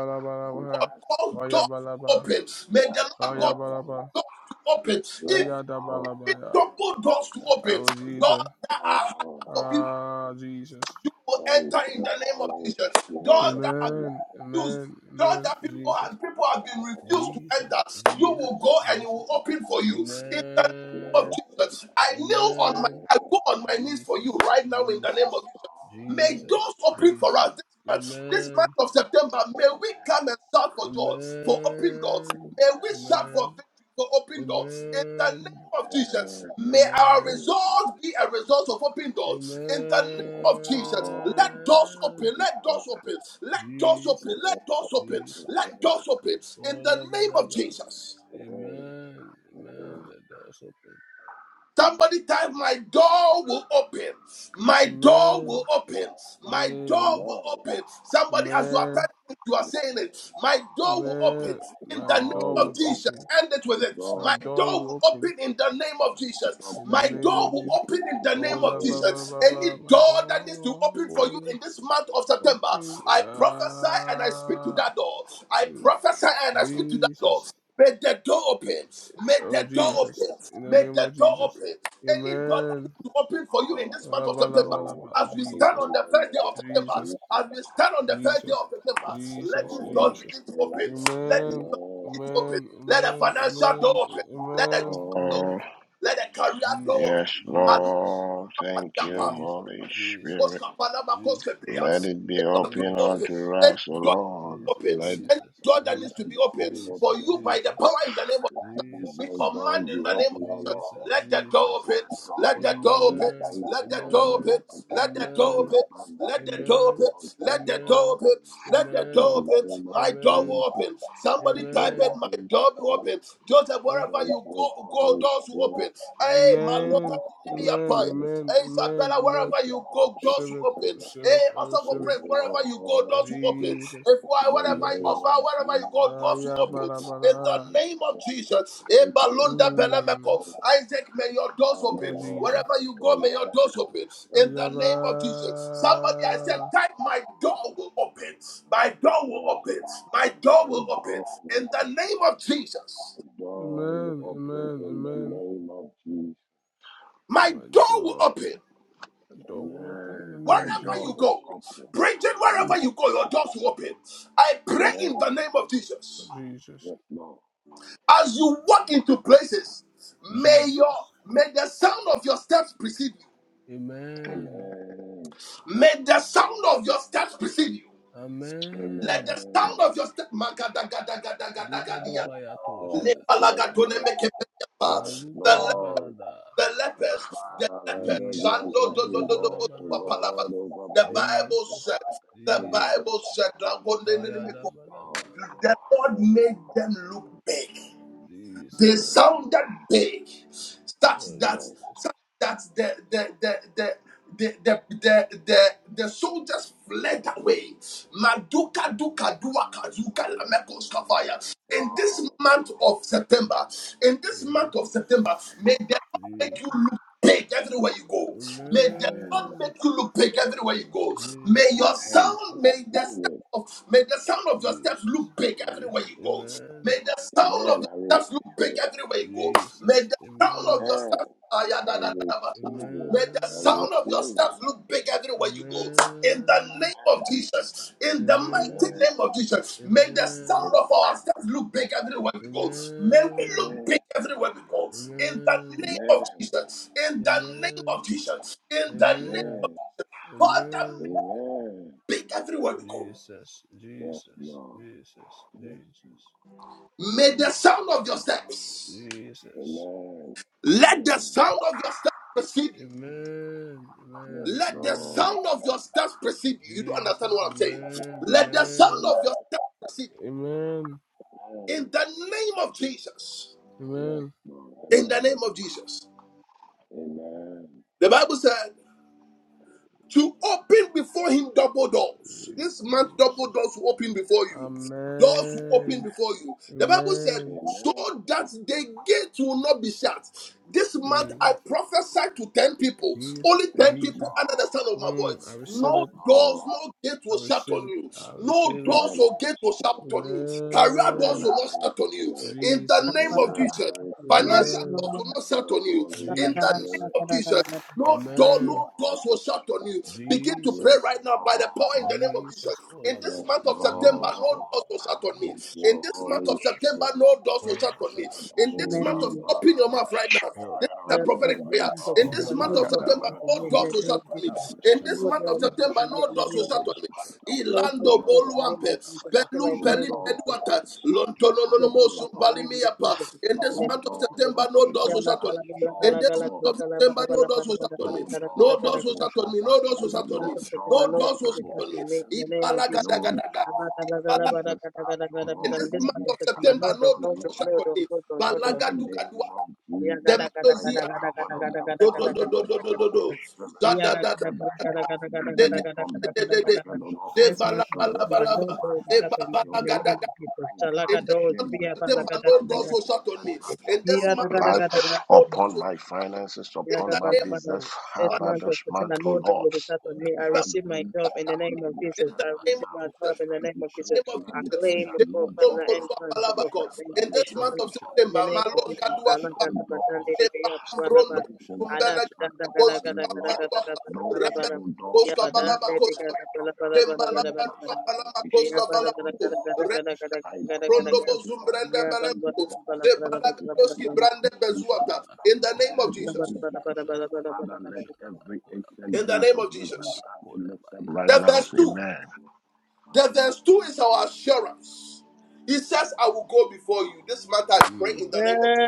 B: Amen.
A: the Lord God cause doors to
C: Ayabalaba.
A: open. May
B: Yes,
A: the Lord God cause
B: Lord.
C: Ayabalaba.
A: doors to open.
B: Yes,
A: Even
B: Lord.
A: even
C: Ayadabalabaya.
A: double doors to open,
C: Oh,
A: doors
C: Jesus.
A: that are harder
B: Oh,
A: for people,
C: Ah, Jesus.
A: you will
B: Thank
A: enter in
B: you,
A: the name of
B: Holy
A: Jesus. Doors
B: Spirit.
A: that are
B: Amen.
C: Amen.
A: refused.
C: Amen.
A: Door
C: Amen.
A: that people
C: Jesus.
A: have people have been
B: Amen.
A: refused to
C: Jesus.
A: enter. You will
C: Jesus.
A: go and it
C: Jesus.
A: will open for you. In the
B: Amen.
A: name
B: Amen.
A: of
C: Amen.
B: Amen. Yes,
A: Jesus, I
B: Lord.
A: kneel
B: Amen. Amen.
A: on my
B: Amen.
C: Amen.
A: I go on my knees for you
C: Jesus.
A: right now in the name of
C: Jesus.
A: Jesus. May
B: Amen.
A: doors
C: Jesus.
A: open for
C: Jesus.
A: us this month, this month
C: Amen.
A: of September. May we come and shout for doors, for open doors.
C: Amen.
A: May we shout for
C: Amen.
A: victory, for open doors. In the name
C: Amen.
A: of Jesus,
B: Amen.
A: may our
B: Amen.
C: Amen.
B: Amen.
A: results be a result of open doors. In the name of Jesus, let. Let doors
C: Amen.
A: open. Let doors open. Let doors open. Let
C: Jesus,
A: doors open.
C: Jesus.
A: Let doors open. In
C: Oh,
A: the
C: la, ba,
A: name
C: la,
A: of
C: ba.
A: Jesus.
C: Amen, amen. The doors open.
A: Somebody type, my door will open. My door
C: Amen.
A: will open. My door
C: Hey,
A: will open. Somebody, as you are
C: amen,
A: typing, it, you are saying it. My door will open
C: amen.
A: in
C: My
A: the name
C: door
B: Oh,
A: of
C: will
A: Jesus.
C: open.
A: End it
B: my
A: with it.
C: My
B: God.
A: My
C: door
A: door
C: will
A: will
C: open.
A: open in the name of
B: up
A: Jesus.
C: In the
A: My
B: and
C: name
A: door
B: open
C: of
A: will
B: in
C: Jesus.
A: open in the
C: Oh,
B: the
A: name of
C: la,
B: name
C: ba, ba,
B: of
A: Jesus.
C: ba,
A: Any
C: ba. My
A: door that needs to
C: door
A: open for you
C: will
A: in this month of September,
C: open.
A: I prophesy and I speak to
C: Ah,
A: that door. I
C: mm.
A: prophesy and I speak to that door.
C: Jesus.
A: May the door open. May
C: Oh,
A: the door
B: the
C: Jesus.
A: open.
C: In the
A: May
C: name of
A: the door
C: Jesus.
A: open. Any door that
C: Amen.
A: needs to open for you in this month
C: Bala,
A: of
B: Lord. My
C: bala,
A: September,
B: door
C: bala,
B: will
C: bala.
A: as we
B: open
A: stand
C: Jesus,
B: in
A: on the
B: the name
A: first day of September,
B: of
C: Jesus,
B: Jesus.
A: as we stand on the first day
C: Jesus,
A: of September, let
C: Jesus,
A: these
B: Holy
A: doors
C: Jesus.
A: begin to
B: Spirit,
A: open. Let these
C: Amen,
A: doors
B: amen.
A: begin to open.
C: amen,
A: Let the
C: amen,
A: financial door
C: amen,
B: Yes,
A: open. Let the
C: amen,
A: job door.
C: amen.
B: Lord.
A: Let the career door open.
C: Jesus,
B: yes,
A: Maluma
C: Jesus,
B: Lord. Thank you,
A: Padiapa,
C: Jesus,
B: Holy Spirit.
A: Koska
C: Jesus,
A: Palama,
C: Jesus,
A: Koska Pia.
B: Let it be
A: May your door
B: open
A: open.
C: Jesus,
A: Any
B: unto us, O
A: door that needs to be
B: Lord.
C: Jesus,
A: open.
B: Let
A: Any
C: Jesus,
A: door
C: Jesus,
B: my
A: that needs to
B: financial
C: Jesus,
A: be
B: door
A: open
B: be open,
A: for you
B: O
A: by
B: Lord.
A: the power in the name of
C: Jesus,
B: Let
A: we
C: Jesus,
B: business doors
A: command in
B: be
A: the name
B: open,
A: of
B: O
A: Jesus.
B: Lord.
C: Jesus,
A: Let the door
C: Jesus.
A: open.
B: and
A: Let
B: doors
A: the
B: of
A: door open.
C: Amen,
B: elevation,
A: Let the
B: of
A: door open.
C: amen,
A: Let
B: multiplication,
A: the door
B: and
C: amen.
A: open. Let
B: abundance
A: the
B: be
A: door
B: open
A: open.
C: Amen.
B: unto me, O
A: Let the
B: Lord.
A: door
C: Amen.
A: open. Let the
B: In
A: door
B: the
C: Amen.
A: open.
B: name of
A: My door will
C: Amen.
B: Jesus,
A: open. Somebody
B: thank you,
A: type it.
C: Amen.
A: My
B: Holy
A: door will
B: Spirit.
A: open. Joseph,
C: Uh,
A: wherever
B: Thank
A: you
B: you,
A: go, go
B: Holy
A: doors will
B: Spirit.
A: open. Hey, my
B: Thank
A: Lord,
C: Amen.
B: you,
A: give me
B: Holy
A: a
C: Amen.
A: prayer.
B: Spirit.
C: Amen.
A: Hey,
C: Amen.
A: Isabella,
C: Amen.
B: Thank
A: wherever
B: you,
A: you
C: I
B: Holy
A: go, doors
C: Receive it.
A: will
C: I
A: open.
B: Spirit.
C: Receive it.
A: Hey,
C: I
A: also for
C: receive
B: Thank
C: it.
A: praise,
B: you,
A: wherever you go,
B: Lord.
A: doors will open.
C: Jesus.
A: If why,
B: In the name
A: wherever you go,
C: Jesus.
B: of
A: wherever you
B: Jesus,
A: go,
C: Ah,
A: doors
C: yeah,
A: will
B: thank
A: open.
C: bara,
B: you,
A: In the
C: bara.
B: Holy
A: name of
B: Spirit.
A: Jesus, Hey,
B: Thank you, Holy
A: Balunda
B: Spirit.
C: Mm.
A: Belemeko. Isaac, may your doors
B: Father,
C: Oh,
A: open.
B: Lord.
C: Jesus.
A: Wherever you go, may your
B: Amen.
A: doors open.
C: Ah,
A: In the
C: yeah, ba.
B: Amen.
A: name of Jesus, somebody
B: Yes,
A: I said, type my
B: Lord.
A: door will open. My door will
B: Yes,
A: open. My
B: my
A: door will open.
B: door will
A: In the
B: open.
A: name of Jesus,
B: My door will
C: Amen.
B: open
C: Amen.
B: in the
C: Amen.
B: name of Jesus.
A: my
C: My
A: door will
C: God.
A: open.
C: The door will open in the
B: Amen.
C: name
B: My
C: of
A: Wherever
B: door
C: Jesus.
A: you
B: will
A: go,
B: open
A: Bridget,
B: in
C: Ne-
A: wherever you
B: this
A: go, your
B: month.
A: doors will open. I pray in
B: Amen.
A: the name of Jesus.
C: Jesus.
B: Yes, Lord.
A: As you walk into places, may your
C: Jesus.
A: may the sound of your steps precede you.
C: Amen.
B: Amen.
A: May the sound of your steps precede you. Let
C: Amen.
A: the sound
B: Amen.
A: of your steps
C: Rigado
B: Yes,
C: bayatosha.
B: Lord. Yes, Lord. Yes,
A: the,
C: Maluga da
A: le-
B: Lord.
C: balada.
A: the lepers, the
B: Father, let
A: lepers,
B: there be
A: Shando
B: an
C: Jesus.
A: do do
B: open
A: do
C: Ola
A: do do
B: door,
A: do-
B: so
C: balabalaba.
B: Lord,
A: palaba.
B: over
A: the
B: my life,
A: Bible
B: over
C: Jesus.
A: said,
B: my
A: the
B: destiny,
C: Jesus.
A: Bible said,
C: Bayada
A: "Dragondenemeko."
C: balaba.
B: oh
A: the
B: Lord.
A: Lord
B: Yes,
A: made them look big. They
C: Jesus.
B: Lord.
A: sounded big,
C: Oh,
A: such
B: Yes,
A: that
B: Lord. Yes,
C: yes,
A: such that the the the the the the the, the, the soldiers fled away. Maduka duka dua kazuka lamekos kavaya. In this
B: Lord.
A: month of September, in this month of
C: Jesus.
A: September, may the Lord make you
C: Jesus.
A: look big everywhere you go. May the
B: Amen.
A: Lord
C: Amen.
A: make you look big everywhere you go. May
B: Amen. I
C: Jesus.
A: your
B: receive
A: sound,
C: Jesus.
A: may the step
B: it.
A: of may the sound of your steps
C: Jesus.
A: look big everywhere
C: Jesus.
A: you go.
C: Amen.
A: May the sound
B: Amen.
A: of
B: I
A: your steps look
B: receive
A: big
B: it.
A: everywhere you go. May
C: Jesus.
A: the sound of
C: Amen.
A: your
B: Amen.
A: steps Ah, yeah,
B: I
A: da, da,
B: receive
A: da, da.
B: it.
A: May the
B: I
C: Amen.
A: sound of your
B: receive
A: steps look big everywhere you go. In the
C: Amen.
A: name of Jesus, in the mighty
C: Amen.
A: name of Jesus, may the
B: it.
C: Amen.
A: sound of our steps look big everywhere we go. May we
C: Amen.
A: look
B: Amen.
A: big everywhere we go. In the
B: Amen. Amen.
C: Amen.
A: name of Jesus, in the name
C: Amen.
A: of Jesus, in the name
C: Amen.
A: of
B: Amen.
A: Father,
B: Amen.
C: Amen.
A: may
B: Amen.
A: we big everywhere we go.
C: Jesus.
B: Yes,
C: Jesus.
B: Lord.
C: Jesus.
B: Yes.
C: Jesus.
A: May the sound of your steps,
C: Jesus.
B: Amen.
A: let the
B: Amen.
A: sound of your steps precede you.
C: Amen.
B: Yes,
C: Amen.
A: Let the
C: Amen.
B: Lord.
A: sound of your steps precede you. You don't understand
C: Jesus.
A: what I'm saying.
C: Amen.
A: Let the
C: Amen.
A: sound of
B: Amen.
A: your steps precede you.
C: Amen.
B: Amen.
A: In the name of Jesus.
B: Yes,
C: Amen.
B: Lord.
A: In the name
B: Amen.
A: of Jesus.
B: Amen. Amen.
A: The Bible said, to open before him double doors. This month, double
C: Jesus.
A: doors will open before you. Doors
B: Amen. Yes,
A: will open
C: Amen.
A: before you. The Bible said,
C: Amen.
A: so that the gate will not be shut. This month,
C: Mm.
A: I prophesied to 10 people,
C: Jesus.
A: only 10 people
C: Jesus.
A: under the sound of
B: Lord.
A: my
C: Mm. I
A: voice.
B: Yes,
C: receive
A: No
C: it.
A: doors,
B: Lord.
A: no gate
C: I
A: will shut
C: receive
A: on
C: it.
A: you.
C: I
A: No
C: receive it.
B: Amen.
A: doors or
B: I
A: gate will
B: receive
A: shut
B: it.
A: on you. Career doors
B: Amen.
C: Amen.
A: will not
B: I
A: shut on you.
B: receive it.
A: In the name
C: Jesus.
A: of
B: Amen.
A: Jesus.
B: I receive
E: Yes,
B: it.
A: Financial
C: Amen.
A: doors
E: Lord.
A: will not
B: Thank
A: shut
B: you,
A: on you.
B: Holy
A: In the
C: Jesus.
B: Spirit.
A: name of Jesus, no
B: Thank
A: door,
B: you,
C: Amen.
A: no
B: Holy
A: doors will shut on you.
B: Spirit.
A: Begin to pray
B: Yes,
C: Jesus.
A: right now by the power in
B: Lord.
A: the name of Jesus.
C: Jesus
A: In this
B: Yes,
A: month
C: kolabalaba,
A: of September,
C: Jesus
B: Lord.
A: no doors will shut
C: kolabalaba,
A: on me.
B: Thank
C: Jesus
A: In
B: you,
A: this month
B: Holy
A: of
C: kolabayando
A: September,
C: shada,
B: Spirit.
A: no doors will shut
C: ola
A: on me.
C: shadaba,
A: In this
B: Rebel,
A: month
C: Jesus
A: of
E: Amen.
A: open
B: Rambada,
A: your mouth
C: kolabayada,
A: right now. This
C: ola
B: Spirit
A: is
B: of
A: a
E: Yeah,
B: the
E: but the
A: prophetic
C: bayadaba,
B: living
A: prayer.
E: blessings of
A: In
B: God,
E: the
A: this
E: Lord,
A: month
E: Lord
A: of
B: Father,
E: of the
A: September,
C: yabayadaba,
B: Lord.
E: people,
A: no
E: make
A: doors
E: the
A: will
C: hoya
E: name
A: shut
E: of
A: on me
E: Jesus.
A: me.
B: In
C: balaba,
B: the
A: In
B: name
A: this
B: of
E: Lord
C: shadaba
A: month of
E: of the
B: Jesus,
C: yando
A: September,
E: people, make
A: no
E: the
C: shadaba,
A: doors
B: in
E: name
A: will
E: of
A: shut
C: kola
B: this
E: Jesus.
A: on me.
B: month of
C: shadaba
E: Lord
C: yando
E: of the
A: Ilando
B: September, Lord,
E: people,
C: shadaba,
E: make
C: kola
A: Boluampe,
C: bayando
A: Belum
B: no
E: the name
A: Pelim
E: of
C: shadaba,
B: door
E: Jesus.
C: kola
B: shall
A: Eduata,
B: be
C: bayando
B: shut
E: My
B: upon
E: Lord,
C: shadaba,
A: Lontolonomo
E: we
B: thee, O
C: kola
B: Lord.
E: just
C: bayando
A: Sumpalimiapa. In this
C: shadaba,
B: no
A: month of
C: kola
B: doors of
A: September,
C: bayando
A: no doors will
C: shadaba,
A: shut on me.
B: resistance,
C: yando
A: In
B: no
C: shadaba,
A: this month
B: door
A: of
C: kola ba
B: of
A: September,
B: delay,
A: no
C: shadaba,
A: doors will shut on
C: ho
A: me.
B: no door
A: No
C: shadaba
B: of
A: doors will
C: yando
A: shut on me.
C: shadaba,
A: No doors will
B: retrogression,
A: shut
C: shadaba
A: on me.
B: no
C: yando
B: door
A: No
C: shadaba.
B: of
A: doors will shut
C: Oh,
E: not
A: on me.
E: in
B: stagnation,
E: the
C: shadaba,
E: name of
B: no
E: Jesus.
C: shadaba,
A: Ipalagadagadaga.
B: door
C: shadaba,
B: of
A: Ipalaga-
B: resistance,
C: shadaba,
B: O
C: oh,
A: In
E: This
A: this
B: Lord,
C: shadaba,
E: month
B: will
A: month
B: be
A: of
E: of
B: shut
E: September,
A: September,
E: no door,
A: no
B: upon
E: no
C: shadaba,
B: me,
A: doors
E: door,
A: will
B: O
A: shut
E: no
A: on
E: door,
B: Lord.
C: shadaba,
A: me.
E: no door,
C: oh,
E: no
B: In
E: door.
B: the
C: shadaba,
B: name
A: Balagadugaduaka.
B: of
E: Yeah, gada
B: Jesus,
E: gada
B: by
C: shadaba,
B: the
E: gada
A: Demelozia.
C: kola,
E: gada gada
B: power of the
E: gada
C: shadaba,
E: gada
A: Do do
E: gada gada
A: do
B: authority
E: gada
C: kolaba,
A: do
B: of the
E: gada.
A: do do
B: Holy
E: gada
B: Spirit,
E: Yeah,
A: do do
C: ashadaba,
E: gada
B: every
E: gada
B: door
E: gada gada
A: de de
B: released
E: gada gada gada
B: from
E: gada.
B: the
A: de
B: pit
A: de
E: gada
B: of
A: de
E: gada gada.
B: hell, O
A: de
B: Lord,
C: shadaba,
E: This
A: bala
E: month
B: to
E: of
A: bala
C: ashadaba,
B: resist
E: December,
A: bala
E: no
A: ba
C: kolaba.
B: my
E: door will
A: e
E: shut
A: ba
E: on you
B: destiny,
A: bala
E: in
B: O
E: the
A: gada
E: name
B: Lord,
A: gada.
E: of
B: to
E: Jesus.
B: bring
E: Shalaga
A: In
B: doubt,
A: this
E: doors,
A: month of
B: shame,
E: be
B: reproach,
A: September, no doors will
B: stagnation,
A: shut on me.
B: setbacks
C: Kodasha,
A: In this
B: upon
A: month of
B: my
C: Ayano
B: life,
A: September,
C: Shadaba,
A: no
E: about
A: doors
B: upon
A: will
B: my
C: Kodasha, Shadaba,
B: finances,
C: Ayano
A: shut In
B: upon
A: the
B: my
C: Shadaba,
A: name of Jesus.
E: Yagabalabala.
B: business,
C: Kosha,
E: This
A: no
B: Father,
E: month of
B: this
C: Shadaba,
B: month,
E: September,
B: O
E: no door
B: Lord.
E: will be
C: Shadaba,
E: shut on
B: May
E: me. I
C: Kosha,
B: that
A: doors
E: receive my
B: gate
A: will
B: to
E: job
A: shut
E: in the
A: on
B: all
C: Shadaba,
A: me.
E: name
B: be
C: Shadaba,
E: of
A: In
E: Jesus.
B: lifted
A: the
E: I
C: Koshadaba,
B: right
A: name of
E: receive
B: now.
E: my
A: Jesus. In
E: job in
B: I
E: the
C: Koshadaba,
E: name of
A: the
B: decree
E: Jesus.
C: Shadaba,
A: name of
B: and I
E: I
A: Jesus.
B: declare
E: claim
B: that
E: the
A: Sheba
E: God,
C: Kodashadaba,
B: no
E: Father,
B: door
E: and
C: Shadaba,
A: Lompolua
B: of
E: God, to God,
B: delay
E: Father,
A: Palabako.
E: and
C: Koshadaba,
B: shall
A: In
B: be
E: Jesus.
A: this
B: shut
E: Lord,
A: month of
B: upon me,
E: In
C: Koshadaba,
A: September,
E: the
B: O
E: name
C: Shadaba, Ko
E: of
C: Shadaba,
B: God.
E: Jesus.
A: Malonga
B: No
C: Shadaba,
B: door
E: Salagalabadande,
B: of
C: Koshadaba,
A: Brondo
E: debeyabalaba.
C: Yeah,
B: stagnation will
C: Shadaba,
B: be
C: Ya
E: Ada,
A: Zumbele
B: shut
E: kada,
C: Shadaba,
E: kada,
B: upon
A: Koski
B: me,
E: kada,
B: O
C: Shadaba,
E: kada,
B: Lord.
E: kada,
C: Shadaba,
E: kada,
A: Bambaluapa
E: kada,
C: Koshadaba,
B: No
E: kada,
A: Rembele
E: kada.
B: evil
C: Shadaba,
B: door
A: Koska
B: released
E: Yabadande,
A: Balaba
B: from the
C: Shadaba,
A: Koska
B: pit of hell
A: Tembala
B: against
C: Yeah,
B: my
A: Balua
E: debeyabalabalabalabalabalabala.
B: life will
C: Shadaba,
B: be
C: Ayano
A: Koska
B: shut upon
C: Shadaba,
E: Yabalabala,
B: me,
A: Balako
E: kada,
B: O
E: kada,
B: Lord.
A: Rende
E: kada, kada,
C: Shadaba,
B: By the
E: kada, kada, kada.
A: Brondo
B: ordinances of
A: Zumbrende
B: Psalm 24,
A: Beleko
B: verse 7
A: Zebalaga
B: to 10,
A: Koski
B: O
E: Yabalabalabalabalabalabala.
A: Brande
B: God says,
A: Bezuata
C: Shalaba,
B: lift up
A: in the
B: your
E: Amen. Because they
C: ko
A: name
B: head,
A: of
B: O
A: Jesus
B: ye
E: were
B: gates
C: shalayanda, shalaba,
B: Father,
C: kola,
B: let
C: shalaba,
B: every
C: kola,
B: ancient
A: in the
B: gate
C: bayanda,
A: name
B: of
A: of
C: shalaba,
B: resistance
A: Jesus
B: be
C: kola,
B: lifted right
C: bayanda,
A: the
B: now.
A: verse
C: shas.
A: 2
B: Amen.
A: the verse 2 is our assurance he says I will go before you this matter I pray in
C: Mm,
A: the name of Jesus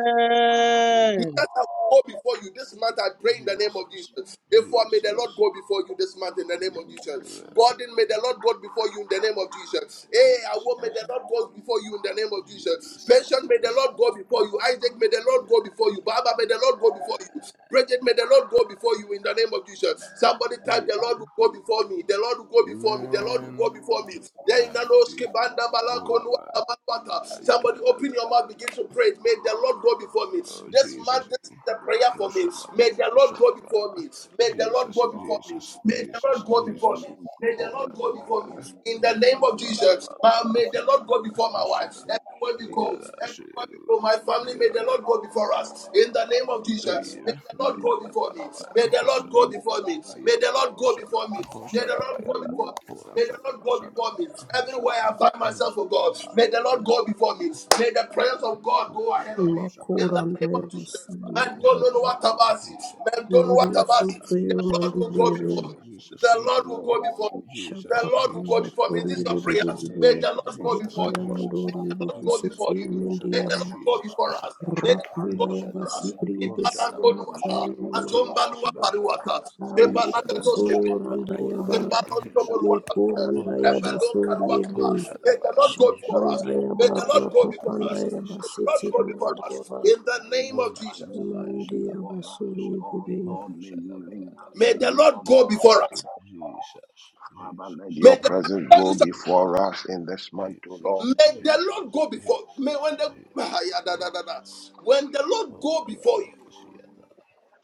C: yes, Lord.
A: Because I will go before you this month, I pray in the name of
C: Jesus,
A: Jesus. Therefore, may the
B: Yes,
C: Jesus,
A: Lord go before you this month in the name
C: amen,
A: of
B: amen.
A: Jesus.
C: amen.
A: Gordon, may the Lord go before you in the name of Jesus. Hey, I will, may
B: Yes,
C: Jesus,
A: the Lord go before you in the name of Jesus. Patient, may the
C: Jesus,
A: Lord go before you. Isaac, may the Lord go
C: amen,
A: before you. Baba, may the Lord go before you. Bridget, may the Lord go before you in the name of Jesus. Somebody type, the Lord
C: Jesus,
A: will go before me. The Lord will go before me. The Lord will
C: amen.
A: go before me. Yeah, in
C: Ah,
A: the nose,
C: Jesus,
A: kibanda, balako,
C: kola,
A: nuwa, tamanwata. Somebody Somebody
C: ba,
A: open your mouth, begin to pray. May the Lord go before me.
C: Oh,
A: This man,
C: Jesus.
A: this is the prayer
C: Oh,
A: for me. May
C: Shandabaya,
A: the Lord go before me.
C: Shandabaya.
A: May the Lord
C: Jesus,
A: go
B: Lord.
A: before me.
C: Jesus,
A: May the Lord
B: Father,
C: Jesus,
B: may
A: go before
B: you
C: Jesus.
A: me.
B: go
A: May the
C: Oh,
A: Lord
C: la, la,
A: go
C: la,
B: before
C: la.
A: before me.
B: me
A: In
B: in
A: the
C: Yeah, ba,
A: name
B: the
C: la,
A: of
C: ba,
B: name
C: ba,
A: Jesus,
C: ba,
B: of
C: ba.
A: ma-
B: Jesus.
A: may the Lord go
B: Thank
A: before my
B: you,
A: wife.
C: Shada.
B: Holy
A: Everywhere we
C: Oh, yeah,
A: go,
B: Spirit.
C: la, shada,
A: everywhere we
C: la,
A: go, my
B: Yes,
A: family,
C: Oh,
B: Lord.
A: may
C: yeah,
A: the
C: go,
A: Lord go before us. In the name
B: In
A: of
B: the
A: Jesus,
B: name
A: may
C: Jesus.
A: the
B: of
C: Oh,
A: Lord
C: yeah,
A: go
C: la,
B: Jesus,
C: ba,
A: before me.
C: la, ba,
B: Father,
C: la.
A: May the
C: Oh,
B: Lord,
A: Lord
B: may
C: shada.
A: go
B: you
A: before
B: go
A: me.
C: Oh,
A: May
C: yeah,
A: the
C: ba, la,
A: Lord
C: ba,
B: before
A: go
B: us,
C: shada,
A: before
C: ba.
A: me.
C: Oh,
B: Lord.
A: May the
C: shada, ba,
A: Lord
B: May
C: yeah,
A: go
C: da.
A: before
B: you,
A: me.
C: Oh, la,
A: May the
C: shada,
A: Lord
C: ba,
A: go
C: shada,
A: before
C: ba,
A: me.
C: yeah. Yeah,
A: Everywhere
C: shada,
A: I
C: ba,
A: find
C: ya. yeah,
A: myself, oh
C: shada,
A: God,
C: ba.
A: may the
C: Yeah,
A: Lord
C: Yeah,
A: go
C: ba, la,
A: before
C: ba,
A: me.
C: yeah,
A: May
C: shada.
A: the presence of God
C: Hola
A: go ahead
C: shada
A: of me. In
C: shadaba.
A: the
G: Makura
A: name of
C: Yeah
G: ndayama
A: Jesus.
C: shadaba.
G: sinama
A: Man
B: yes,
C: Hola
A: don't know what
C: shadaba.
A: about
C: He
A: it.
C: shada.
A: Man don't know
G: ndayama
A: what
C: Hola
G: rusu
A: about
C: shada.
A: it. The
C: Jesus.
A: Lord
G: mandi
A: will go before
C: Jesus.
G: ndibiri
A: me.
C: Jesus. Oh
A: The
B: thank
A: Lord will
B: you,
C: shadaba.
A: go before me.
B: Holy
A: The
B: Spirit.
C: Jesus.
G: shaka
A: Lord will go
G: ndayama
C: Jesus.
A: before me. This is
G: sori
A: your prayer.
C: Jesus.
G: ndibiri
A: May the
C: Jesus.
G: yaka
A: Lord go
C: Jesus.
G: santa
A: before
G: yama
A: you.
C: Jesus.
A: May
G: ndori
A: the Lord go
C: Jesus.
G: ndifisiti
A: before you.
C: Oh
G: mindi
A: May
C: shadaba.
A: the
G: yama
A: Lord go
C: Jesus. Oh
A: before us.
C: shadaba.
A: May the
G: rapanda
C: Yeah
A: Lord go
G: yama
A: before
C: shadaba.
A: us.
G: sibri
C: Oh
G: ndesi
C: shadaba.
G: yama
C: Yeah
A: Ibalatonuata,
G: tayama
C: shadaba.
G: mama mama
C: Jesus. Oh shadaba.
A: azombaluaparuata,
C: Yeah
G: Aye,
C: shadaba.
A: zebalagatoskebria,
C: Shadaba. Hola
G: Kosorandayaba,
C: shadaba. He
A: Zimbaron Tobolwaka.
C: shadaba. Hola
G: Yekorandayaba,
A: Rembelo
C: shadaba. hola
A: Kaluakaba.
G: Soriedin,
A: May
C: shadaba,
A: the Lord go before us.
C: Ishadaba
A: May the
C: Koda
G: Shatandayaba,
A: Lord go
C: Shadaba
A: before us.
G: Rakopandayaba,
A: May
C: Jesus
A: the Lord go before
C: Koshadaba
A: us.
G: Sitsigamandayaba,
A: In the name of
C: Hola
A: Jesus.
C: Shadabaya
B: Before
G: Mandayaba,
C: Shadabaya
B: us, O
C: Dasha
B: Lord,
G: Soriedin.
C: Hola
B: Lord, may you lead
C: Shadabaya
B: us,
A: May
B: may
C: Dasha
A: the
B: you
A: Lord
B: order
A: go before
B: our
C: Yeshada
A: us.
B: steps, O
C: Jesus
B: Father,
C: Jesus
B: let
A: May
B: your
A: the let me
B: presence
C: Jesus
A: tell
B: go
A: you
B: before
C: Jesus
B: us in this month, O
C: Jesus
B: Lord,
A: something. May
B: in
A: the
C: Jesus
A: Lord go before. May
C: Jesus
A: when the Ah,
C: Jesus
A: yeah, da, da, da, da.
C: Jesus
A: when the Lord go
C: Hola
A: before you,
C: Valava Sieta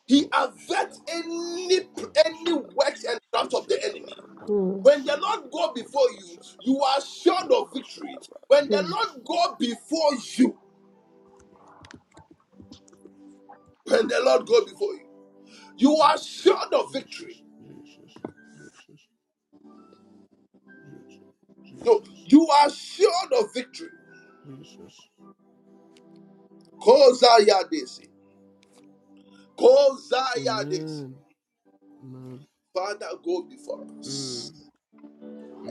A: He
C: Hola
A: averts
C: Shadabaya Dasha
A: any
C: Hola
A: any
C: Shadaba
A: works and traps of the
C: Yashadaba
A: enemy.
C: Kodaba
G: Mm,
A: When the Lord
C: Sividia
A: go before
C: Kodaba
A: you, you
C: Shadaba
A: are assured of victory.
C: Yashadaba
A: When the
G: mm,
C: Jesus
A: Lord go before you, and the Lord go
C: Jesus
A: before you. You are sure
C: Jesus,
A: of
C: Jesus,
A: victory.
C: Jesus, Jesus, Jesus,
A: No,
C: Jesus,
A: you are sure of victory.
C: Jesus.
A: Kozayadesi. Kozayadesi.
C: Amen. Amen.
A: Father, go before us.
C: Mm,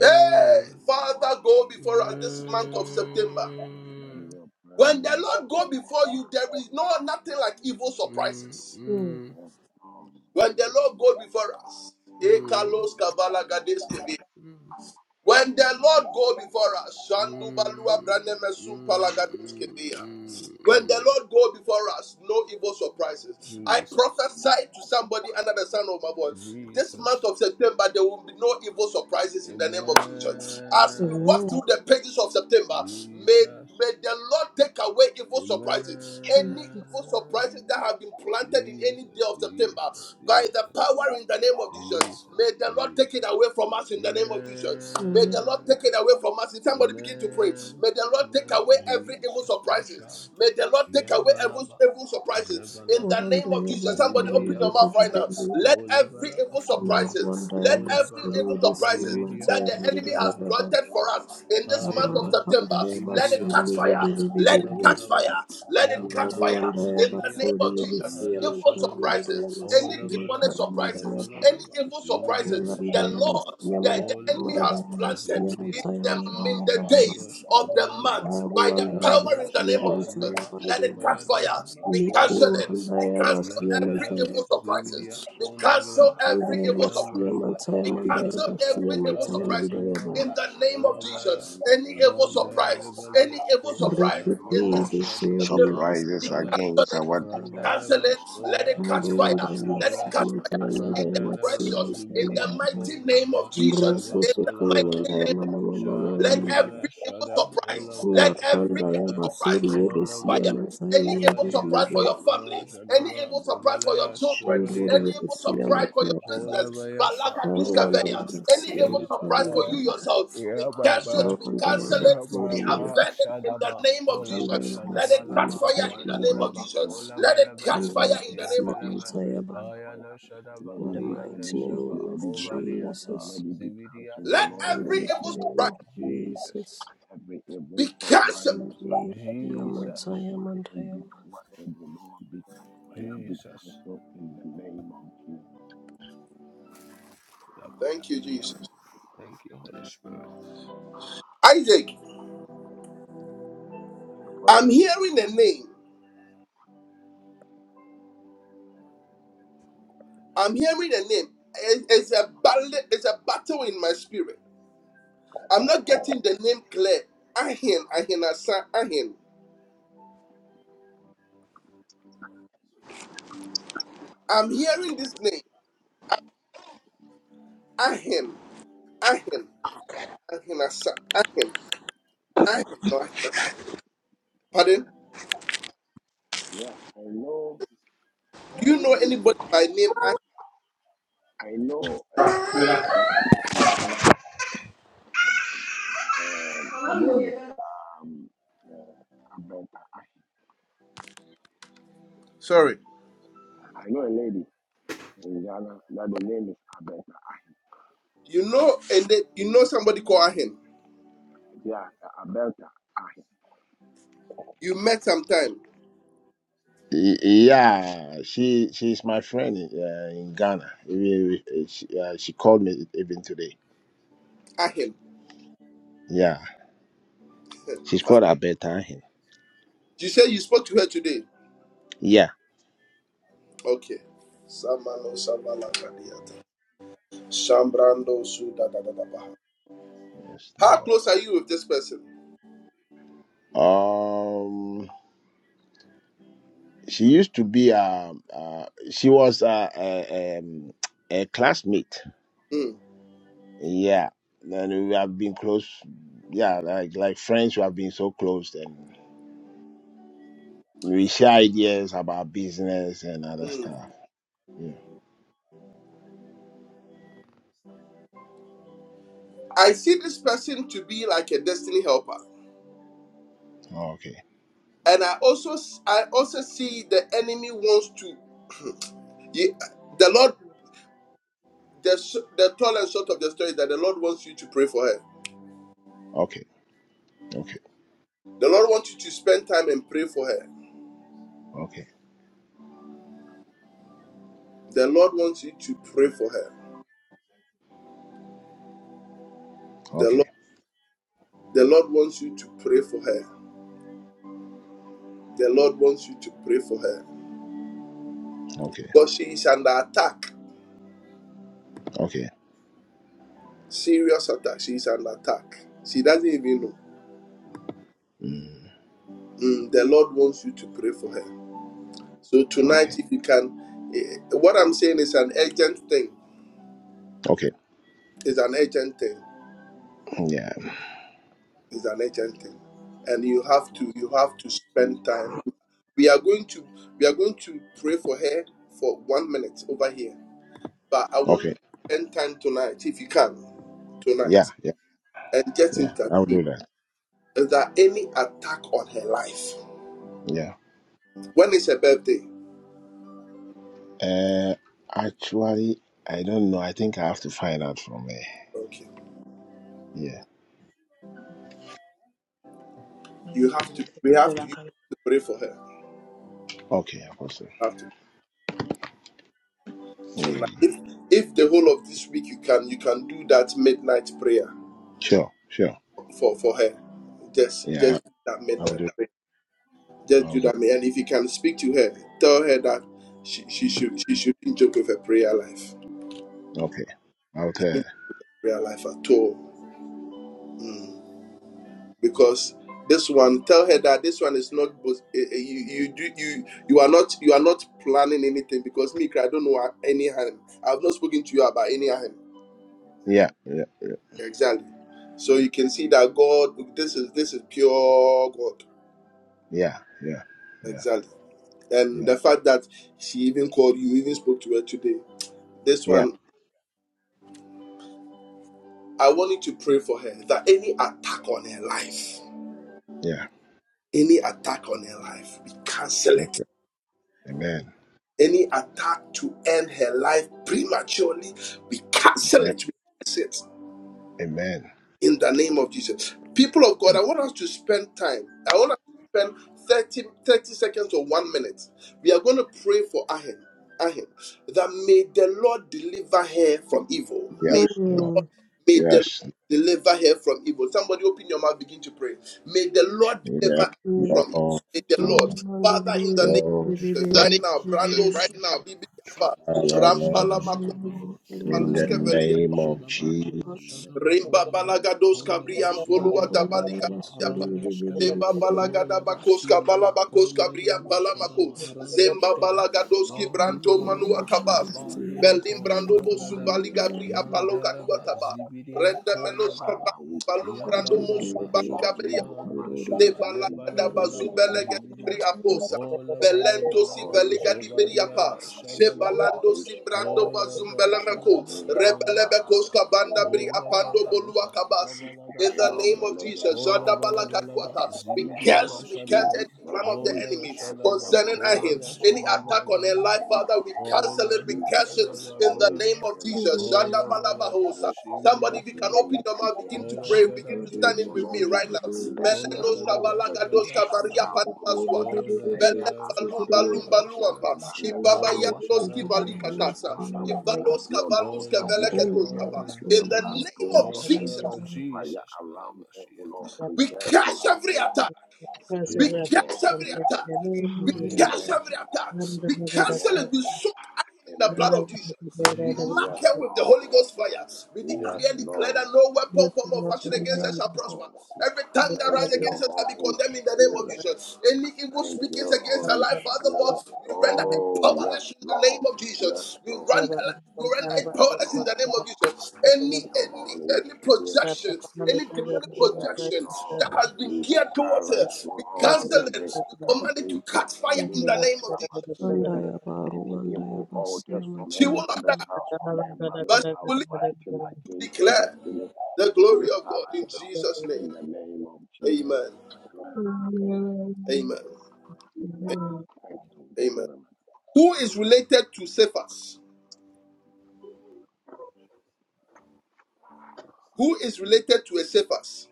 A: Hey, Father, go before us this month of September.
B: the name of let
C: amen.
B: your
A: When the
B: presence.
A: Lord go before you, there is no nothing like evil
C: Mm,
A: surprises.
G: mm.
C: mm,
B: Yes,
A: When the Lord go before us,
C: mm, mm,
A: Ekalos Kavala Gades Kevias.
C: mm,
A: When the Lord go before us, Shandu Balua
C: mm,
A: Branemesum
C: mm,
A: Palagados Kedea.
C: mm.
A: When the
C: mm.
A: Lord go before us, no evil surprises. I
C: Jesus,
A: prophesy to somebody under the sound of my voice. This month
C: Jesus,
A: of September, there will be no evil surprises in the name of Jesus. As we walk
C: Amen.
G: Amen.
A: through the pages of September, may
C: Jesus,
A: May the Lord take away evil surprises. Any evil
G: Jesus.
C: Amen.
A: surprises that have been planted in
C: Jesus,
A: any day of September,
C: Jesus,
A: by the
C: Jesus,
A: power in the name of
B: Lord.
A: Jesus,
C: Jesus,
A: may the Lord take it
C: Jesus.
A: away from us in the name of Jesus. May
G: Amen.
A: the Lord
C: Amen.
A: take it away from us. Somebody begin to pray.
C: Amen.
A: May the Lord take
C: Amen.
A: away every evil
C: Jesus Osha.
A: surprises. May the Lord take away every
C: Yabalaba.
A: evil surprises. In the
C: Zebalabalaba.
A: name of Jesus,
G: Korandayaba,
A: somebody open your mouth right
C: Zividiabasha.
A: now.
G: Soriedin,
A: Let every
C: Olabalaba.
A: evil
C: Ola,
A: surprises, let
G: Marwandayaba,
A: every evil
C: Olabalaba.
G: Soriedin,
A: surprises
C: Zividia
A: that the enemy
B: Yes, Lord. Every
A: has
C: Kosha,
B: evil
G: Mantayabandayaba,
A: planted for us
B: surprises,
A: in this
B: O
A: month of
B: Lord,
C: Ayabalaba,
A: September,
G: Rapandayaba,
A: let it
C: Zibidiaba,
A: catch fire.
C: Shadaba,
A: Let it
G: Soriedin.
A: catch
B: will
C: Olabalaba,
B: be
A: fire. Let it catch
B: fixed
C: Yabalaba,
G: Rwanda
A: fire in the
C: Zibidia,
A: name
G: basuri
A: of
C: Kolab,
B: in the name
A: Jesus.
B: of
G: Rusiya
C: Haya,
A: Evil
B: Jesus.
G: mandaya
C: Shadaba,
B: Thank you,
G: mandaya
A: surprises,
G: masiya
A: any
B: Holy
A: demonic
G: mandaya
C: Olabalaba,
B: Spirit.
G: mandaya
A: surprises,
G: ba
A: any
C: Zabaladaba,
B: Thank
A: evil
B: you, Holy
C: Zibidiaba,
A: surprises,
G: Rwanda
A: the
C: Shadaba,
B: Spirit.
A: Lord,
G: basiya
B: Yes,
A: the, the
G: mandaya
A: enemy
B: Lord.
A: has
C: Olabalaba,
G: mandaya masiya
A: planted
B: Yes,
A: in
C: Zibidia,
G: mandaya
A: the,
C: Kosha,
A: in
G: mandaya
B: Lord,
G: ba
A: the
G: ba ba
C: Mandos,
A: days
B: and
A: of
B: let
A: the
B: the
C: Kabalada,
A: month
B: mind and
A: by the
G: Rwanda
B: satanic
A: power in
C: Yandos,
A: the
G: basiya
A: name of
G: mandaya
A: Jesus.
C: Kaliba,
B: surprises
A: Let
G: mandaya
A: it catch
B: program
C: Shebalada,
A: fire. We
B: against
C: Nako,
G: Miku
B: our
A: cancel it.
B: mind
C: Negles,
G: Rwanda
A: We
B: of prayer.
A: cancel
G: basiya
A: every
C: Yandeleva,
G: mandaya
B: Yet,
A: evil
G: mandaya
C: Zibidia,
A: surprises. We cancel
C: Kondaglas,
B: Father, let
A: every
B: it
A: evil surprise.
G: masiya
B: catch
C: Yamanda
B: fire,
G: mandaya
A: We
B: let it be
G: mandaya
A: cancel
C: Fadialas
G: basiya
A: every
B: cancelled,
A: evil
G: mandaya
B: Lord.
C: Maglaba
A: surprise
G: mandaya ba
B: Any
A: in the
C: Dimaras
A: name of
B: calendar,
C: Kolabayas
B: any
A: Jesus. Any
B: date,
A: evil
B: any
C: Rande
A: surprise,
B: program
A: any
B: of
A: evil
B: the
C: Libeliako
A: surprise
B: enemy,
C: Se
B: oh
G: Rekuti
A: in
C: Megle
A: this month of
G: basuri
A: September,
C: Shadiata
B: Surprises
G: Rusiya
A: we
G: mandaya ba Rwanda basiya mandaya mandaya masiya
C: Gobales
B: against
A: cancel it.
B: our
C: Rande
B: destinies,
A: Cancel
B: oh
C: Lebas
A: it.
B: Lord,
A: Let
B: let it
C: Kova
A: it
B: be
A: catch fire.
C: Dialas
B: thwarted, oh
A: Let it
B: Lord,
A: catch
C: Maglas
A: fire. In
B: catch
C: Rande
A: the
C: Leba
B: fire, let
A: precious,
B: it be
G: mandaya
A: in the
G: mandaya ba
C: Zubidiako
A: mighty name of
C: Leba
G: In
B: Let
G: the
A: Jesus.
B: it
C: Shadaba
B: be
A: In the
G: mighty name
B: canceled,
A: mighty
C: Kolabalaba
A: name.
B: Lord, by the blood of
A: Let every
C: Shadimala
B: Jesus.
A: evil
C: Shada
B: Thank you,
A: surprise,
C: Kolaba
B: Holy
A: let every
B: Spirit.
A: evil
C: Zebalada
A: surprise catch fire.
B: Father,
C: Kolabalaba
B: let
A: Any
B: every
A: evil
B: evil
A: surprise
C: Zobadiana
A: for your
C: Abara
A: family,
B: surprises
A: any
B: pass
C: Shadaba
A: evil
B: over
A: surprise
B: us,
A: for your
B: O
C: Gobaleas
B: Lord,
A: children,
C: Sobalia
A: any
B: in
A: evil
B: the
A: surprise
B: name of
A: for your
B: Jesus.
A: business,
C: Olabaya
B: Thank
A: Balaka
B: you, Holy
C: Shakabayaba
A: Duskaveya,
B: Spirit.
A: any evil surprise for
B: Any
C: Yababaya
A: you
B: evil
A: yourself, we
C: Yababa
A: cancel
B: surprises
A: it, we
B: over my
A: cancel
B: life,
A: it,
B: O
A: we
C: Yababa
A: avert it in the
C: Shadaba
A: name
B: in
A: of
B: the life
C: Olaba
A: Jesus. Let
B: of
C: Shadaba
A: it
B: my
A: catch
C: Laba
A: fire
C: Ya
A: in the name of
C: Shadaba
B: family, O Lord.
A: Jesus.
C: Olaba
A: Let it
B: Let
C: Laba
B: those
A: catch
C: Laba
A: fire in the
B: evil
A: name of Jesus.
C: Yabalaba
B: purposes catch fire.
C: Kayana Shadaba
B: Let it be
C: Arianda
B: terminated.
C: Shaba
B: Let
G: of
B: it be aborted.
C: Kovaliata
B: Let
G: Jesus,
B: it be
C: Zibidia
B: cancelled, O
A: Let
B: Lord,
G: in the mighty
B: in the
A: every
B: name
C: Tondaglaba
A: evil
G: name
A: surprise
B: of
G: of
B: Jesus.
C: Jesus
G: Jesus,
B: Every
A: be
B: evil supplies
A: cancelled.
G: in the
B: against the works of
G: Yamantaya
C: Jesus
B: my hand be
G: Mandayama.
B: thwarted, O Lord. Be cut fire. Be
C: Jesus
B: cancelled in the name of Jesus,
A: Thank you,
C: Labayana Sha.
A: Jesus.
C: Thank you Holy Spirit
B: Lord.
A: Isaac, I'm
B: Apostle.
A: hearing a name. I'm hearing the name. It- It's a battle. It's a battle in my spirit. I'm not getting the name clear. Ahin, Ahin Asa, Ahin. I'm hearing this name. Ahin, Ahin, Ahin Asa, Ahin, Ahin, no, Ahin. Pardon?
B: Yeah, I know.
A: Do you know anybody by name Ahin?
B: I know. Uh, a lady in Ghana. Her name is um. Abelta Ahi.
A: Sorry.
B: I know a lady in Ghana that the name is Abelta Ahi.
A: You know, and then you know somebody called Ahin.
B: Yeah, uh, Abelta Ahi.
A: You met sometime.
B: Y- Yeah, she she's my friend in, uh, in Ghana. We- we- uh, She, uh, she called me even today.
A: Ahin.
B: Yeah, she's
A: Ka-
B: called Abelta Ahi.
A: You said you spoke to her today.
B: Yeah.
A: Okay. Samano Samala Kadiata. Sambrando Suda
B: Yes.
A: How close
B: No.
A: are you with this person?
B: Um, she used to be um uh, she was uh, a um, a classmate.
A: Mm,
B: Yeah, and we have been close. Yeah, like like friends who have been so close and We share ideas about business and other
A: mm.
B: stuff. Yeah.
A: I see this person to be like a destiny helper,
B: Oh, okay.
A: and I also I also see the enemy wants to. *clears throat* Ye- the Lord, the s- the tall and short of the story is that the Lord wants you to pray for her.
B: Okay. Okay.
A: The Lord wants you to spend time and pray for her.
B: Okay.
A: The Lord wants you to pray for her. The
B: Okay.
A: Lord, the Lord wants you to pray for her. The Lord wants you to pray for her
B: Okay.
A: because she is under attack,
B: Okay.
A: serious attack. She is under attack. She doesn't even know.
B: Mm.
A: Mm, the Lord wants you to pray for her. So
B: Okay.
A: tonight, if you can, eh, what I'm saying is an urgent thing.
B: Okay.
A: It's an urgent thing.
B: Yeah.
A: It's an urgent thing, and you have to you have to spend time. We are going to we are going to pray for her for one minute over here. But I want you
B: Okay.
A: to spend time tonight, if you can, tonight,
B: Yeah. Yeah.
A: and just
B: Yeah. I'll
A: intercede.
B: do that.
A: Is there any attack on her life?
B: Yeah.
A: When is her birthday?
B: Uh, actually, I don't know. I think I have to find out from her.
A: Okay,
B: Yeah.
A: you have to. We have to, you have to pray for her.
B: Okay, Apostle.
A: You have to tonight.
B: Mm.
A: If, if the whole of this week you can you can do that midnight prayer
B: Sure, sure.
A: for for her. Just
B: Yeah,
A: just do that
B: I will
A: midnight
B: do.
A: prayer. Just
B: I will
A: do
B: do.
A: that. And if you can speak to her, tell her that she, she should she shouldn't joke with her prayer life.
B: Okay, I will
A: She
B: tell. her.
A: shouldn't prayer life at all. Mm. Because this one, tell her that this one is not eh, eh, you you do you you are not you are not planning anything because me I don't know any harm. I've not spoken to you about any harm.
B: Yeah, yeah,
A: Exactly. So you can see that God, this is this is pure God.
B: yeah, yeah, yeah,
A: Exactly. And
B: yeah,
A: the fact that she even called you, even spoke to her today. This
B: yeah,
A: one, I want you to pray for her that any attack on her life,
B: yeah.
A: any attack on her life, we cancel it.
B: Okay. Amen.
A: Any attack to end her life prematurely, we cancel
B: Amen.
A: it. We cancel it.
B: Amen.
A: in the name of Jesus. People of God,
B: And
A: I want us to spend time. I want us to spend 30 30 seconds or one minute. We are going to pray for Ahem, Ahem that may the Lord deliver her from evil.
B: yes,
A: May,
B: Lord.
A: may the
B: Yes.
A: Lord deliver her from evil. Somebody open your mouth, begin to pray. May the Lord deliver
B: Yes.
A: her
G: Shut
A: from evil.
B: Lord.
A: May the Lord, Father, in the name
B: Lord.
A: of Jesus,
C: What's
A: right now,
C: Jesus,
B: This
A: Brando
B: Reading. right now,
A: Sukadibiaba,
B: La,
C: Shadaba,
B: la,
C: Jesus,
A: Rampala Mako.
C: Kosadabalaba,
B: In
C: Ko
B: the
A: Maluske Velia,
C: Shadabalaba,
B: name of
C: Shadaba,
B: Jesus.
C: Koda, Shadaba,
B: Lift up
A: Rimba
C: Kodaba,
B: your
A: balagados
B: daughter,
C: Holaba,
A: kabriam polua
C: Sibidia,
A: dabalika
C: Kosha,
A: yapa.
C: Aranda, Skaba,
A: Zemba
B: Lord.
A: balagada
C: Holaba,
A: bakoska
C: Sibidia,
A: balabakoska bria
C: Kondegleba,
A: balamako.
C: Shadaba, Arando,
A: Zemba
C: Skaba,
B: for
A: balagadoski
B: Lord, any
A: branto manua
C: Adimaranda,
B: arrow
A: tabasi.
C: Skaba,
B: placed on the
A: Berlin
C: Liantos,
A: brando bosu
C: Maglada,
B: battlefield against
A: baliga bria
B: your
A: paloka
B: daughter
A: dua
C: Yandeleba,
A: taba.
B: Bethlehem.
C: Zibidia,
A: Renda menos
C: Kolabala,
A: kabali
B: Father, we come
A: balum brando
B: against
A: mosu
B: it, O
C: Yabababasha,
B: Lord. We go back to the
A: de
C: Mandosha,
B: sender
A: balagada
B: in the
C: Yabalabalaba,
B: name
A: bazubelega
B: of
C: Zibidia,
A: bri
B: Jesus.
A: aposa
C: Hola
B: Thank
C: bala
B: you,
A: Belento
C: bala
A: si
C: ba
B: Holy
A: veliga di
B: Spirit.
C: zobadiana
A: beriapa,
B: Thank you,
C: shabalaba.
A: Zebalando
B: Holy
A: si
B: Spirit.
A: brando
C: Hola
B: The
C: ba
B: Spirit
A: bazumbelemeko,
C: shalaba kola
A: Rebelebekos
C: bayana.
A: kabanda bri
C: Hola
A: apando bolua
C: bayanusa
A: kabasi.
C: kabala da
A: In the
B: of
A: name
B: the
C: sada.
A: of
B: living
A: Jesus,
C: Hola
A: Zanda
B: God,
C: bala bala ba
A: balakaduata,
B: in the
A: we
C: zibidiya
B: name of
C: ba
A: curse, we curse
C: shalaba.
A: any plan
B: Jesus,
A: of the
B: we
C: Kola
A: enemy
B: cast
C: shalaba
B: every
A: concerning
C: kola
B: plan,
A: him,
C: ba
A: any
B: Lord.
C: shalaba
A: attack on her
C: gada.
A: life,
B: In the
A: Father, we
B: name of
A: cancel
C: Kola
A: it, we curse it
B: Jesus,
C: Shadaba
A: in the
B: Holy
A: name
C: Golaba
A: of
B: Spirit, we
A: Jesus. Zanda
C: Kola
B: silence
C: Balaba
A: balabahosa.
B: evil
A: Somebody,
B: altars
A: if you can
C: Shividiakosha
A: open
B: raised
A: your mouth, begin
B: against
A: to
C: Kola
B: our
A: pray, begin
C: Shadaba
A: to stand
B: destiny,
A: in
B: O
C: Jesus
A: with me
B: Lord.
A: right
C: Koshada
A: now.
B: Let
C: Kola
B: their
A: Meleno
C: Shadaba
B: altars be
C: Shadaba
A: shabalagadoska
B: shut
A: baria
B: down,
C: Shadaba
B: O Lord.
A: panamazuata.
C: Kola
B: Let their
A: Belem
C: Shadaba
B: astral
A: balum balum
C: Shadaba
B: projections be
C: Shadaba
A: baluampa.
B: rendered
A: Ibaba
C: Kola
B: powerless,
A: yandoski
C: Shadaba
B: O Lord.
C: Jesus
A: balikatasa.
B: Father,
G: Shandiririririririririsiyama.
B: we
C: Koshadaba
B: lift
A: Ivadoska
B: your
A: valuska
B: daughter, we
C: Kola
B: shook
G: Makunda
B: her
A: veleketoskapa.
C: Shadaba
B: into
A: In
B: the
A: the
B: blood,
A: name
B: told
G: yavasoririsiyama
A: of
C: Oh
B: your edge of
A: Jesus,
C: Shadaba
G: tayavandayava.
B: fire
C: Jesus
B: around
C: Kolaba
B: her, O
C: Shiata
B: Lord,
A: we
B: preserve
E: attacked
B: her
A: crush
B: life, O
A: every
B: Lord.
A: attack. We
B: Yes,
A: cast
B: Lord.
C: Jesus
E: from
A: every
B: Amen.
E: his
A: attack.
E: name,
A: We
E: Jesus.
G: Namanikandayava
A: cast
B: Amen.
A: every
C: Jesus
A: attack.
E: Yes,
A: We cancel
B: Amen.
A: it. We soak at him in the
B: Amen.
A: blood of Jesus. We mark
B: Yes,
C: Jesus
A: her with the Holy
B: Lord.
A: Ghost fire. We
B: Yes,
A: decree and
C: Jesus
A: declare that
B: Lord.
A: no weapon form of
E: Lord,
A: fashion
E: in
A: against
E: the
B: Yes,
A: us
E: name of
A: shall
E: Jesus.
A: prosper.
B: Lord.
A: Every tongue that
B: Thank
A: rises
B: you,
A: against us shall be
B: Holy
A: condemned in the name of
B: Spirit.
A: Jesus. Any evil
B: Thank
A: speakings
B: you,
A: against her
B: Holy
A: life, Father, Lord,
B: Spirit.
A: we render it
B: Oh, yes,
A: powerless in the name
B: Lord.
A: of
B: Yes,
A: Jesus. We
B: Lord.
A: render, we render it
B: Yes,
A: powerless in
B: Lord.
A: the name of Jesus.
B: Thank
A: Any,
B: you,
A: any,
B: Holy
A: any
B: Spirit.
A: projection, any demonic
B: Yes,
A: projection that
B: Lord.
A: has been
B: We
A: geared towards
B: silence,
A: her,
B: O
E: Thank
A: we
E: you, God,
B: Lord,
E: for
A: cancel
B: every
A: it.
E: this.
A: We command it to
B: incantation,
A: catch fire
B: any
A: in the
E: Amen,
A: name of
B: witchcraft
A: Jesus.
B: activity, any evil
G: aruvandayava
B: altars
G: siyama
B: from
A: She
B: her
A: will not
G: tayava.
B: father's
A: die,
B: house, from her
A: but
B: mother's
A: she
B: house,
A: will live
B: fighting
A: to
B: against her
A: declare
B: destiny.
A: the
B: We
A: glory of God
B: silence
A: in Jesus'
B: them
A: name.
B: in the name of Jesus.
A: Amen.
B: Amen.
A: Amen.
B: Amen. Amen. Thank you. Thank
A: Amen.
B: you
A: Who is related to Cephas? Who is related to a Cephas?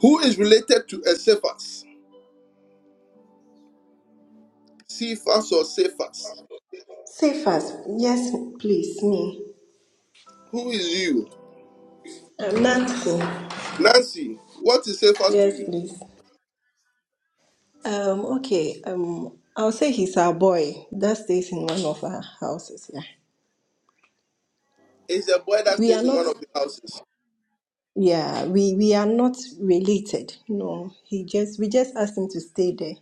A: Who is related to a Cephas? Cephas or Cephas?
I: Say fast. Yes, please, me.
A: Who is you?
I: Um, Nancy.
A: Nancy, what is Cephas to
I: Yes,
A: you?
I: please. Um, okay. Um, I'll say he's our boy that stays in one of our houses. Yeah.
A: It's a boy that
I: We are
A: stays in
I: not.
A: one of the houses.
I: Yeah, we we are not related. No, he just we just asked him to stay there.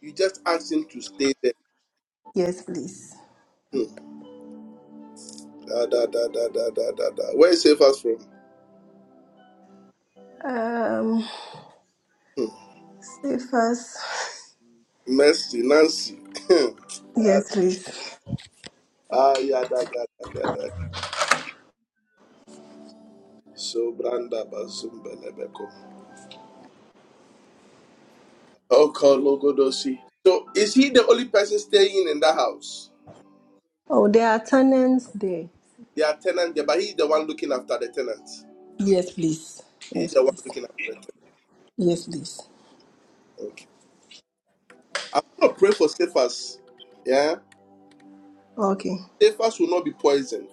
A: You just ask him to stay there.
I: Yes, please.
A: Hmm. Da, da, da, da, da, da, da, da. Where is Cephas from?
I: Um,
A: Hmm.
I: say fast.
A: Mercy, Nancy. *laughs* Ah,
I: Yes, please.
A: ah, ya, da, ga, da, ga, da. So branda bazumbelebeko. Oh, call Logodosi. So is he the only person staying in that house?
I: Oh, there are tenants there.
A: They are tenant there, but he's the one looking after the tenants.
I: Yes, please.
A: He's
I: Yes,
A: the one
I: please.
A: looking after the thing.
I: Yes, please.
A: Okay. We're going to pray for Cephas. Yeah?
I: Okay.
A: Cephas will not be poisoned.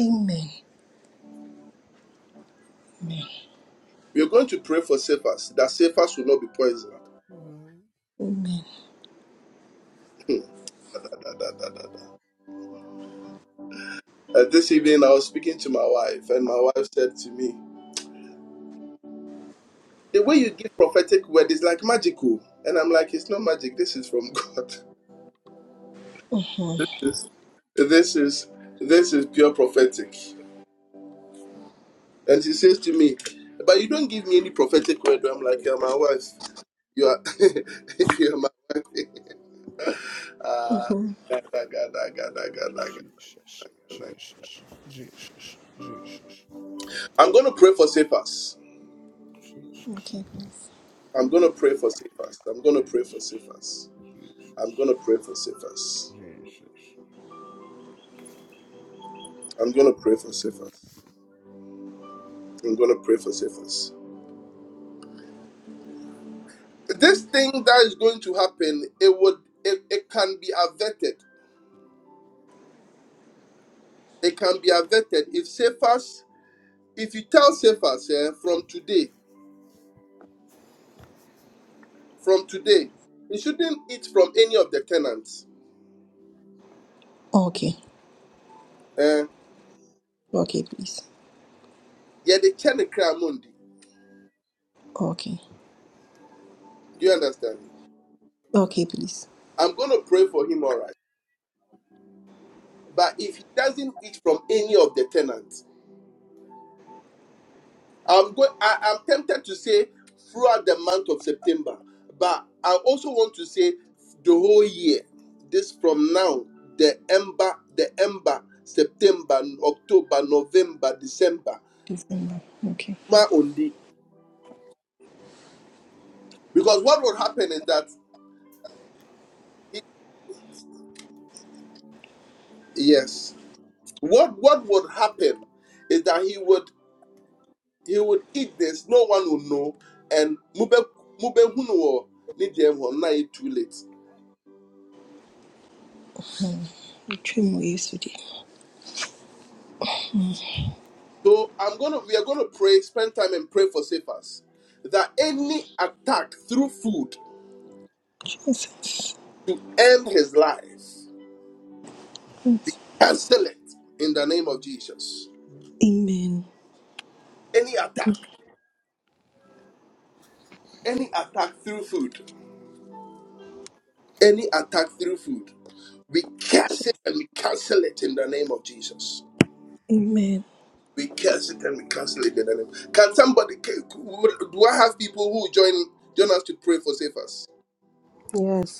I: Amen. Amen.
A: We are going to pray for Cephas, that Cephas will not be poisoned.
C: Mhm.
I: Amen.
A: Hmm. Uh, this evening, I was speaking to my wife, and my wife said to me, The way you give prophetic word is like magical. And I'm like, It's not magic. This is from God. *laughs* this, this is this is pure prophetic. And she says to me, But you don't give me any prophetic word. I'm like, You're my wife. You are, *laughs* you are my wife. Ah,
I: Mm-hmm.
A: gada, gada, gada, gada, gada,
C: Jesus,
A: gada.
C: Jesus, Jesus, Jesus,
A: I'm going to pray for Cephas.
C: Jesus,
I: Okay. please.
A: I'm going to pray for Cephas. I'm going to pray for
C: Jesus,
A: Cephas. I'm going
C: Jesus,
A: to pray for Cephas.
C: Jesus,
A: I'm going to pray for Cephas. I'm going to pray for Cephas. This thing that is going to happen, it would, it, it can be averted. It can be averted if Cephas, if you tell Cephas eh, from today, from today, you shouldn't eat from any of the tenants.
I: Okay.
A: Eh?
I: Okay, please.
A: Yeah, the
I: Okay.
A: Do you understand?
I: Okay, please.
A: I'm going to pray for him, all right. But if he doesn't eat from any of the tenants, I'm going. I, I'm tempted to say throughout the month of September, but I also want to say the whole year. This from now, the ember, the ember, September, October, November, December,
I: December. Okay.
A: ma undi. Because what would happen is that he- yes, what what would happen is that he would he would eat this, no one would know, and mube mube hunu wo, ni deɛ ɛwɔ hɔ, too late.
I: Mm. Trim yesterday.
A: So I'm gonna we are gonna pray, spend time and pray for Cephas that any attack through food
I: Jesus.
A: to end his life,
I: Yes.
A: cancel it in the name of Jesus.
I: Amen.
A: Any attack, any attack through food, any attack through food, we cancel and we cancel it in the name of Jesus.
I: Amen.
A: We curse it and we cancel it in the name. Can somebody? can- Do I have people who join join us to pray for save us?
G: Yes.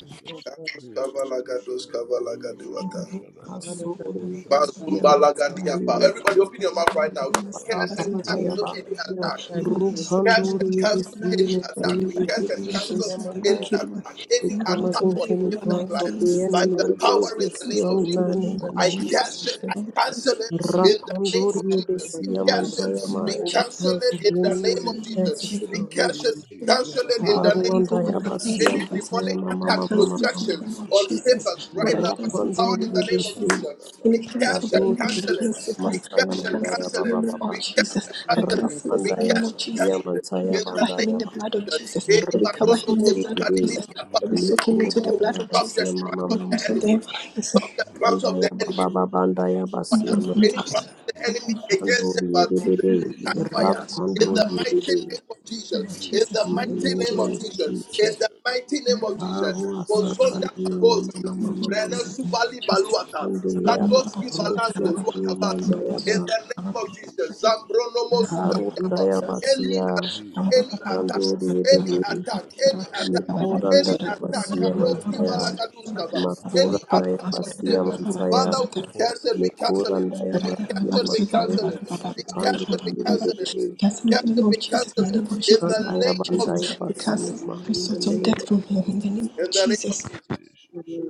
C: Jesus,
A: Gados
C: Jesus,
A: kavala,
C: Krishna
A: gados
C: Nama,
A: kavala,
C: Jesus,
A: gadiwata.
C: Krishna Nama, Hoshadama,
A: Bazumba
G: Rukasoririsiyama
A: la
C: Jesus, Krishna Nama,
A: Everybody, open
C: Shadama,
A: your mouth
I: I
A: right now. We
I: come and
G: tsaririsiyamandayava
C: Shadama, Shadama,
I: see
A: curse
I: pass
A: and
I: into your
A: cancel
G: rapapayava.
C: Hoshadama,
I: care.
A: any
I: Lord,
A: attack.
H: Mm.
C: Shadama,
I: Lord, I
C: Jesus,
I: soak him
A: Curse
C: Shadama,
I: into
A: and
I: your
A: cancel
C: Jesus,
I: blood.
A: any
I: Lord,
A: attack. We
I: deliver
C: Jesus,
I: him
A: curse and
I: from
C: Krishna
I: the
A: cancel
C: Nama,
I: hands of the
A: any
G: Rupandoririsiyametsirikisitiyamandayava.
C: Jesus,
I: wicked one.
A: attack,
C: Krishna
G: We
A: any
I: Any
C: Nama,
G: come
I: plot
A: attack
I: of
C: Koda,
A: on
I: the
G: against
I: evil
G: any
A: Stephen's
C: Jesus,
I: one
G: plans
C: Krishna
G: of the
A: life
C: Nama,
I: against
A: by
G: enemy
A: the
I: us,
C: Yama,
G: against
A: power
I: we
A: in the
G: this
A: name
I: cancel
C: Shadama,
A: of
G: young
I: it
A: Jesus.
I: in the
C: Yana,
G: man in
I: name
G: the
I: of
A: I
G: name
C: Jesus,
G: of
A: curse
C: Krishna
I: Jesus.
A: it. I
G: Jesus.
I: Lord, we
A: cancel
I: cancel it
C: Jesus,
I: in
A: it
I: the name
A: in
I: of
A: the name
I: Jesus.
A: of
G: Rapandori
C: Shadama,
A: Jesus. We
I: Look, I
G: Ebesia
C: Jesus,
A: curse
I: cancel it in
C: Krishna
I: the
A: it.
G: Mantayama,
I: name
A: We
I: of
G: any
I: Jesus.
A: cancel
C: Oh,
G: plans of
A: it
G: the
C: shut
A: in
I: I
A: the
C: up,
G: enemy
A: name
G: we
I: cancel it
A: of
I: in the
C: Jesus,
I: name of
G: cast
C: God,
G: it
A: Jesus.
G: to
I: Jesus.
C: shut
G: the
A: We
C: up.
G: root.
A: curse it. We
I: Yeah.
A: cancel
C: Jesus,
A: it
I: I
C: God,
A: in
I: call
A: the
I: the
A: name
G: Aruanda
I: evil one
A: of Jesus.
C: Jesus, God,
I: against
G: Yabasia
A: Any
I: us. first.
A: demonic
G: Mantayama
I: I
C: Oh,
A: attack,
G: Mama
C: shut
G: Mama
I: cancel
C: up,
I: it in the
A: projection
G: Mama.
I: name
C: oh,
I: of
A: on
C: shut oh,
I: Jesus.
A: Stephen's
I: Lord,
A: right
I: I
A: now
C: Jesus,
A: by
C: God,
I: cancel
A: the
I: it
C: shut
A: power
I: in the
C: up.
G: Rapandori
A: in
I: name of
A: the name of
C: Oh,
I: Jesus.
G: Ebesia.
C: shut
A: Jesus.
I: Any
C: oh,
A: We
I: plans of
A: curse
C: Jesus,
I: the
A: and
G: Shadori
I: evil
C: God,
I: one
A: cancel
C: shut
G: Ebesia
I: against
A: it.
I: us,
A: We
G: Mantaya
I: I
A: curse and
I: cancel
G: Mandaya
I: it
A: cancel
G: Baba
I: in
C: Oshadaba,
I: the
A: it.
I: name of
G: Baba.
A: We
C: Jesus,
A: curse
I: Jesus.
A: and
I: I
A: cancel it.
C: Oshadaba,
I: cancel it
A: We
I: in the
G: Rapandaya
I: name
A: cancel,
I: of
C: Oshadaba,
A: cancel
G: Basia
I: Jesus.
A: it
I: We
C: Jesus,
G: Mantaya
A: in
I: cover
A: the name
I: him in the
C: Jesus,
G: Bandaya.
A: of
I: blood of
A: Jesus.
C: Jesus,
I: Jesus.
A: Any
I: we
G: Riki
I: cover
A: marono
I: him in
C: Jesus,
I: the
G: City
I: blood
A: mozuka
I: of
G: Ebe.
C: Jesus,
I: Jesus.
A: dinini apaya.
I: we
C: Jesus,
I: soak
G: Niku
I: him
A: We
I: into the
A: co-
I: blood
G: Mandaya
I: of
C: Jesus,
A: stop the
G: Basia
I: Jesus.
A: tracks
G: Mama
I: In
A: of
I: the
A: the
G: Mama
A: enemy.
G: Mama.
I: name
C: Jesus,
I: of
A: Stop
C: Jesus,
A: the plans
C: Jesus,
A: of the
G: Kandaya
A: enemy
G: Baba
C: Jesus,
G: Baba Bandaya
A: fire.
I: the
A: Any
C: Jesus,
G: Basia
I: evil
A: plan
C: yes, Jesus,
A: of the enemy
I: one,
C: Jesus,
A: against them,
C: Oshada,
G: Pandori
A: uh, let
G: Bebe,
C: Jesus,
A: it catch fire.
I: against
C: Oshada,
A: In the
G: Rapandori
I: us.
C: Jesus,
A: mighty
G: Bebe,
A: name of
C: Oshada,
I: Oh,
A: Jesus. In the
C: Jesus,
I: Jesus,
G: in
I: name.
A: mighty
G: the
C: Oshada,
A: name of
I: Jesus,
G: name of
A: Jesus.
C: Jesus,
A: In
G: Jesus.
I: Jesus,
A: the
C: Oshada,
A: mighty name
I: name.
A: of Jesus.
C: Jesus,
G: Aro
C: Jesus,
I: Oh, Jesus,
A: Bozonda
G: Asakani
C: Jesus,
G: Mama
A: Bagosia.
I: oh, Jesus, Lord
G: Mama
A: Brene
G: Mama
I: Jesus,
C: Jesus,
I: Lord
A: Subali
I: Jesus,
C: Jesus, Jesus,
A: Baluata.
G: Mandaya
A: Sandoski
C: Jesus,
G: Rosu
A: Valanko
G: to
C: Jesus,
A: Luatabasi.
C: Oshada.
A: In
G: Mandayaba
A: the name
C: Yes,
A: of Jesus.
C: Jesus Christ,
A: Zambronomo
G: Karu
C: Jesus Christ,
A: Sukadiapa.
C: Jesus,
A: Any attack
G: Dayabasia
C: Jesus
A: any
C: Christ,
A: attack,
G: Dandori
A: any
G: Bebe
C: Jesus
A: attack,
C: Christ,
A: any attack,
C: Jesus
G: Mikura
A: any
C: Christ,
A: attack,
G: Dayabasia
A: Karoski
C: Jesus
G: Mantaya
C: Christ,
A: Valagaduskava, any
G: Makura
C: Jesus
I: Lord
A: attack
C: Christ,
A: on
I: Jesus,
G: Dayabasia
A: Satan.
I: name.
A: Father,
G: Mantaya
I: Jesus.
A: we
C: Lord, I
A: cancel, we
C: shall have
A: cancel
G: Mikura
A: it.
C: Jesus
A: We
I: Castle
G: Dayabasia
C: Christ,
A: cancel, we
G: Mantaya
A: cancel it.
C: Jesus
A: We
C: Christ,
A: cancel, we
G: Pandori
A: cancel
C: Jesus
A: it.
G: Bebe
C: Christ, Abba,
I: in
A: We
I: the
A: cancel,
I: name
A: we
I: of Jesus,
C: yes,
I: in
A: cancel
I: the name
C: Abba,
I: of
A: it. In
I: Jesus, in the
A: the
I: name
C: Jesus
G: Mandaya
I: of
A: name
C: Christ,
I: Jesus.
A: of
G: Bandaya,
A: Jesus.
I: We cancel
G: Vasiyama
I: every
C: Jesus
G: in the
I: sort
C: Christ,
I: of
G: name
I: death
G: of
I: from him in the name
G: Jesus.
A: In
I: of
C: Jesus,
A: the name of
I: Jesus.
A: Jesus.
C: Jesus,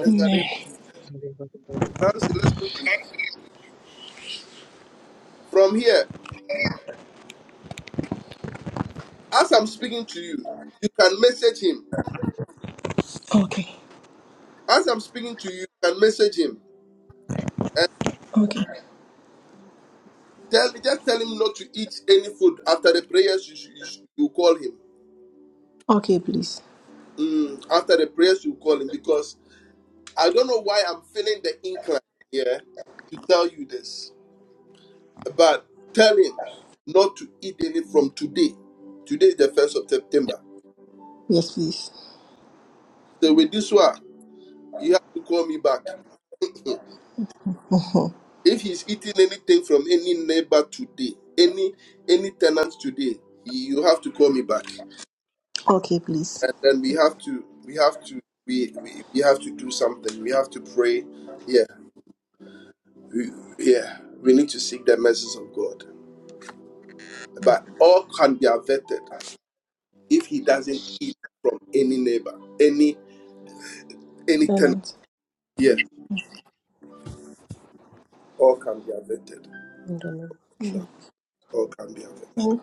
A: In the name
I: Amen.
A: of Jesus. Nancy, listen to me.
C: Jesus,
A: From here, as I'm speaking to you, you can message him.
I: Okay.
A: As I'm speaking to you, you can message him. Eh?
I: Okay.
A: Tell just tell him not to eat any food after the prayers. You should, you, should, you call him
I: Okay, please.
A: mm, after the prayers. You call him because I don't know why I'm feeling the incline here to tell you this, but tell him not to eat any from today. Today is the first of September.
I: Yes, please. *laughs*
A: So with this one, you have to call me back.
I: Mhm.
A: If he's eating anything from any neighbor today, any any tenant today, you have to call me back.
I: Okay, please.
A: and then we have to we have to we, we we have to do something we have to pray yeah we, yeah we need to seek the mercies of god but all can be averted if he doesn't eat from any neighbor any any tenant
I: Silence.
A: yeah all can be averted
G: In the name of
I: Mm.
A: Yeah,
G: Jesus.
A: all can be averted
I: Thank,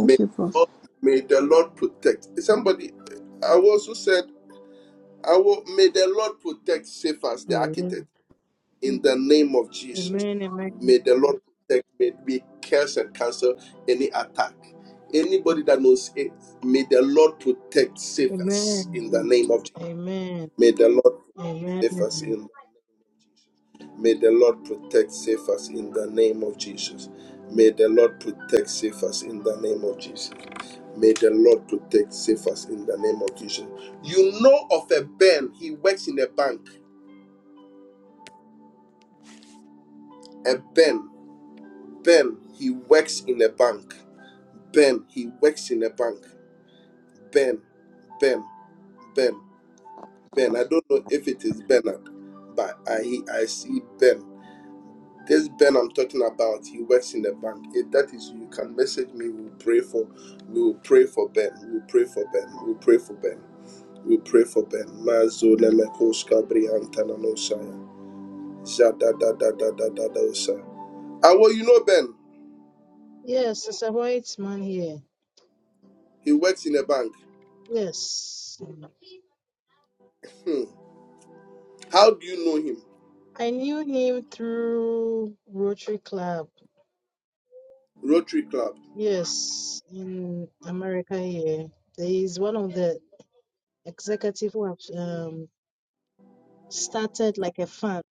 A: may
I: you,
A: the
I: Prof.
A: lord, may the lord protect somebody i also said i will may the lord protect safe the architect in the name of Jesus.
E: amen,
A: May the Lord protect, may we curse and cancel any attack. Anybody that knows it, may the Lord protect, save
E: amen.
A: us in the
G: Amen.
A: name of Jesus.
E: Amen.
A: May the Lord protect, save us in
E: Amen.
A: the name of Jesus. May the Lord protect, save us in the name of Jesus. May the Lord protect, save us in the name of Jesus. May the Lord protect, save us in the name of Jesus. You know of a Ben, he works in a bank. A Ben. Ben, he works in a bank. Ben, he works in a bank. Ben, Ben, Ben, Ben. I don't know if it is Bernard, but I he- I see Ben. This Ben I'm talking about, he works in a bank. If that is you, you can message me. We'll pray for, we will pray for Ben. We'll pray for Ben. We'll pray for Ben. We'll pray for Ben. Mazo lemekoska briantana no saya. Zada da da da da da da osa. Ah, well, you know Ben.
E: Yes, it's a white man here.
A: He works in a bank.
E: Yes.
A: Hmm. How do you know him?
E: I knew him through Rotary Club.
A: Rotary Club.
E: Yes, in America here. There is one of the executive who have um, started like a fund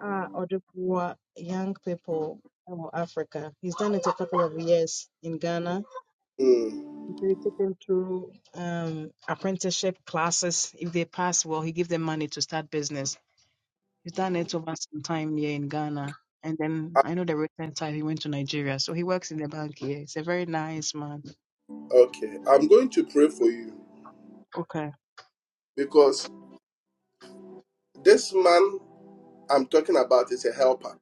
E: ah, or the poor young people of Africa. He's done it a couple of years in Ghana.
A: hmm
E: He said he took them through um, apprenticeship classes. If they pass well, he give them money to start business. He's done it over some time here in Ghana. And then I know the recent time he went to Nigeria. So he works in the bank here. He's a very nice man.
A: Okay, I'm going to pray for you
E: Okay.
A: because this man I'm talking about is a helper,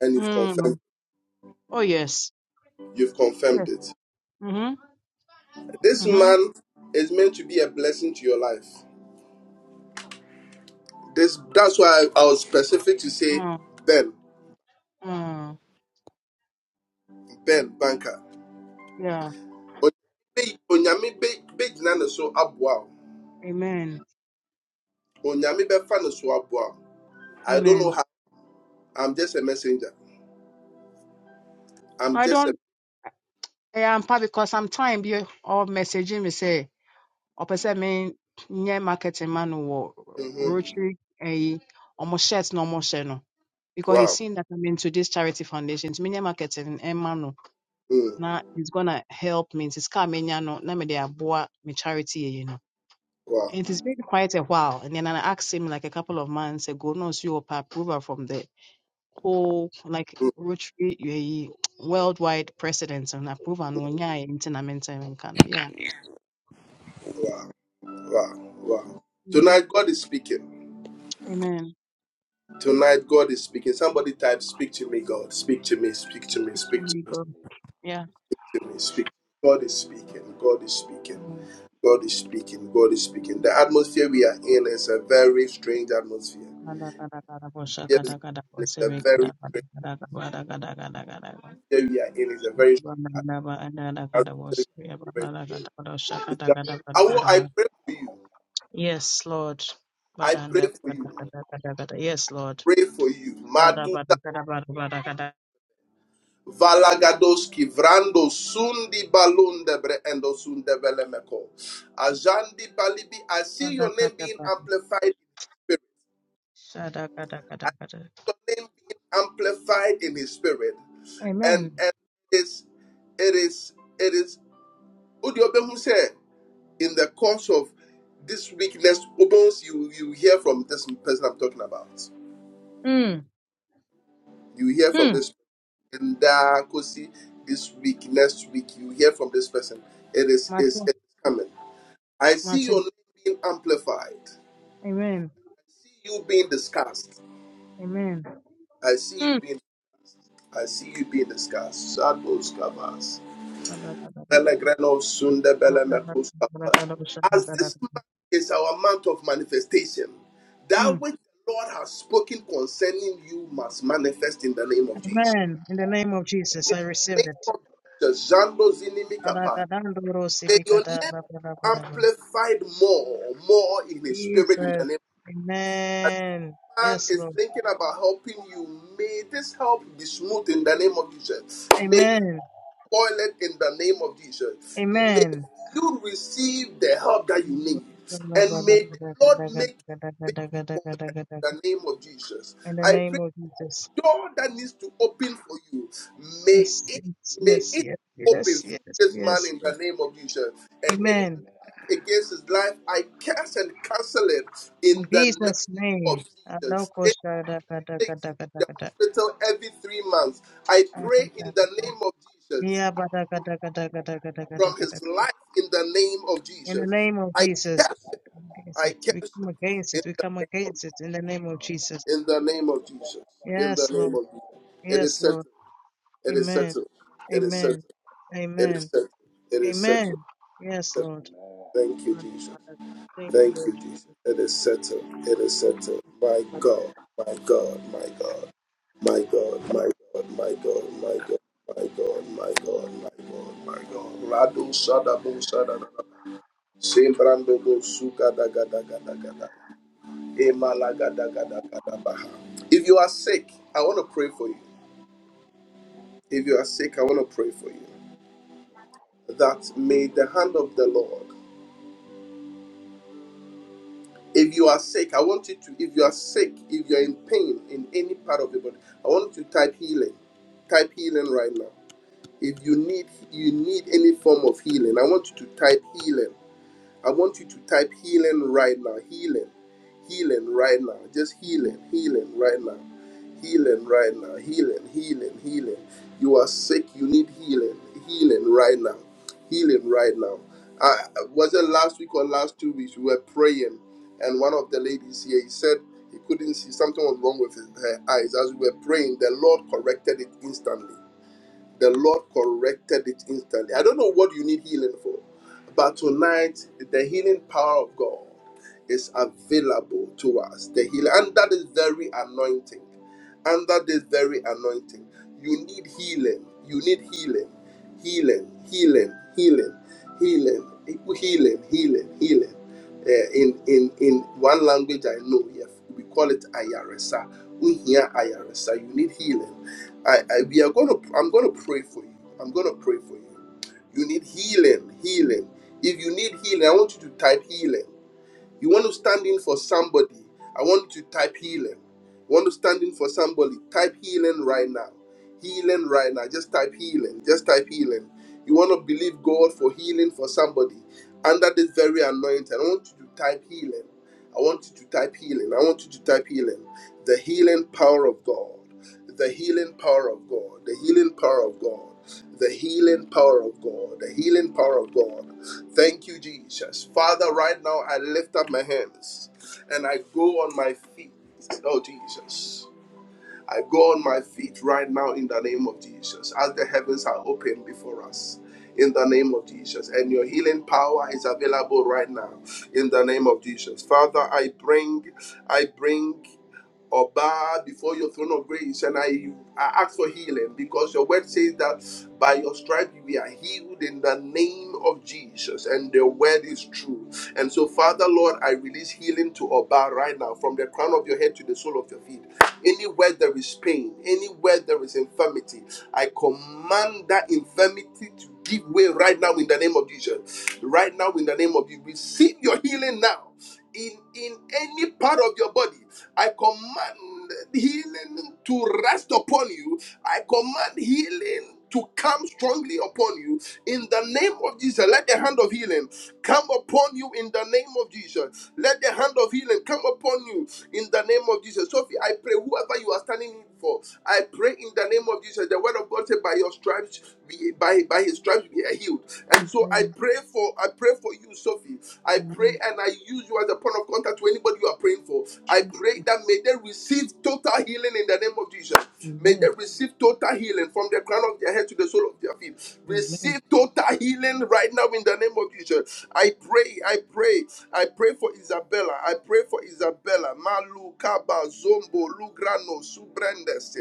A: and you've confirmed
E: Mm. Oh, yes.
A: you've
E: Yes.
A: confirmed it.
E: Mm-hmm.
A: This
E: Mm-hmm.
A: man is meant to be a blessing to your life. This that's why I, I was specific to say
E: Mm.
A: Ben,
E: Mm.
A: Ben Banker.
E: Yeah.
A: Onyame be- begyina ne so aboa wo.
E: Amen.
A: Onyame bɛfa ne so I don't know
E: Amen.
A: how. I'm just a messenger. I'm
E: I
A: just a.
E: don't, yeah, I'm part because sometimes you all messaging me say, or person me, nye marketing man or
A: hmm
E: Rotary, eh, almost shirt, no more shirt, no. Because he's
A: Wow.
E: seen that I'm into this charity foundation. It's media marketing, eh, man. no.
A: Mm.
E: na it's gonna help me nti sika a menya no na mede aboa me charity yɛyi no
A: Wow.
E: and it's been quite a while and then i asked him like a couple of months ago no so you are approval from the whole like
A: Mm.
E: rotary yɛyi worldwide precedence and approval no ɔnyaeɛ nti na mentɛ menka no yeah
A: Wow, wow, wow.
E: Mm,
A: Tonight, God is speaking.
E: amen
A: Tonight, God is speaking. Somebody type, Speak to me, God. Speak to me, speak to me, speak to
E: Only
A: me,
E: God. yeah
A: speak to me, speak. God is speaking. God is speaking.
E: Amen.
A: God is speaking. God is speaking. The atmosphere we are in is a very strange atmosphere.
E: Kada, kada, kada, bosha,
A: Yes,
E: kada, kada,
A: we
E: bosebe,
A: a very
E: kada, kada,
A: strange.
E: kada, kada, kada, kada, kada, kada.
A: Here we are in is a very
E: Ba, ba,
A: strange
E: ba, ba, ada, ada, kada,
A: atmosphere.
E: bosebe, ba, ba,
A: Very
E: ada, kada, bosha, kada,
A: strange.
E: kada, kada,
A: I, want,
E: kada, ba.
A: I pray for you.
E: Yes, Lord.
A: I pray
E: Badanda,
A: for you.
E: bada, bada, bada, bada. Yes, Lord.
A: Pray for
E: Bada,
A: you.
E: bada, bada, bada, bada, bada.
A: Valagadoski, Vrando, Sundi, Balundebre, and Osundebelemeko. Ajandi Balibi, I see your
E: Bada,
A: name
E: bada,
A: being
E: bada.
A: amplified in his spirit.
E: Shada, bada, bada, bada.
A: Your name being amplified in his spirit. And
E: Amen.
A: and it's it is it is Udiobehu said in the course of this weakness, Obos, you you hear from this person I'm talking about.
E: Mm.
A: You hear from
E: Mm.
A: this in the Kosi this week, next week, you hear from this person. It is is it
E: Mate,
A: is coming. I see
E: mate.
A: your name being amplified. I
E: Amen.
A: see you being discussed.
E: Amen.
A: I see you
E: Mm.
A: being I see you being discussed. Shadows covers.
E: Bada, bada, bada, bada.
A: Belegreno sunde
E: Bada, bada,
A: belemekos
E: bada,
A: covers.
E: bada, shada,
A: As
E: bada,
A: this month
E: bada.
A: is our month of manifestation, that
E: Mm.
A: which the Lord has spoken concerning you must manifest in the name of Jesus.
E: Amen. In the name of Jesus,
A: In
E: I receive
A: the name
E: it.
A: of Jesus, Jando Zinimi
E: Bada, bada, ndoro,
A: may
E: sibi,
A: your
E: kada,
A: name
E: bada, bada,
A: be
E: bada.
A: amplified more, more in the spirit in the
E: Jesus.
A: name.
E: Amen.
A: man
E: Yes,
A: is
E: Lord.
A: thinking about helping you, may this help be smooth in the name of Jesus. May not
E: Amen.
A: spoil it in the name of Jesus. May
E: Amen.
A: you receive the help that you need. And may the Lord make you big before them in the name of Jesus.
E: In the
A: I pray
E: name of Jesus.
A: door that needs to open for you, may
E: Yes,
A: it may
E: yes, yes,
A: it open
E: yes, yes,
A: through this man
E: yes.
A: in
E: yes.
A: the name of Jesus. And any
E: Amen.
A: attack against his life, I curse and cancel it in
E: In
A: the
E: Jesus'
A: name of
E: name.
A: Jesus. Anything that takes him to the
E: Adokosharakadakadakadakada.
A: hospital every three months, I pray in the
E: Akadakada.
A: name of Jesus from
E: Yabadakadakadakadakadakada.
A: his life in the name of
E: In the
A: Jesus.
E: name of
A: I
E: Jesus.
A: curse it.
E: Against
A: I
E: it. We
A: curse
E: come
A: it
E: against
A: in
E: it. We
A: the
E: come
A: name of
E: against it in the name of Jesus.
A: in the name of Jesus. In the
E: Yes,
A: name
E: Lord.
A: of Jesus. It is
E: Yes,
A: settled.
E: Lord.
A: It is
E: Amen.
A: settled. It is settled.
E: Amen.
A: It is
E: Amen.
A: settled. It is settled.
E: Amen. Yes,
A: settled.
E: Lord.
A: Thank you,
E: And
A: Jesus.
E: Father, Thank you,
A: Thank
E: Lord.
A: you, Jesus. It is settled. It is
E: Jesus,
A: settled. My
E: Father.
A: God. My God. My God. My God. My God. My God. My God. My God. My God. My God. My God. Radu shadabu shadadadaba. Sembrando bo suka daga daga daga daya. Emalaga daga daga dabaha. If you are sick, I want to pray for you. If you are sick, I want to pray for you. that may the hand of the Lord. If you are sick, I want you to, if you are sick, if you're in pain in any part of your body, I want you to type healing. Type healing right now. If you need you need any form of healing, I want you to type healing. I want you to type healing right now. Healing. Healing right now. Just healing. Healing right now. Healing right now. Healing. Healing. Healing. You are sick. You need healing. Healing right now. Healing right now. I was it last week or last two weeks? We were praying, and one of the ladies here he said he couldn't see something was wrong with his, her eyes. As we were praying, the Lord corrected it instantly. The Lord corrected it instantly. I don't know what you need healing for, but tonight the healing power of God is available to us. The healing under this very anointing, under this very anointing, you need healing. You need healing, healing, healing, healing, healing, healing, healing, healing. Eh, in in in one language I know, we, have, we call it ayaresa. We hear ayaresa. You need healing. I, I we are going to. I'm going to pray for you. I'm going to pray for you. You need healing. Healing. If you need healing, I want you to type healing. You want to stand in for somebody. I want you to type healing. You want to stand in for somebody. Type healing right now. Healing right now. Just type healing. Just type healing. You want to believe God for healing for somebody. Under this very anointing, I want you to type healing. I want you to type healing. I want you to type healing. The healing power of God. The healing power of God. The healing power of God. The healing power of God. The healing power of God. Thank you, Jesus. Father, right now I lift up my hands and I go on my feet. Oh, Jesus. I go on my feet right now in the name of Jesus as the heavens are open before us. In the name of Jesus. And your healing power is available right now. In the name of Jesus. Father, I bring, I bring or bow before your throne of grace and I, I ask for healing because your word says that by your stripe we are healed in the name of Jesus and the word is true. And so, Father Lord, I release healing to Oba right now from the crown of your head to the sole of your feet. Anywhere there is pain, anywhere there is infirmity, I command that infirmity to give way right now in the name of Jesus. Right now in the name of you, receive your healing now in in any part of your body I command healing to rest upon you. I command healing to come strongly upon you in the name of Jesus. Let the hand of healing come upon you in the name of Jesus. Let the hand of healing come upon you in the name of Jesus. Sophie, I pray whoever you are standing in for, I pray in the name of Jesus. The word of God said, "By your stripes, be, by by His stripes, be healed." And so I pray for I pray for you, Sophie. I pray
G: Amen.
A: and I use you as a point of contact to anybody you are praying for. I pray that may they receive total healing in the name of Jesus. May they
G: Amen.
A: receive total healing from the crown of their head to the sole of their feet.
G: Amen.
A: Receive
G: Amen.
A: total healing right now in the name of Jesus. I pray, I pray, I pray for Isabella. I pray for Isabella. Malu, Kaba, Zombo, Lugrano, Subrendes.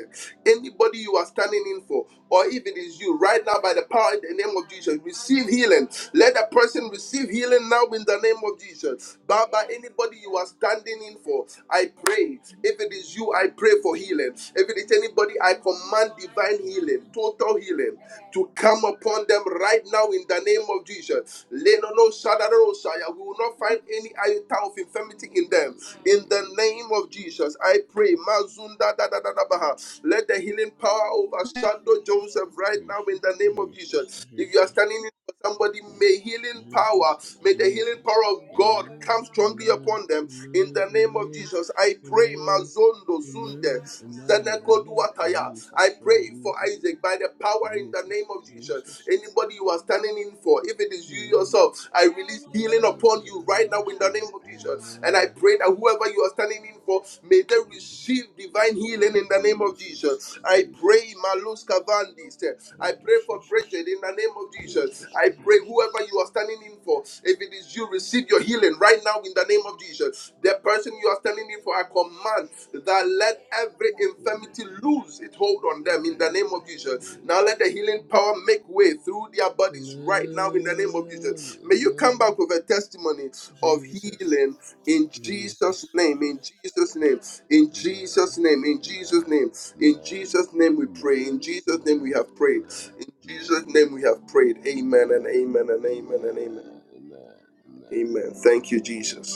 A: Anybody you are standing in for, or if it is you right now by the power in the name of Jesus. Receive healing. Let that person receive healing now in the name of Jesus. Baba, anybody you are standing in for, I pray. If it is you, I pray for healing. If it is anybody, I command divine healing,
C: Jesus.
A: total healing to come upon them right now in the name of Jesus. Leno no shadaro shaya. We will not find any iota of
C: Jesus,
A: infirmity in them. In the name of Jesus, I pray. Mazunda da da da da baha. Let the healing power overshadow Joseph right now in the name of
C: Jesus,
A: Jesus. If you are
C: Jesus,
A: standing in for somebody, may healing
C: Jesus,
A: power, may the healing
C: Jesus.
A: power of
C: Amen,
A: God
C: amen,
A: come strongly
C: amen,
A: upon them in the name of
C: amen,
A: Jesus. I pray,
C: amen,
A: Mazondo
C: amen,
A: Sunde,
C: amen,
A: Seneko
C: amen.
A: Duataya.
C: Jesus,
A: I
C: oh
A: pray for
C: Jesus,
A: Isaac by the power in the name
C: Jesus,
A: of Jesus.
C: Jesus.
A: Anybody you are standing in for, if it is you
C: Hmm.
A: yourself, I release healing
C: Jesus,
A: upon you right now
C: Jesus,
A: in the name of Jesus. And I
C: amen.
A: pray that whoever you are standing in for, may they receive divine healing in the name of
C: Jesus,
A: Jesus. I
C: Jesus.
A: pray, Malus Cavandis.
C: Oh,
A: I pray for
C: Jesus,
A: Bridget in the name of Jesus.
C: Jesus,
A: I pray
C: Jesus.
A: whoever you are standing in for, if it is you, receive your healing right now in the name of Jesus. The person you are standing in for, I command that let every infirmity
C: Jesus.
A: lose its hold on them in the name of Jesus. Now let
C: Jesus.
A: the healing power make way through their bodies right now in the name of
C: Amen.
A: Jesus. May you come
C: Amen.
A: back with a testimony of
C: Jesus.
A: healing in
C: Jesus.
A: Jesus' name, in Jesus' name, in Jesus'
C: Amen.
A: name, in Jesus'
C: Amen.
A: name, in
C: Amen.
A: Jesus' name we pray,
C: Amen.
A: in Jesus' name we
C: Amen.
A: have prayed, in
C: Amen.
A: Jesus' name we have prayed. Amen and
C: Amen.
A: amen and
C: Amen.
A: amen
C: Amen.
A: and amen.
C: Amen. Amen.
A: Amen. Thank you,
C: Amen.
A: Jesus.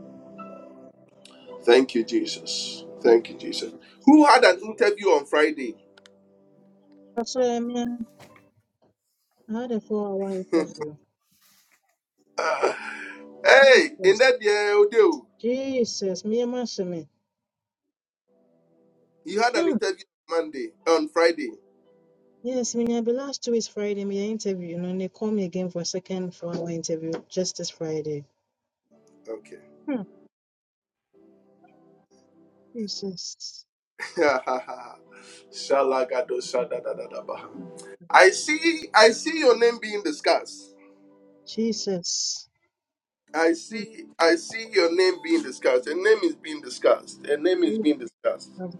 C: Thank you, Lord.
A: Thank you, Jesus.
C: Lord
A: Thank you, Jesus.
C: Jesus.
A: Who had an
C: Speak a lot.
A: interview on Friday?
E: Pastor Emia, I had a four-hour
A: *laughs*
E: interview.
A: Ah, hey, in
E: Jesus,
A: that year, Odeo,
E: Jesus, me and my me.
A: you had an
E: Hmm.
A: interview Monday on Friday.
E: Yes, me I be last two is Friday, my interview, and they call me again for a second four-hour interview just this Friday.
A: Okay.
E: Hmm. Jesus,
A: *laughs* Shalagado shadadadadabaha. I see. I see your name being discussed.
E: Jesus.
A: I
E: Oh,
A: see. I see your name being discussed. Your name is being discussed. Your name is
E: Jesus.
A: being discussed.
E: Father,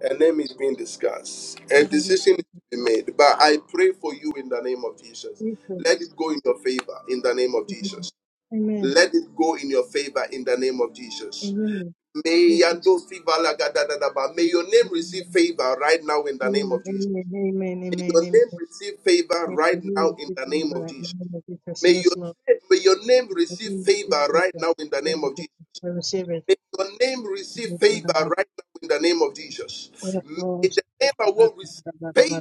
A: A name is being discussed. A
E: Father, Lord,
A: decision is
E: thank you.
A: to be made. But I pray for you in the name of Jesus. Let it
E: Jesus.
A: go in your favor in the name of
E: Amen.
A: Jesus.
E: Amen.
A: Let it go in your favor in the name of Jesus.
E: Amen.
A: May
E: Jesus.
A: Yando Siva Laga Da Da Da Ba. May your name receive favor right now in the name
E: Amen,
A: of Jesus.
E: amen, amen, amen,
A: May your
E: amen.
A: name receive favor
E: amen.
A: right
E: Hallelujah,
A: now in
E: speak
A: the name of
E: favor in
A: Jesus.
E: the name of Jesus.
A: May
E: Yes, Lord.
A: your, may your name receive
E: Hallelujah, speak
A: favor right
E: favor in
A: now in the
E: the name
A: name
E: of
A: of Jesus.
E: Jesus. I receive it.
A: May your name receive
E: Hallelujah,
A: favor
E: Father, my
A: right now in the name of Jesus.
E: prayer
A: May the
E: flows.
A: name I
E: In
A: will receive favor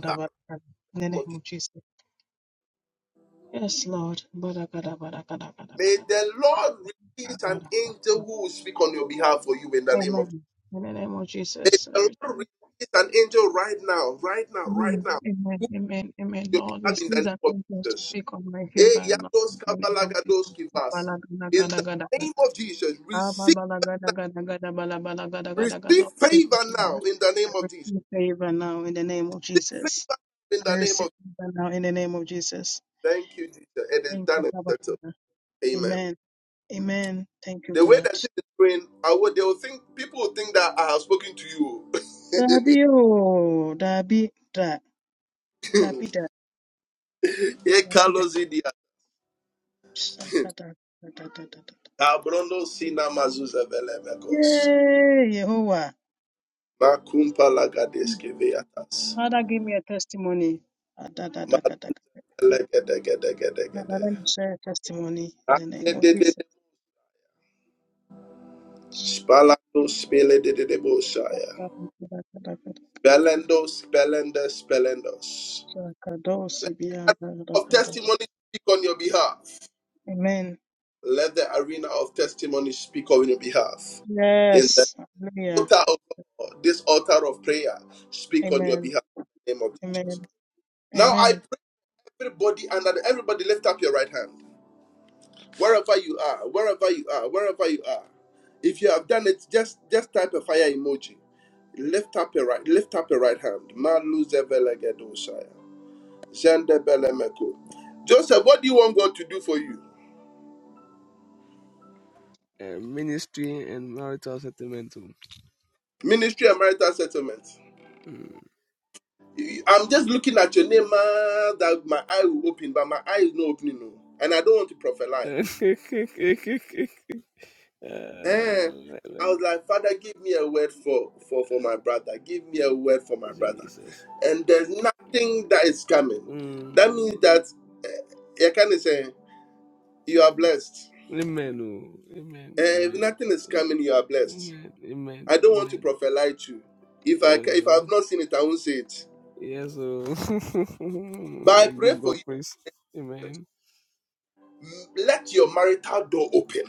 E: the
A: in the name
E: name
A: of Jesus.
E: of Jesus. Yes, Lord. Bada, bada, bada, bada, bada,
A: May
E: bada,
A: the
E: bada,
A: Lord release
E: bada,
A: an
E: bada,
A: angel
E: bada.
A: who will speak on your behalf for you in the name of
E: Amen.
A: Jesus.
E: In the name of
A: May
E: Jesus, I
A: the Lord
E: receive it.
A: release an angel right now, right now, right
E: Amen,
A: now,
E: amen,
A: who
E: amen, amen.
A: will be
E: Lord,
A: behalf in the
E: receive that
A: name of
E: thank you to
A: Jesus.
E: speak on my favor
A: Eh,
E: and not
A: yados
E: in the name of
A: kabalagados kivasi. In the
E: Jesus.
A: name of Jesus,
E: Ah, ba,
A: receive
E: ba, la, ga, da, ga, da, ga, da,
A: receive
E: Lord, give
A: favor
E: you
A: now
E: glory.
A: in the
E: I
A: name of Jesus.
E: receive favor now in the name of
A: Receive
E: Jesus.
A: favor in
E: I
A: the name
E: receive
A: of Jesus.
E: favor now in the name of Jesus.
A: Thank you, Jesus. It is
E: Thank
A: done
E: you,
A: and
E: Abba
A: settled.
E: Father.
A: Amen.
E: Amen. Amen. Thank you,
A: The way
E: God.
A: that thing is going, I would, they will think people will think that I have spoken to
E: Dabi o, dabi da, dabi
A: you.
E: da,
A: *laughs* Ye
E: dabi da,
A: Carlos Idia. *laughs*
E: saka da, da, da, da, da, da.
A: Abrondo Sina Mazuza Velemekos.
E: Yay, Yehovah.
A: Makumpa Lagadeske Veatas.
E: Father, give me a testimony. Ah, da, da, da, ga, da, da. Father, let
A: Malegedegedegedegede.
E: me share a testimony in the name of
A: Adededede.
E: Jesus.
A: Spalando Spele de Belendos, Belendes, Of testimony
E: Amen.
A: speak on your behalf. Let the arena of testimony speak on your behalf In
E: Yes. Hallelujah.
A: altar of God, this altar of prayer, speak on your
E: Amen.
A: behalf in the name of Jesus.
E: Amen.
A: Now I
E: Amen.
A: pray everybody and that everybody lift up your right hand. Wherever you are, wherever you are, wherever you are. If you have done it, just just type a fire emoji. Lift up your right, lift up your right hand. Malu zevelegedosaya. Zendebelemeko. Joseph, what do you want God to do for you?
C: Uh, ministry and marital settlement. too.
A: Ministry and marital settlement.
C: Mm.
A: I'm just looking at your name, man, that my eye will open, but my eye is not opening, no. And I don't want to
C: *laughs*
A: prophesy.
C: uh,
A: Eh.
C: like,
A: I
C: like,
A: was like, Father, give me a word for, for, for
C: uh,
A: my brother. Give me a word for my brother.
C: Jesus.
A: And there's nothing that is coming. That
C: Mm.
A: means that, eh, you can say, you are blessed.
C: Amen. oh. Amen.
A: Eh, if
C: Amen.
A: nothing is coming, you are blessed.
C: Amen. Amen.
A: I don't want to
C: Amen.
A: prophesy to you. If I, ca- if I have
C: Uh,
A: not seen it, I won't say it.
C: yes. Oh.
A: But I
C: *laughs*
A: pray
C: Give
A: for
C: God
A: you.
C: praise. Amen.
A: Let your marital door open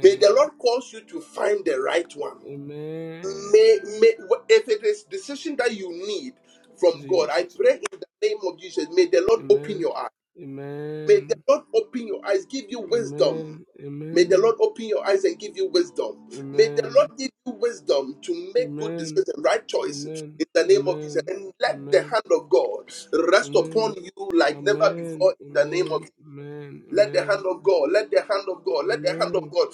A: May the Lord cause you to find the right one.
C: Amen.
A: May, may, if it is decision that you need from God, I
C: Jesus.
A: pray in the name of Jesus, may the Lord open
C: Amen.
A: your eyes. May the
C: Amen.
A: Lord open your eyes, give you wisdom.
C: Amen.
A: May the Lord
C: Amen.
A: open your eyes and give you wisdom. May the Lord
C: Amen.
A: give you wisdom to make good
C: Amen.
A: decisions, right choices
C: Amen.
A: in the name of Jesus.
C: Amen.
A: And let the
C: Amen.
A: hand of God
C: Amen.
A: rest
C: Amen.
A: upon you like never
C: Amen.
A: before
C: Amen.
A: in the name of
C: Amen.
A: let the hand of God, let the hand of
C: Amen.
A: God, let the hand of
C: Amen.
A: God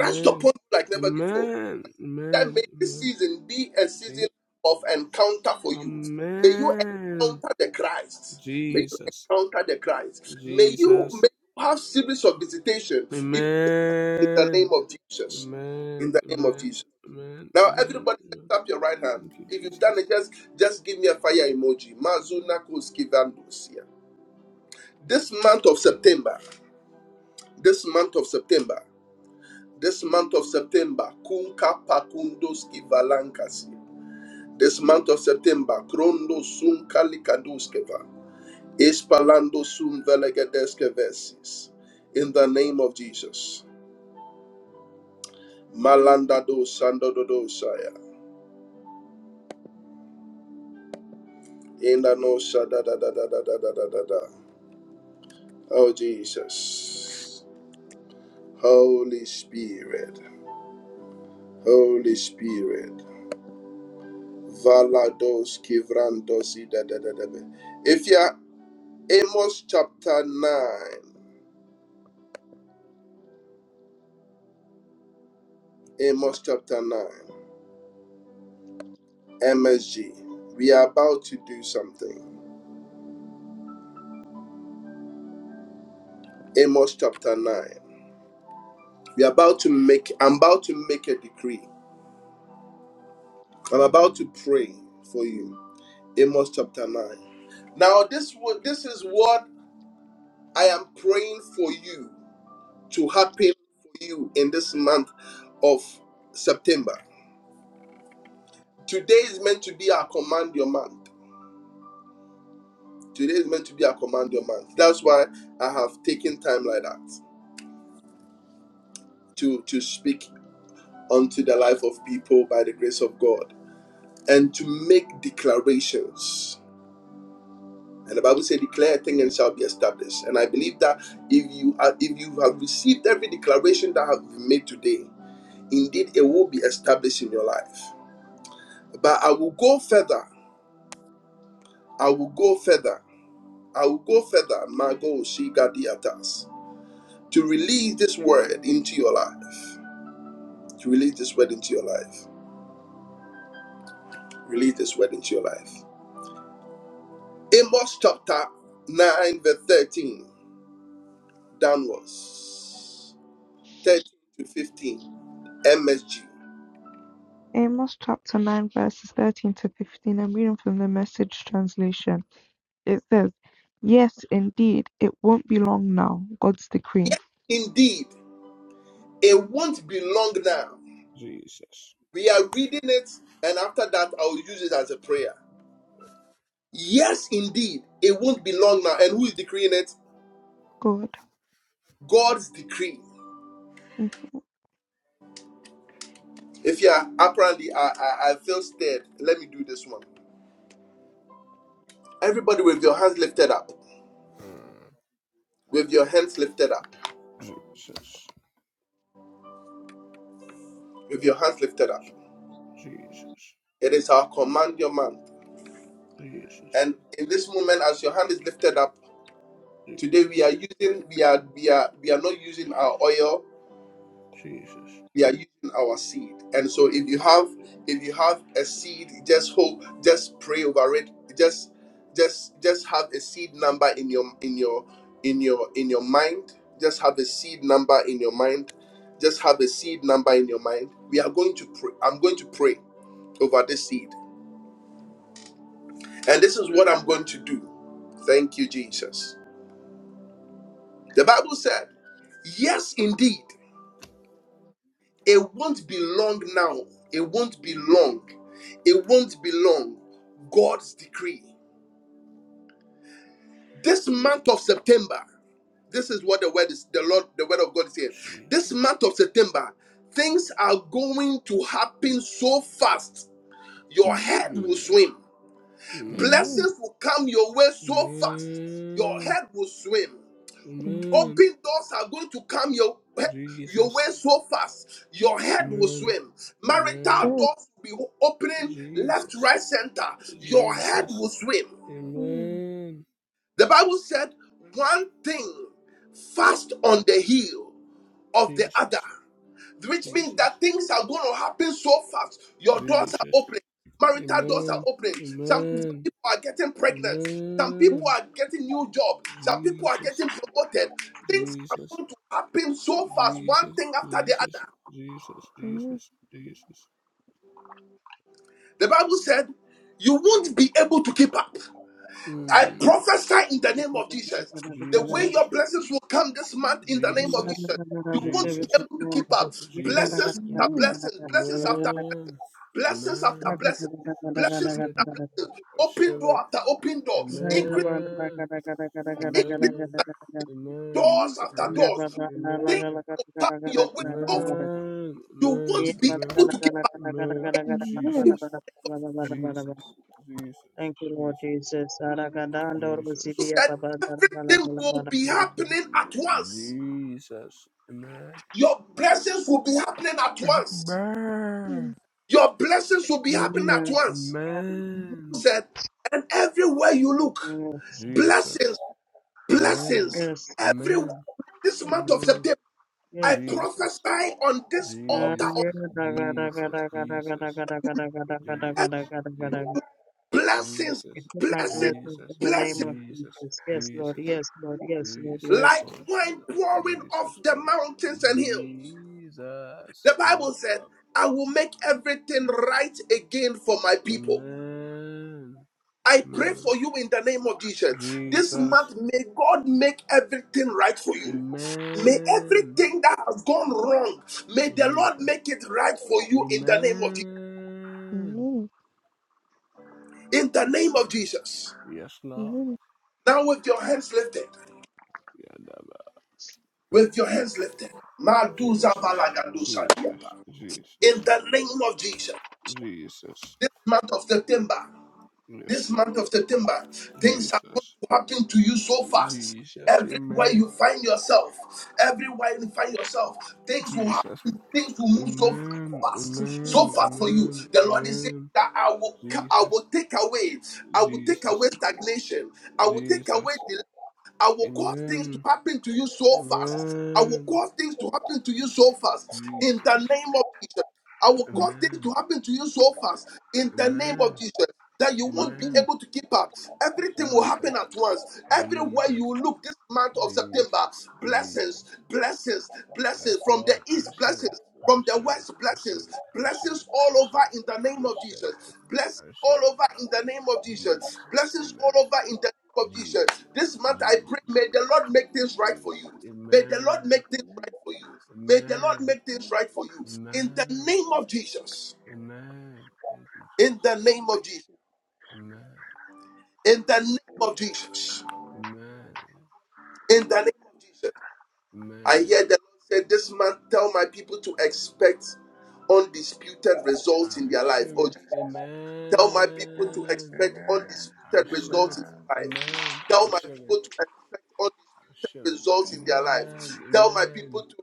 A: rest upon you like never before.
C: Amen.
A: That may
C: Amen.
A: this
C: Amen.
A: season be a season
C: Je-
A: of encounter for you. May you
C: Amen.
A: encounter the Christ. May you
C: Jesus.
A: encounter the Christ. May you,
C: Jesus.
A: may you have series of visitation, even in the name
C: Amen.
A: of Jesus. In
C: Amen.
A: the name of
C: Amen.
A: Jesus.
C: Amen.
A: Now,
C: Amen.
A: everybody,
C: Amen.
A: lift up your right
C: Thank
A: hand.
C: you,
A: If you've done
C: Jesus.
A: it, just just give me a fire emoji. Mazuna Koskivandos. Yeah. This month of September, this month of September. This month of September, Kunka Pakundoski Valankasi. This month of September, Krondo Sun Kalikaduskeva. Espalando Sun Velegedeske Vesis. In the name of Jesus. Malanda do Sandododo Saya. In the no Shada da da da da da da da da da. Oh Jesus. Holy Spirit. Holy Spirit. Valados Kivrandosi da da da da. da. If you are Amos chapter 9. Amos chapter 9. MSG. We are about to do something. Amos chapter 9. We are about to make, I'm about to make a decree. I'm about to pray for you. Amos chapter 9. Now, this, wo- this is what I am praying for you to happen for you in this month of September. Today is meant to be our command your month. Today is meant to be a command your month. That's why I have taken time like that to, to speak unto the life of people by the grace of God and to make declarations. And the Bible says, "Declare a thing and shall be established." And I believe that if you are, if you have received every declaration that have been made today, indeed it will be established in your life. But I will go further. I will go further. I will go further. Mago Shigadiatas to release this word into your life to Release this word into your life. Release this word into your life. Amos chapter 9, verse 13, downwards, 13 to 15, MSG.
H: Amos chapter 9, verses 13 to 15. I'm reading from the message translation. It says, Yes, indeed, it won't be long now. God's decree.
A: Indeed, it won't be long now.
C: Jesus.
A: We are reading it, and after that, I'll use it as a prayer. Yes, indeed, it won't be long now. And who is decreeing it?
H: God.
A: God's decree. If you are apparently, I, I, I feel stirred, Let me do this one. Everybody with your hands lifted up,
C: Mm.
A: with your hands lifted up.
C: Jesus.
A: with your hands lifted up.
C: Jesus.
A: It is our command your month.
C: Jesus.
A: And in this moment, as your hand is lifted up, today we are
C: Jesus.
A: using, we are, we are, we are not using our oil,
C: Jesus.
A: we are using our seed. And so if you have, if you have a seed, just hope, just pray over it. Just just just have a seed number in your in your in your in your mind. Just have a seed number in your mind. Just have a seed number in your mind. We are going to pray. I'm going to pray over this seed. And this is what I'm going to do. Thank you, Jesus. The Bible said, Yes, indeed, it won't be long now. It won't be long. It won't be long. God's decree. This month of September, this is what the word is, the Lord, the word of God is saying. This
C: Jesus.
A: month of September, things are going to happen so fast, your head will
C: Mm.
A: swim.
C: Amen.
A: Blessings will come your way so fast, your
C: Amen.
A: head will swim.
C: Amen.
A: Open doors are going to come your, your
C: Jesus.
A: way so fast, your head will
C: Amen.
A: swim.
C: Amen.
A: Marital doors will be opening left,
C: Jesus.
A: right, center. Your head
C: Jesus.
A: will swim.
C: Amen.
A: The Bible said, one thing fast on the heel of the
C: Jesus.
A: other which means
C: Jesus.
A: that things are going to happen so fast. Your doors are
C: Jesus.
A: opening, marital doors are
C: Amen.
A: opening. Some, some
C: Amen.
A: people are getting pregnant, some people
C: Amen.
A: are getting new jobs. some people are
C: Jesus.
A: getting promoted. Things are
C: Jesus.
A: going to happen so fast, one
C: Jesus.
A: thing after the
C: Jesus.
A: other.
C: Jesus. Jesus. Jesus.
A: The Bible said, You won't be able to keep up. I
C: Mm.
A: prophesy in the name of Jesus. The way
C: Jesus.
A: your blessings will come this month in the name of
C: Jesus.
A: Jesus. You won't be
C: Jesus.
A: able to keep up.
C: Jesus.
A: Blessings
C: Mm.
A: after
H: *laughs*
A: blessings, blessings after
C: Amen.
A: blessings after
C: Amen.
A: blessings,
C: I
A: blessings
C: receive it.
A: after blessings,
C: I
A: open
C: receive
A: door
C: it.
A: after open door, increase
C: Amen.
A: in
C: Amen. Amen.
A: doors after
C: Amen.
A: doors. Things
E: Amen.
C: Amen.
A: will come your way. Of
C: Amen.
A: you
C: Amen.
A: won't be
E: Thank
C: Amen.
A: able to keep up.
C: Amen.
H: Good.
A: You
C: Jesus. Jesus. Jesus.
E: you, Lord
C: Jesus.
E: Jesus. Aragadando
C: Jesus.
E: Rosivia
A: said
E: Babanda Bala
A: everything
E: Bala
C: Je-
A: will
E: Bala
A: be
E: Bala.
A: happening at
C: Je-
A: once.
C: Jesus. Amen.
A: Your blessings will be happening at once.
C: Amen.
A: Your blessings will be happening at
E: Amen.
A: once.
C: Amen.
A: said, and everywhere you look, blessings,
C: Jesus. Amen.
A: blessings,
E: Yes.
A: everywhere
C: Amen.
A: this month of
C: Amen.
A: September, I
E: Yes.
C: Jesus.
A: prophesy on this altar.
C: Jesus. Jesus. Jesus.
A: And
C: Jesus. Je-
A: blessings,
E: It
C: Jesus.
E: took my
A: blessings,
E: blessings in
C: Jesus.
E: the name
A: blessings,
E: of
C: Jesus.
E: Jesus. Yes, Lord.
C: Jesus.
E: Yes, Lord. Yes, Lord.
C: Jesus
E: Yes.
A: like wine
C: Kolabala.
A: pouring off
C: Jesus
A: the
C: Kolabala.
A: mountains and hills.
C: Jesus
A: The Bible said,
C: Kolabala.
A: I will make everything right again for my people.
C: Amen.
A: I pray
C: Amen.
A: for you in the name of Jesus. This month,
C: Jesus.
A: may God make everything right for you. May
C: Amen.
A: everything that has gone wrong, may the Lord
C: Jesus.
A: make it right for you in the name of Jesus.
C: Amen.
A: In the name of
C: Je-
A: Jesus.
C: Yes, Lord.
A: Now with your hands lifted.
C: Yadaba.
A: with your hands lifted. Maduza
C: Jesus.
A: valagadusa
C: Jesus.
A: diapa.
C: Jesus.
A: In the name of Jesus,
C: Jesus.
A: this month of September,
C: Yes,
A: this month
C: Lord.
A: of September, things are going
C: Jesus.
A: to happen to you so fast.
C: Jesus.
A: Everywhere
C: Amen.
A: you find yourself, everywhere you find yourself, things will
C: Jesus.
A: happen, things will move so
C: Amen,
A: fast, so
C: amen,
A: fast for you.
C: amen,
A: The Lord is saying
C: amen.
A: that I will I
C: Jesus,
A: will take away, I will take
C: Jesus,
A: away stagnation, I will take away
C: Jesus.
A: delay. I will cause things to
C: Amen,
A: happen to you so fast. I will
C: amen,
A: cause things to happen to you so fast. In the
C: Jesus.
A: name of Jesus. I will cause things
C: Amen,
A: to happen to you so fast. In the name of
C: amen,
A: Jesus. That you won't be
C: amen.
A: able to keep up. Everything will happen
C: Jesus,
A: at once. Everywhere you
C: Jesus,
A: look this month of
C: Jesus,
A: September, blessings,
C: Jesus.
A: blessings, blessings
C: Yes,
A: from the
C: Lord, I
A: east,
C: receive it.
A: blessings
C: I
A: from the
C: receive it.
A: west,
C: I receive
A: blessings,
C: it. I receive it.
A: blessings
C: I
A: all over
C: receive it.
A: in the
C: I
A: name of
C: receive it.
A: Jesus. Blessings
C: I
A: all
C: receive it,
A: over in
C: Lord.
A: the name of Jesus.
C: Jesus,
A: Blessings all
C: amen.
A: over in the name of Jesus of Jesus.
C: Jesus,
A: This month I pray,
C: Jesus,
A: may the Lord make things right
C: Jesus.
A: for you. May the
C: Amen.
A: Lord make things right for you. May the Lord
C: Amen.
A: make things right for you. In the
C: Amen.
A: name of Jesus.
C: Amen. Thank you,
A: In the
C: Jesus.
A: name of Jesus.
C: Amen.
A: In the name of Jesus.
C: Amen.
A: In the name of Jesus. I
C: Amen.
A: hear the Lord say, This month, tell my people to expect undisputed
C: I
A: results in their life.
C: receive
A: Oh,
C: it.
A: Jesus. Tell my
B: very
A: people
B: much.
A: to
C: Amen.
A: expect
B: Amen.
C: I
A: undisputed
C: receive
A: results
C: it.
A: in
B: Amen.
A: their life.
C: Amen. I
A: Tell my
C: receive it.
A: people to expect
C: I
A: undisputed
C: receive it.
A: results in their life.
C: Amen.
A: Tell my
C: Amen.
A: people to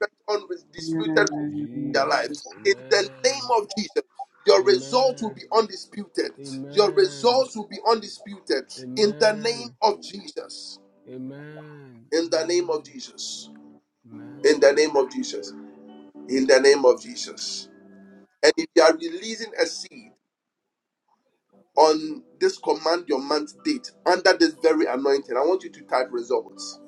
A: expect undisputed results in their life.
C: Jesus.
A: In the name
C: Amen.
A: of Jesus. Your results will
C: Amen.
A: be undisputed. Your
C: Amen.
A: results will be undisputed in the name
C: Amen.
A: of Jesus.
C: Amen. Amen.
A: In the name of Jesus
C: Amen.
A: in the name of Jesus. In the name of Jesus. And if you are releasing a seed on this command your month date under this very anointing, I want you to type results.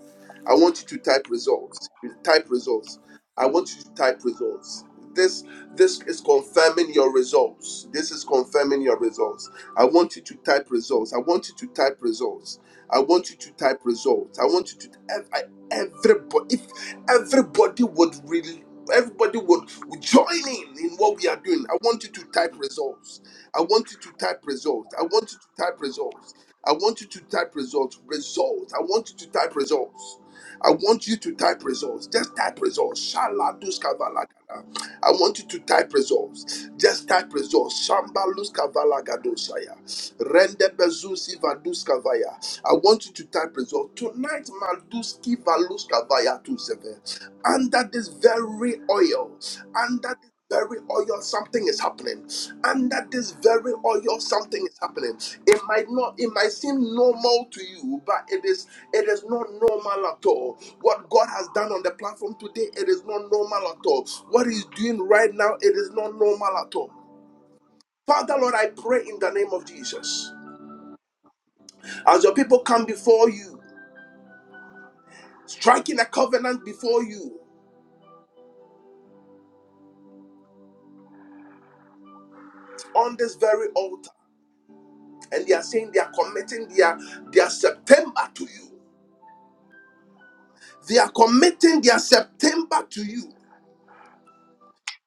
A: I want you to type results. Type results. I want you to type results. This this is confirming your results. This is confirming your results. I want you to type results. I want you to type results. I want you to type results. I want you to ev- I- everybody if everybody would really everybody would, would join in in what we are doing. I want you to type results. I want you to type results. I want you to type results. I want you to type results. Results. I want you to type results. I want you to type results. Just type results. Shala duska valagada. I want you to type results. Just type results. Shamba luska valagadosaya. Rende bezusi vaduska vaya. I want you to type results. Tonight, Malduski valuska vaya tu seve under this very oil, under this very oil, something is happening. Under this very oil, something is happening. It might not, it might seem normal to you, but it is it is not normal at all. What God has done on the platform today, it is not normal at all. What He's doing right now, it is not normal at all. Father Lord, I pray in the name of Jesus. As your people come before you, striking a covenant before you on this very altar. and they are saying they are committing their their September to you. They are committing their September to you.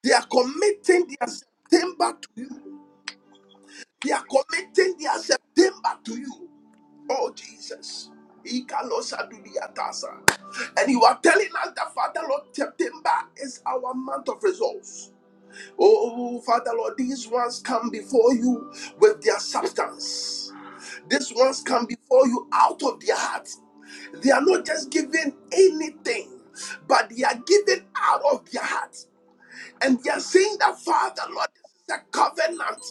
A: They are committing their September to you. They are committing their September to you. Oh Jesus. Ikalosadudiatasa. And you are telling us that Father Lord, September is our month of results. Oh Father Lord, these ones come before you with their substance. These ones come before you out of their heart. They are not just giving anything, but they are giving out of their hearts, And they are saying that, Father, Lord, this is a covenant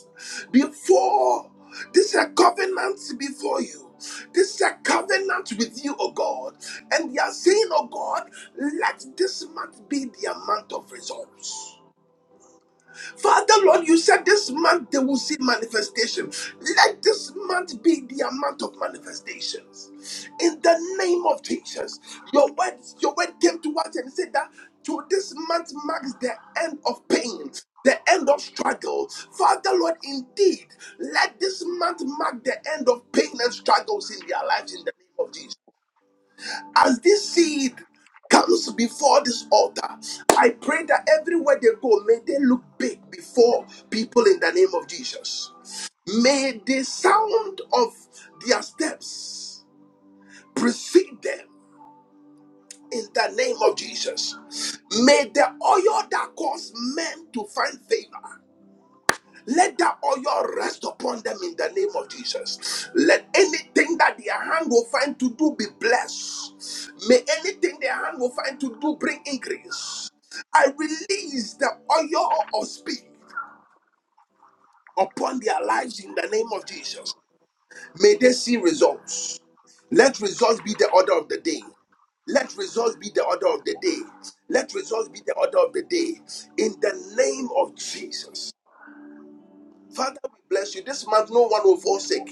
A: before, this is a covenant before you. This is a covenant with you, O God. And they are saying, O God, let this month be their month of results. Father, Lord, you said this month they will see manifestation. Let this month be the amount of manifestations. In the name of Jesus, your word, your word came to us and said that to this month marks the end of pain, the end of struggle. Father, Lord, indeed, let this month mark the end of pain and struggles in their lives in the name of Jesus as this seed comes before this altar, I pray that everywhere they go, may they look big before people in the name of Jesus. May the sound of their steps precede them in the name of Jesus. May the oil that caused men to find favor let that oil rest upon them in the name of Jesus. Let anything that their hand will find to do be blessed. May anything their hand will find to do bring increase. I release the oil of speed upon their lives in the name of Jesus. May they see results. Let results be the order of the day. Let results be the order of the day. Let results be the order of the day. In the name of Jesus. Father, we bless you. This month, no one will fall sick,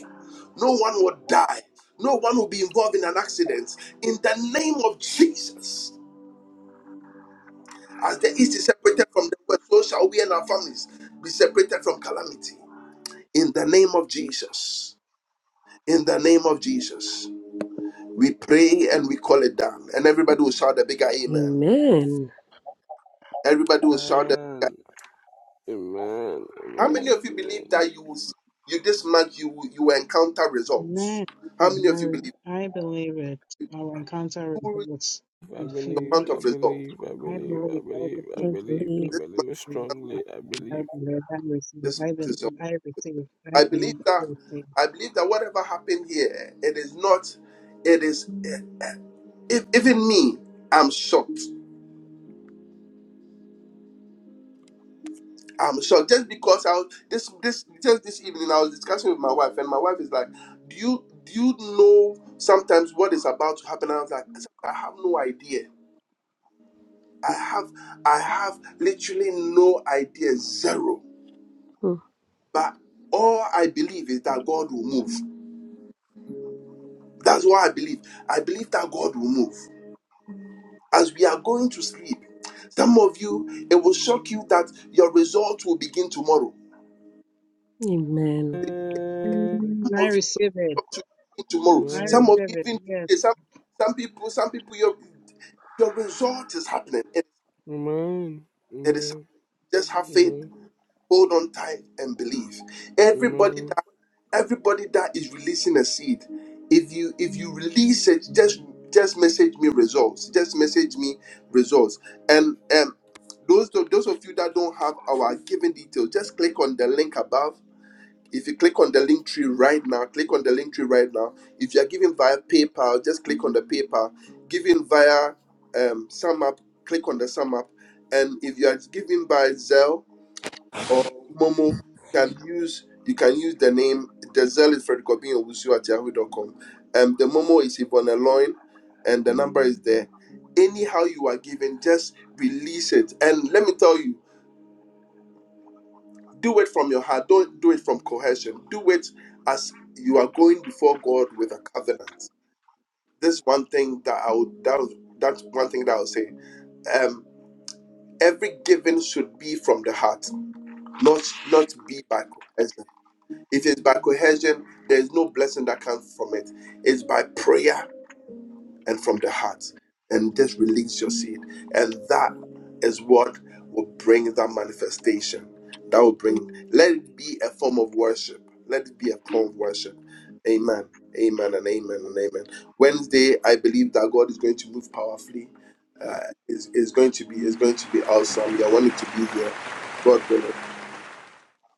A: no one will die, no one will be involved in an accident. In the name of Jesus, as the East is separated from the West, so shall we and our families be separated from calamity. In the name of Jesus, in the name of Jesus, we pray and we call it down. And everybody will shout a bigger amen. Everybody will shout a bigger.
C: Amen. Amen.
A: How
C: Amen.
A: many of you believe
C: Amen.
A: that you will see, you this month you will- you will encounter results?
E: Amen.
A: How many of you
E: Amen.
A: believe?
E: I believe it.
A: You
E: Our encounter
A: will
E: results
C: I
E: in few.
C: believe,
A: your month
C: I
A: of resolve.
C: believe, I
E: I
C: believe, I
E: believe, I believe,
C: believe, I
E: I
G: I
C: believe, I
E: believe,
G: believe.
A: This month,
C: believe
E: I believe,
C: strongly, I
E: I
C: believe.
E: believe, I receive,
A: this
E: I
A: month
E: believe,
A: is your.
E: I receive, I
A: I believe
E: believe, I
A: that.
E: receive.
A: I believe that whatever happened here, it is not. It is if, even me. I'm shocked. I'm shocked just because I was this this just this evening I was discussing with my wife and my wife is like, do you do you know sometimes what is about to happen? And I was like, I have no idea. I have I have literally no idea, zero.
G: Hmm.
A: But all I believe is that God will move. That's what I believe. I believe that God will move. As we are going to sleep, some of you, it will shock you that your results will begin tomorrow.
G: Amen.
C: Amen.
A: Some
E: Mm, I
A: of you, your
E: receive it.
A: results will begin tomorrow.
E: I
A: Some of you,
E: receive it.
A: even
E: Yes.
A: today, some, some people, some people, your, your result is happening. It,
C: Amen.
A: it is happening.
C: Amen.
A: Just have faith,
C: Amen.
A: hold on tight, and believe. Everybody
C: Amen.
A: everybody that is releasing a seed if you if you release it just just message me results just message me results and um those those of you that don't have our given details just click on the link above if you click on the link tree right now click on the link tree right now if you are giving via paypal just click on the paypal giving via um SumUp, click on the SumUp. and if you are giving by zelle or Momo, you can use you can use the name the Zell is Fred Wusu at yahoo.com. Um the Momo is Yvonne Loin and the number is there. Anyhow you are given, just release it. And let me tell you, do it from your heart. Don't do it from coercion. Do it as you are going before God with a covenant. This one thing that I would that would- that's one thing that I'll say. Um every giving should be from the heart, not not be by coercion If it's by coercion, there's no blessing that comes from it. It's by prayer and from the heart. And just release your seed. And that is what will bring that manifestation. That will bring, let it be a form of worship. Let it be a form of worship. Amen. Amen and amen and amen. Wednesday, I believe that God is going to move powerfully. Uh, is is going to be is going to be awesome. Yeah, I want it to be here. God willing.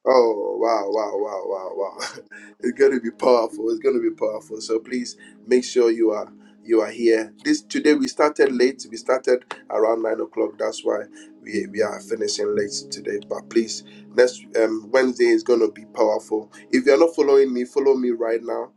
A: Oh wow, wow, wow, wow, wow. *laughs* It's gonna be powerful. It's gonna be powerful. So please make sure you are you are here. This today we started late. We started around nine o'clock. That's why we, we are finishing late today. But please, next um, Wednesday is gonna be powerful. If you're not following me, follow me right now.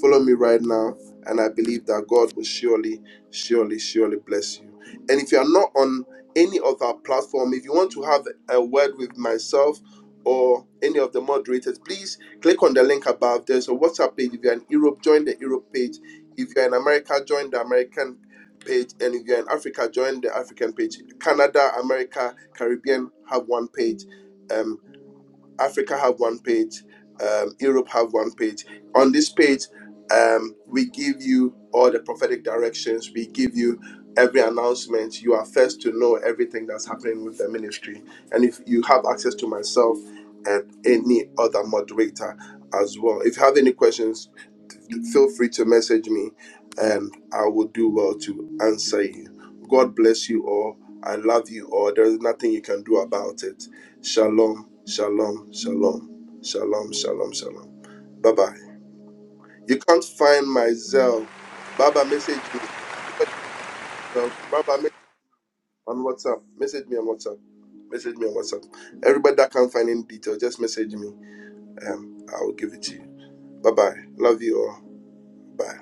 A: Follow me right now, and I believe that God will surely, surely, surely bless you. And if you are not on any of our platform, if you want to have a word with myself or any of the moderators, please click on the link above. There's a WhatsApp page. If you're in Europe, join the Europe page. If you're in America, join the American page. And if you're in Africa, join the African page. Canada, America, Caribbean have one page. Um, Africa have one page, um, Europe have one page. On this page, um, we give you all the prophetic directions. We give you every announcement. You are first to know everything that's happening with the ministry. And if you have access to myself and any other moderator as well, if you have any questions, feel free to message me and I will do well to answer you. God bless you all. I love you all. There is nothing you can do about it. Shalom, shalom, shalom, shalom, shalom, shalom. Bye bye. You can't find my Zell. Baba, message me. Baba, message on WhatsApp. Message me on WhatsApp. Message me on WhatsApp. Everybody that can't find any detail, just message me. Um, I will give it to you. Bye bye. Love you all. Bye.